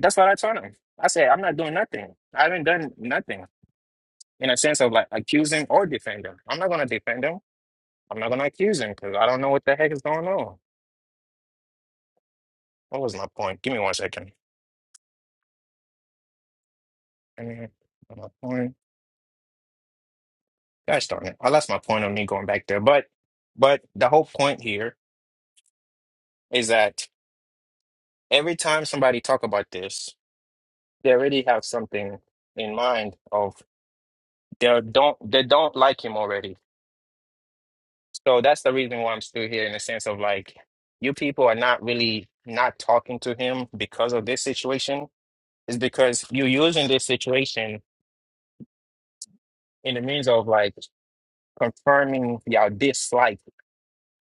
[SPEAKER 2] That's what I told him. I said, I'm not doing nothing. I haven't done nothing in a sense of like accusing or defending. I'm not gonna defend him. I'm not gonna accuse him because I don't know what the heck is going on. What was my point? Give me one second. I mean, my point. Gosh darn it! I lost my point on me going back there. But, but the whole point here is that every time somebody talk about this, they already have something in mind of they don't they don't like him already. So that's the reason why I'm still here in the sense of like you people are not really not talking to him because of this situation. Is because you're using this situation in the means of like confirming your dislike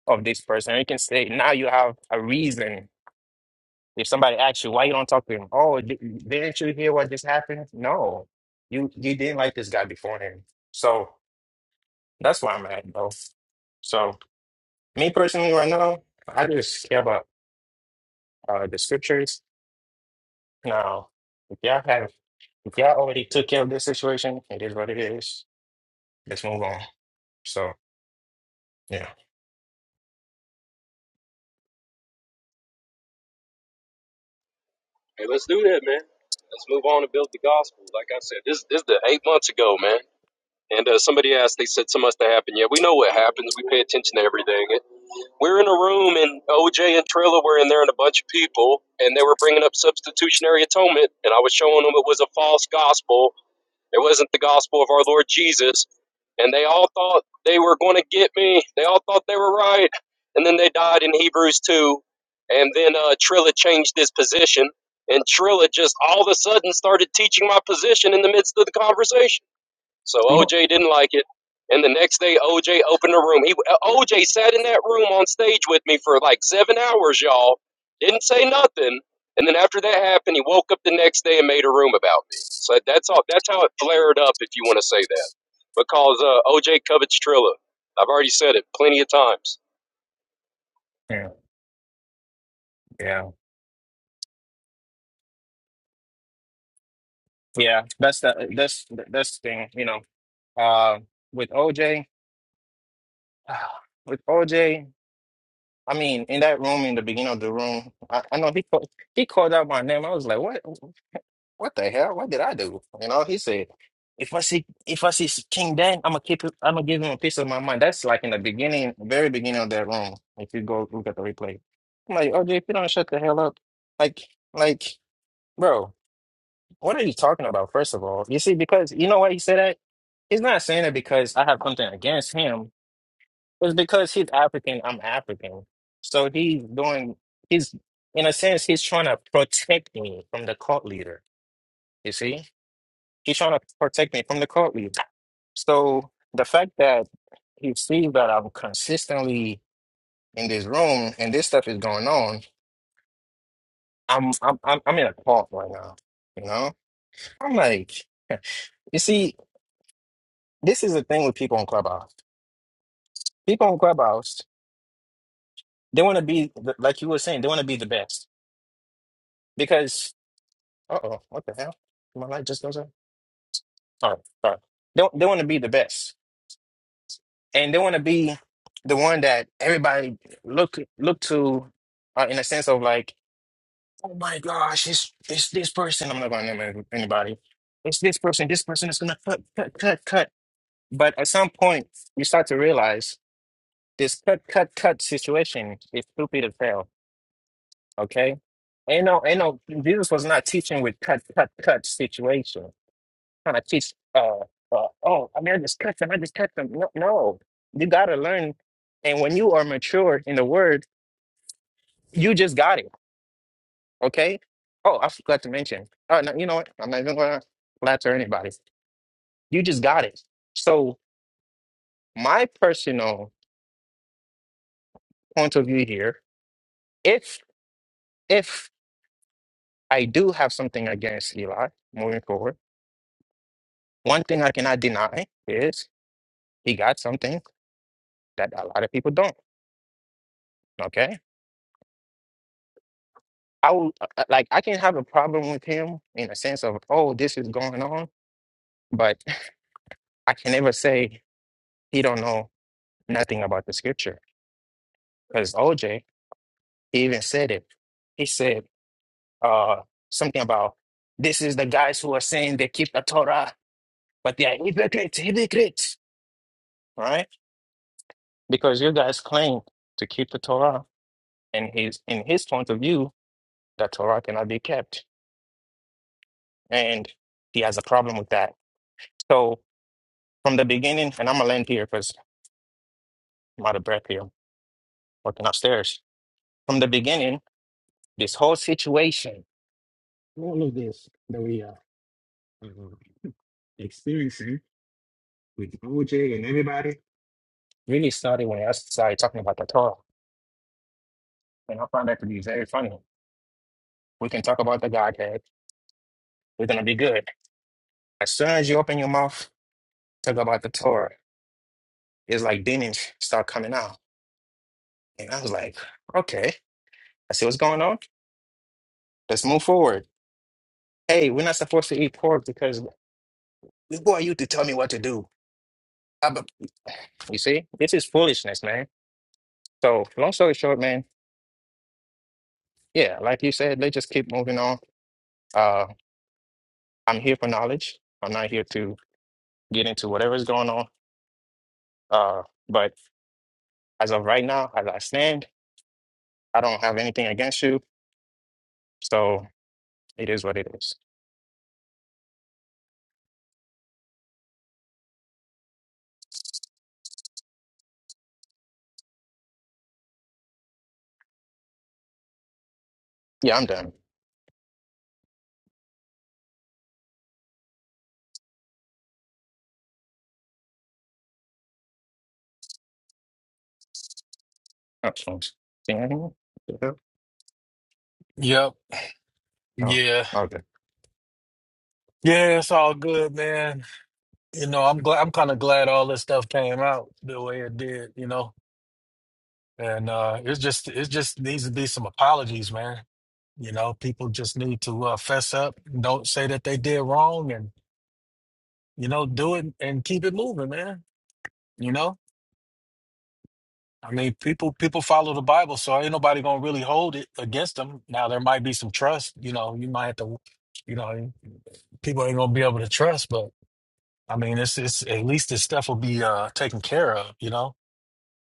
[SPEAKER 2] of this person. You can say now you have a reason. If somebody asks you why you don't talk to him, oh, di- didn't you hear what just happened? No, you you didn't like this guy beforehand. So that's why I'm at bro. So me personally, right now, I just care about uh, the scriptures. Now, if y'all have, if y'all already took care of this situation, it is what it is. Let's move on. So yeah.
[SPEAKER 10] Hey, let's do that, man. Let's move on and build the gospel. Like I said, this this is the eight months ago, man. And uh, somebody asked, they said, something much to happen Yeah, we know what happens. We pay attention to everything. And We're in a room, and OJ and Trilla were in there, and a bunch of people, and they were bringing up substitutionary atonement. And I was showing them it was a false gospel it wasn't the gospel of our Lord Jesus. And they all thought they were going to get me. They all thought they were right. And then they died in Hebrews 2. And then uh, Trilla changed his position. And Trilla just all of a sudden started teaching my position in the midst of the conversation. So
[SPEAKER 2] Mhm.
[SPEAKER 10] OJ didn't like it. And the next day, OJ opened a room. He OJ sat in that room on stage with me for like seven hours, y'all. Didn't say nothing. And then after that happened, he woke up the next day and made a room about me. So that's all. That's how it flared up, if you want to say that, because uh, OJ covets Trilla. I've already said it plenty of times.
[SPEAKER 2] Yeah, yeah, yeah. That's the that's that's the thing, you know. Uh, with OJ, with OJ, I mean, in that room, in the beginning of the room, I, I know he called, he called out my name. I was like, what, what the hell? What did I do? You know, he said, if I see, if I see King Dan, I'm gonna keep it, I'm gonna give him a piece of my mind. That's like in the beginning, very beginning of that room. If you go look at the replay, I'm like, OJ, if you don't shut the hell up, like, like, bro, what are you talking about? First of all, you see, because you know why he said that? He's not saying it because I have something against him It's because he's African, I'm African. So he's doing, he's, in a sense, he's trying to protect me from the cult leader. You see? He's trying to protect me from the cult leader. So the fact that he sees that I'm consistently in this room and this stuff is going on, I'm, I'm, I'm, I'm in a cult right now. You know? I'm like, you see, this is the thing with people on Clubhouse. People on Clubhouse, they want to be, like you were saying, they want to be the best. Because Uh oh, what the hell? My light just goes out. All right, all right. They they want to be the best, and they want to be the one that everybody look look to, uh, in a sense of like, oh my gosh, it's it's this person. I'm not going to name anybody. It's this person. This person is gonna cut, cut, cut, cut. But at some point, you start to realize this cut, cut, cut situation is stupid as hell. Okay, ain't no, ain't no. Jesus was not teaching with cut, cut, cut situations. Trying to teach uh, uh oh I mean I just cut them I just cut them no, no you gotta learn and when you are mature in the word you just got it okay oh I forgot to mention oh no you know what I'm not even gonna flatter anybody you just got it so my personal point of view here if if I do have something against Eli moving forward one thing I cannot deny is he got something that a lot of people don't okay I would uh, uh, like I can have a problem with him in a sense of oh this is going on, but I can never say he don't know nothing about the scripture because OJ he even said it. He said uh something about this is the guys who are saying they keep the Torah but they are hypocrites, hypocrites, right? Because you guys claim to keep the Torah, and his in his point of view, the Torah cannot be kept, and he has a problem with that. So from the beginning, and I'm gonna land here because. I'm out of breath here, walking upstairs. From the beginning, this whole situation, all of this that we are uh, experiencing with OJ and everybody, really started when I started talking about the Torah. And I found that to be very funny. We can talk about the Godhead. We're going to be good. As soon as you open your mouth, talk about the Torah, it's like demons start coming out. And I was like, okay, I see what's going on. Let's move forward. Hey, we're not supposed to eat pork because who are you to tell me what to do? Uh, but you see, this is foolishness, man. So long story short, man, yeah, like you said, they just keep moving on. Uh, I'm here for knowledge. I'm not here to get into whatever's going on. Uh, but as of right now, as I stand, I don't have anything against you. So it is what it is. Yeah, I'm done. Oh, phones. Can you hear me? The hell?
[SPEAKER 11] yep, yeah,
[SPEAKER 2] Oh, okay.
[SPEAKER 11] yeah. It's all good, man. You know, I'm glad. I'm kind of glad all this stuff came out the way it did. You know, And uh, it's just it just needs to be some apologies, man. You know, people just need to uh, fess up, don't say that they did wrong, and you know, do it and keep it moving, man. You know, I mean, people people follow the Bible, so ain't nobody gonna really hold it against them. Now there might be some trust, you know, you might have to, you know, people ain't gonna be able to trust, but I mean, it's it's at least this stuff will be uh, taken care of, you know.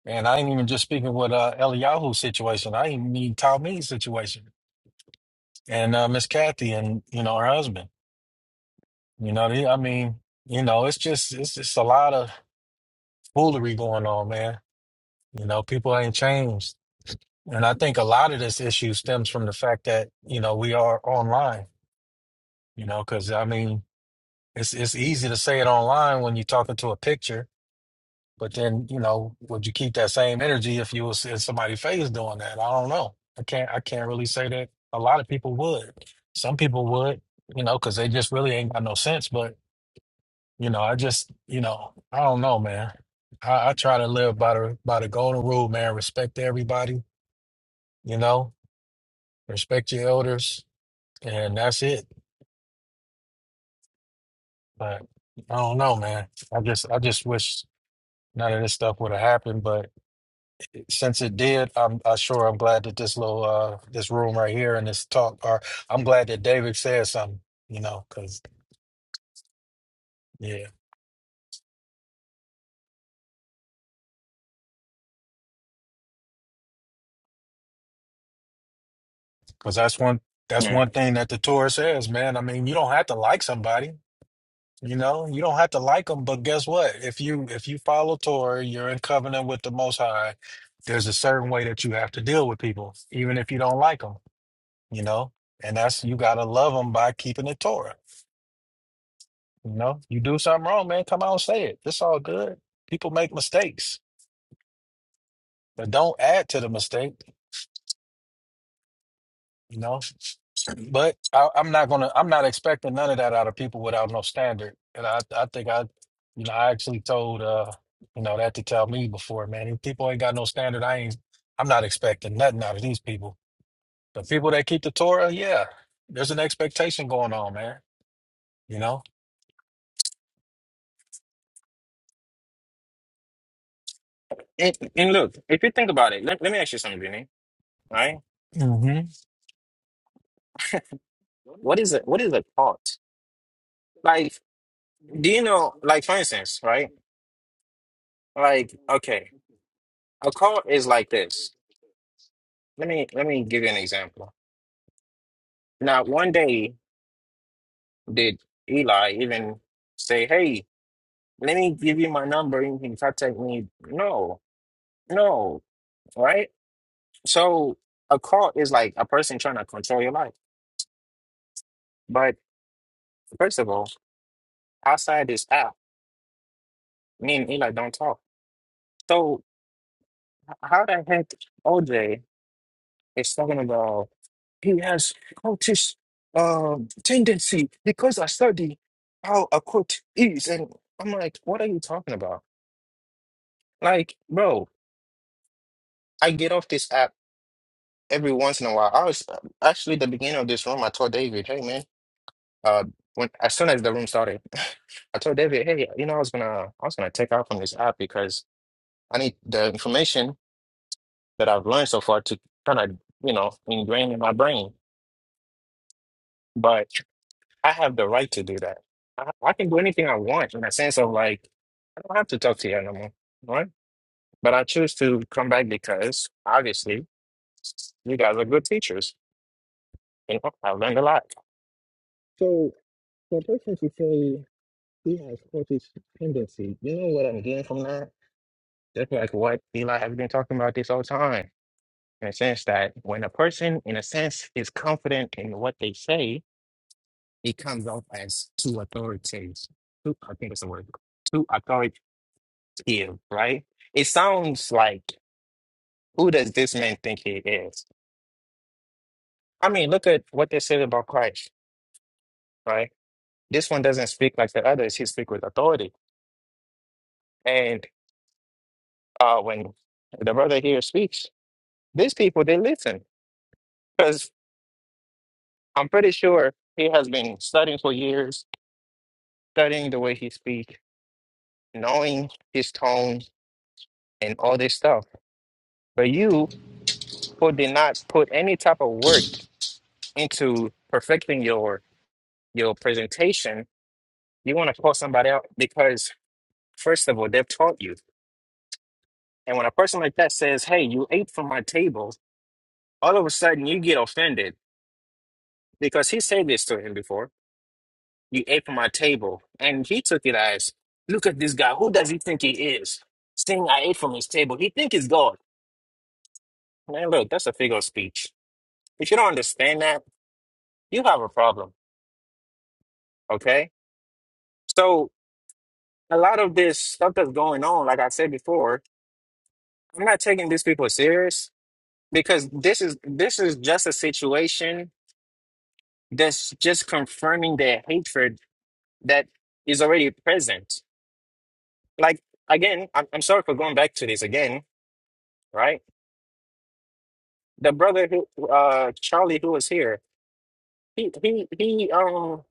[SPEAKER 11] And I ain't even just speaking with uh, Eliyahu situation. I ain't mean Talmi's situation and uh, Miss Kathy and you know her husband. You know, they, I mean, you know, it's just it's just a lot of foolery going on, man. You know, people ain't changed, and I think a lot of this issue stems from the fact that you know we are online. You know, because I mean, it's it's easy to say it online when you're talking to a picture, but then you know, would you keep that same energy if you was in somebody's face doing that? I don't know. I can't I can't really say that a lot of people would. Some people would, you know, because they just really ain't got no sense, but You know, I just, you know, I don't know, man. I, I try to live by the by the golden rule, man. Respect everybody, you know, respect your elders, and that's it. But I don't know, man. I just I just wish none of this stuff would have happened. But since it did, I'm I sure I'm glad that this little uh this room right here and this talk are I'm glad that David said something, you know, because yeah, because that's one that's
[SPEAKER 2] Yeah.
[SPEAKER 11] one thing that the Torah says, man. I mean, you don't have to like somebody. You know, you don't have to like them, but guess what? If you if you follow Torah, you're in covenant with the Most High. There's a certain way that you have to deal with people, even if you don't like them. You know, and that's you gotta love them by keeping the Torah. You know, you do something wrong, man, come out and say it. It's all good. People make mistakes, but don't add to the mistake. You know, But I, I'm not gonna. I'm not expecting none of that out of people without no standard. And I, I think I, you know, I actually told, uh, you know, that to tell me before, man. If people ain't got no standard, I ain't. I'm not expecting nothing out of these people. The people that keep the Torah, yeah, there's an expectation going on, man. You know.
[SPEAKER 2] And, and look, if you think about it, let, let me ask you something, Vinny. Right?
[SPEAKER 11] hmm
[SPEAKER 2] What is it? What is a thought? Like, do you know? Like, for instance, right? Like, okay, a cult is like this. Let me let me give you an example. Now, one day did Eli even say, "Hey, let me give you my number and you can contact me." No, no, right? So a cult is like a person trying to control your life. But first of all, outside this app, me and Eli don't talk. So h- how the heck OJ? It's talking about he has cultish um tendency because I study how a cult is, and I'm like, what are you talking about? Like, bro, I get off this app every once in a while. I was actually the beginning of this room. I told David, hey man, uh, when as soon as the room started, I told David, hey, you know, I was gonna I was gonna take out from this app because I need the information that I've learned so far to kind of you know ingrain in my brain, but. I have the right to do that. I, I can do anything I want in a sense of like, I don't have to talk to you anymore, right? But I choose to come back because obviously you guys are good teachers. You know, I learned a lot. So for a person to say he has cultish tendency, You know what I'm getting from that? That's like what Eli has been talking about this whole time. In a sense that when a person, in a sense, is confident in what they say, it comes off as too authoritative. Too, I think it's the word. Too authoritative. you, right? It sounds like who does this man think he is? I mean, look at what they said about Christ, right? This one doesn't speak like the others, he speaks with authority. And uh when the brother here speaks, these people they listen. Because I'm pretty sure he has been studying for years, studying the way he speaks, knowing his tone and all this stuff. But you who did not put any type of work into perfecting your your presentation You want to call somebody out because, first of all, they've taught you. And when a person like that says, Hey, you ate from my table, all of a sudden you get offended because he said this to him before. You ate from my table. And he took it as, Look at this guy. Who does he think he is? Saying I ate from his table. He think he's God. Man, look, that's a figure of speech. If you don't understand that, you have a problem. Okay? So, a lot of this stuff that's going on, like I said before, I'm not taking these people serious. because this is this is just a situation that's just confirming the hatred that is already present like again i'm, I'm sorry for going back to this again right the brother who uh charlie who was here he he he um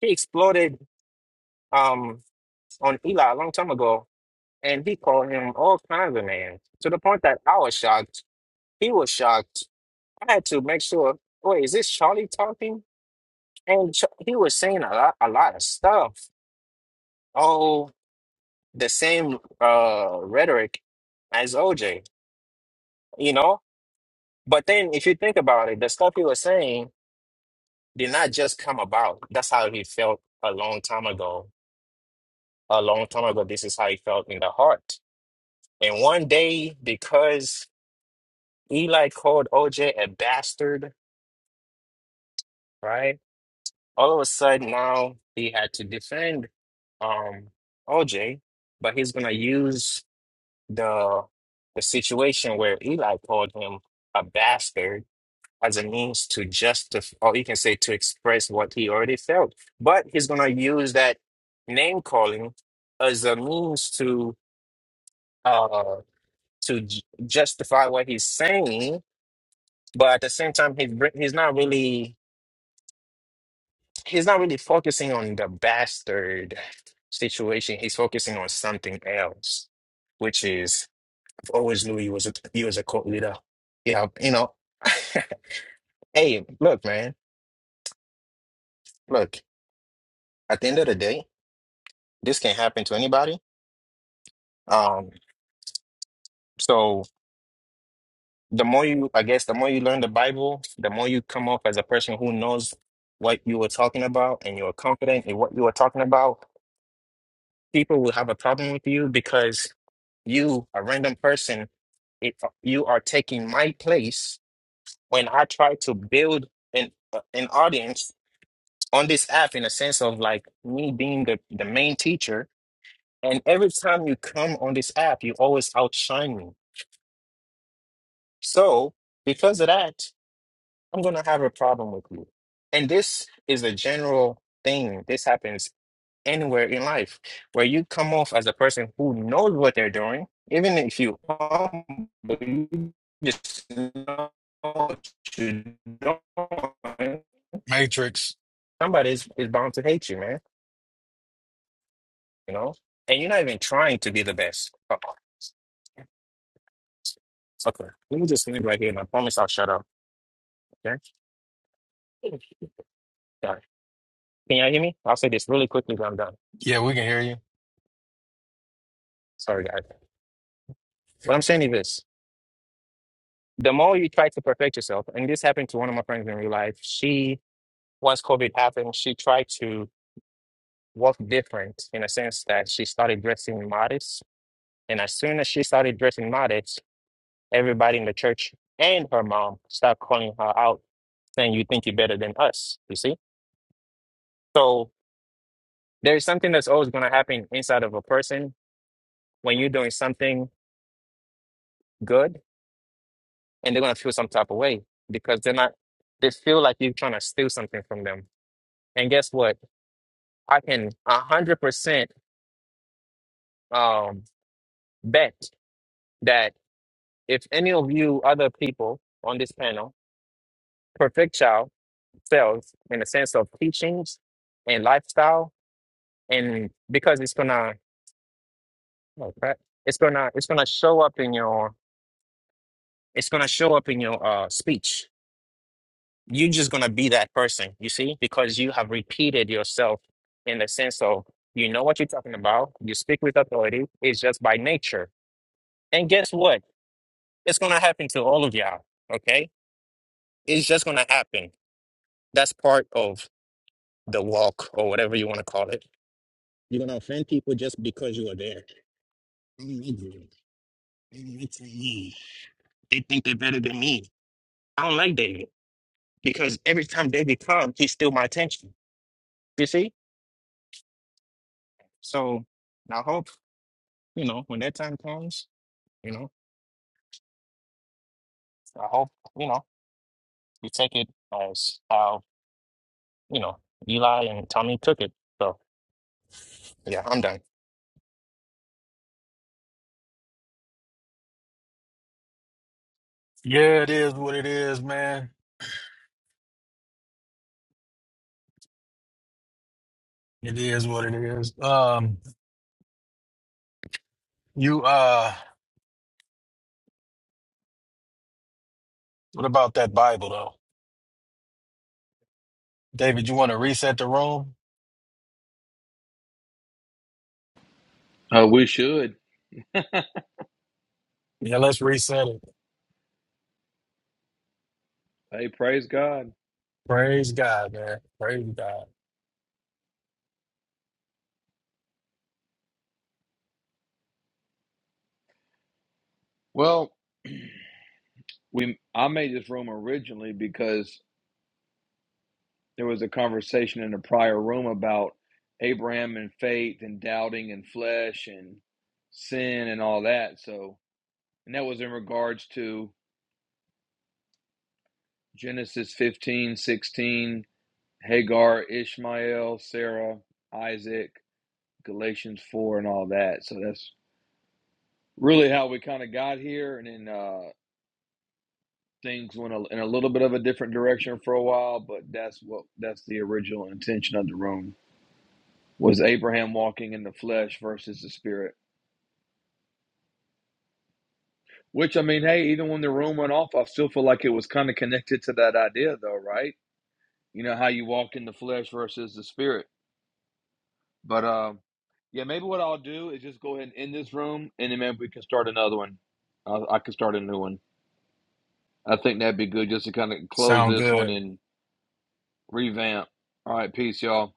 [SPEAKER 2] he exploded um on eli a long time ago and he called him all kinds of names to the point that i was shocked he was shocked i had to make sure wait is this charlie talking and Ch- he was saying a lot, a lot of stuff all the same uh rhetoric as OJ, you know? But then if you think about it, the stuff he was saying did not just come about. That's how he felt a long time ago. A long time ago, this is how he felt in the heart. And one day, because Eli called OJ a bastard, right? All of a sudden now he had to defend um OJ, but he's gonna use the the situation where Eli called him a bastard as a means to justify, or you can say to express what he already felt. But he's gonna use that name calling as a means to uh to j- justify what he's saying. But at the same time, he's br- he's not really he's not really focusing on the bastard situation. He's focusing on something else, which is Always knew he was a he was a cult leader. Yeah, you know. hey, look, man. Look, at the end of the day, this can happen to anybody. Um, so the more you, I guess, the more you learn the Bible, the more you come off as a person who knows what you were talking about and you're confident in what you were talking about. People will have a problem with you because you, a random person, it, you are taking my place when I try to build an uh, an audience on this app in a sense of like me being the, the main teacher. And every time you come on this app, you always outshine me. So because of that, I'm gonna have a problem with you. And this is a general thing. This happens anywhere in life where you come off as a person who knows what they're doing, even if you humble, you just know what you're doing,
[SPEAKER 11] Matrix.
[SPEAKER 2] somebody is, is bound to hate you, man. you know? And you're not even trying to be the best. Oh, okay. Let me just leave right here and I promise I'll shut up. Okay? Sorry. Can y'all hear me? I'll say this really quickly but I'm done.
[SPEAKER 11] Yeah, we can hear you.
[SPEAKER 2] Sorry, guys. What I'm saying is this. The more you try to perfect yourself, and this happened to one of my friends in real life, she, once COVID happened, she tried to walk different in a sense that she started dressing modest. And as soon as she started dressing modest, everybody in the church and her mom started calling her out, saying, You think you're better than us, you see? So there's something that's always going to happen inside of a person when you're doing something good and they're going to feel some type of way because they're not they feel like you're trying to steal something from them and guess what i can 100% um, bet that if any of you other people on this panel perfect child selves in the sense of teachings and lifestyle and because it's gonna oh crap, it's gonna it's gonna show up in your it's gonna show up in your uh speech you're just going to be that person, you see, because you have repeated yourself in the sense of you know what you're talking about, you speak with authority, it's just by nature. And guess what? It's going to happen to all of y'all, okay? It's just going to happen. That's part of the walk or whatever you want to call it. You're going to offend people just because you are there. I don't like David. They don't like David. They think they're better than me. I don't like David because every time David comes, he steals my attention. You see? So, now hope. you know, when that time comes, you know, I hope, you know, you take it as how, you know, Eli and Tommy took it. So yeah, I'm done.
[SPEAKER 11] Yeah, it is what it is, man. It is what it is. Um, you uh, what about that Bible though, David? You want to reset the room?
[SPEAKER 1] Uh, we should.
[SPEAKER 11] Yeah, let's reset it.
[SPEAKER 1] Hey, praise God.
[SPEAKER 11] Praise God, man. Praise God.
[SPEAKER 1] Well, we I made this room originally because there was a conversation in a prior room about Abraham and faith and doubting and flesh and sin and all that. So, and that was in regards to Genesis 15 16 Hagar, Ishmael, Sarah, Isaac, Galatians 4, and all that. So that's really how we kind of got here. And then uh, things went a, in a little bit of a different direction for a while, but that's what that's the original intention of the room was Abraham walking in the flesh versus the spirit. Which I mean, hey, even when the room went off, I still feel like it was kind of connected to that idea, though, right? You know how you walk in the flesh versus the spirit. But um, Yeah, maybe what I'll do is just go ahead and end this room, and then maybe we can start another one. I, I can start a new one. I think that'd be good just to kind of close
[SPEAKER 11] Sound
[SPEAKER 1] this one
[SPEAKER 11] good.
[SPEAKER 1] and revamp. All right, peace, y'all.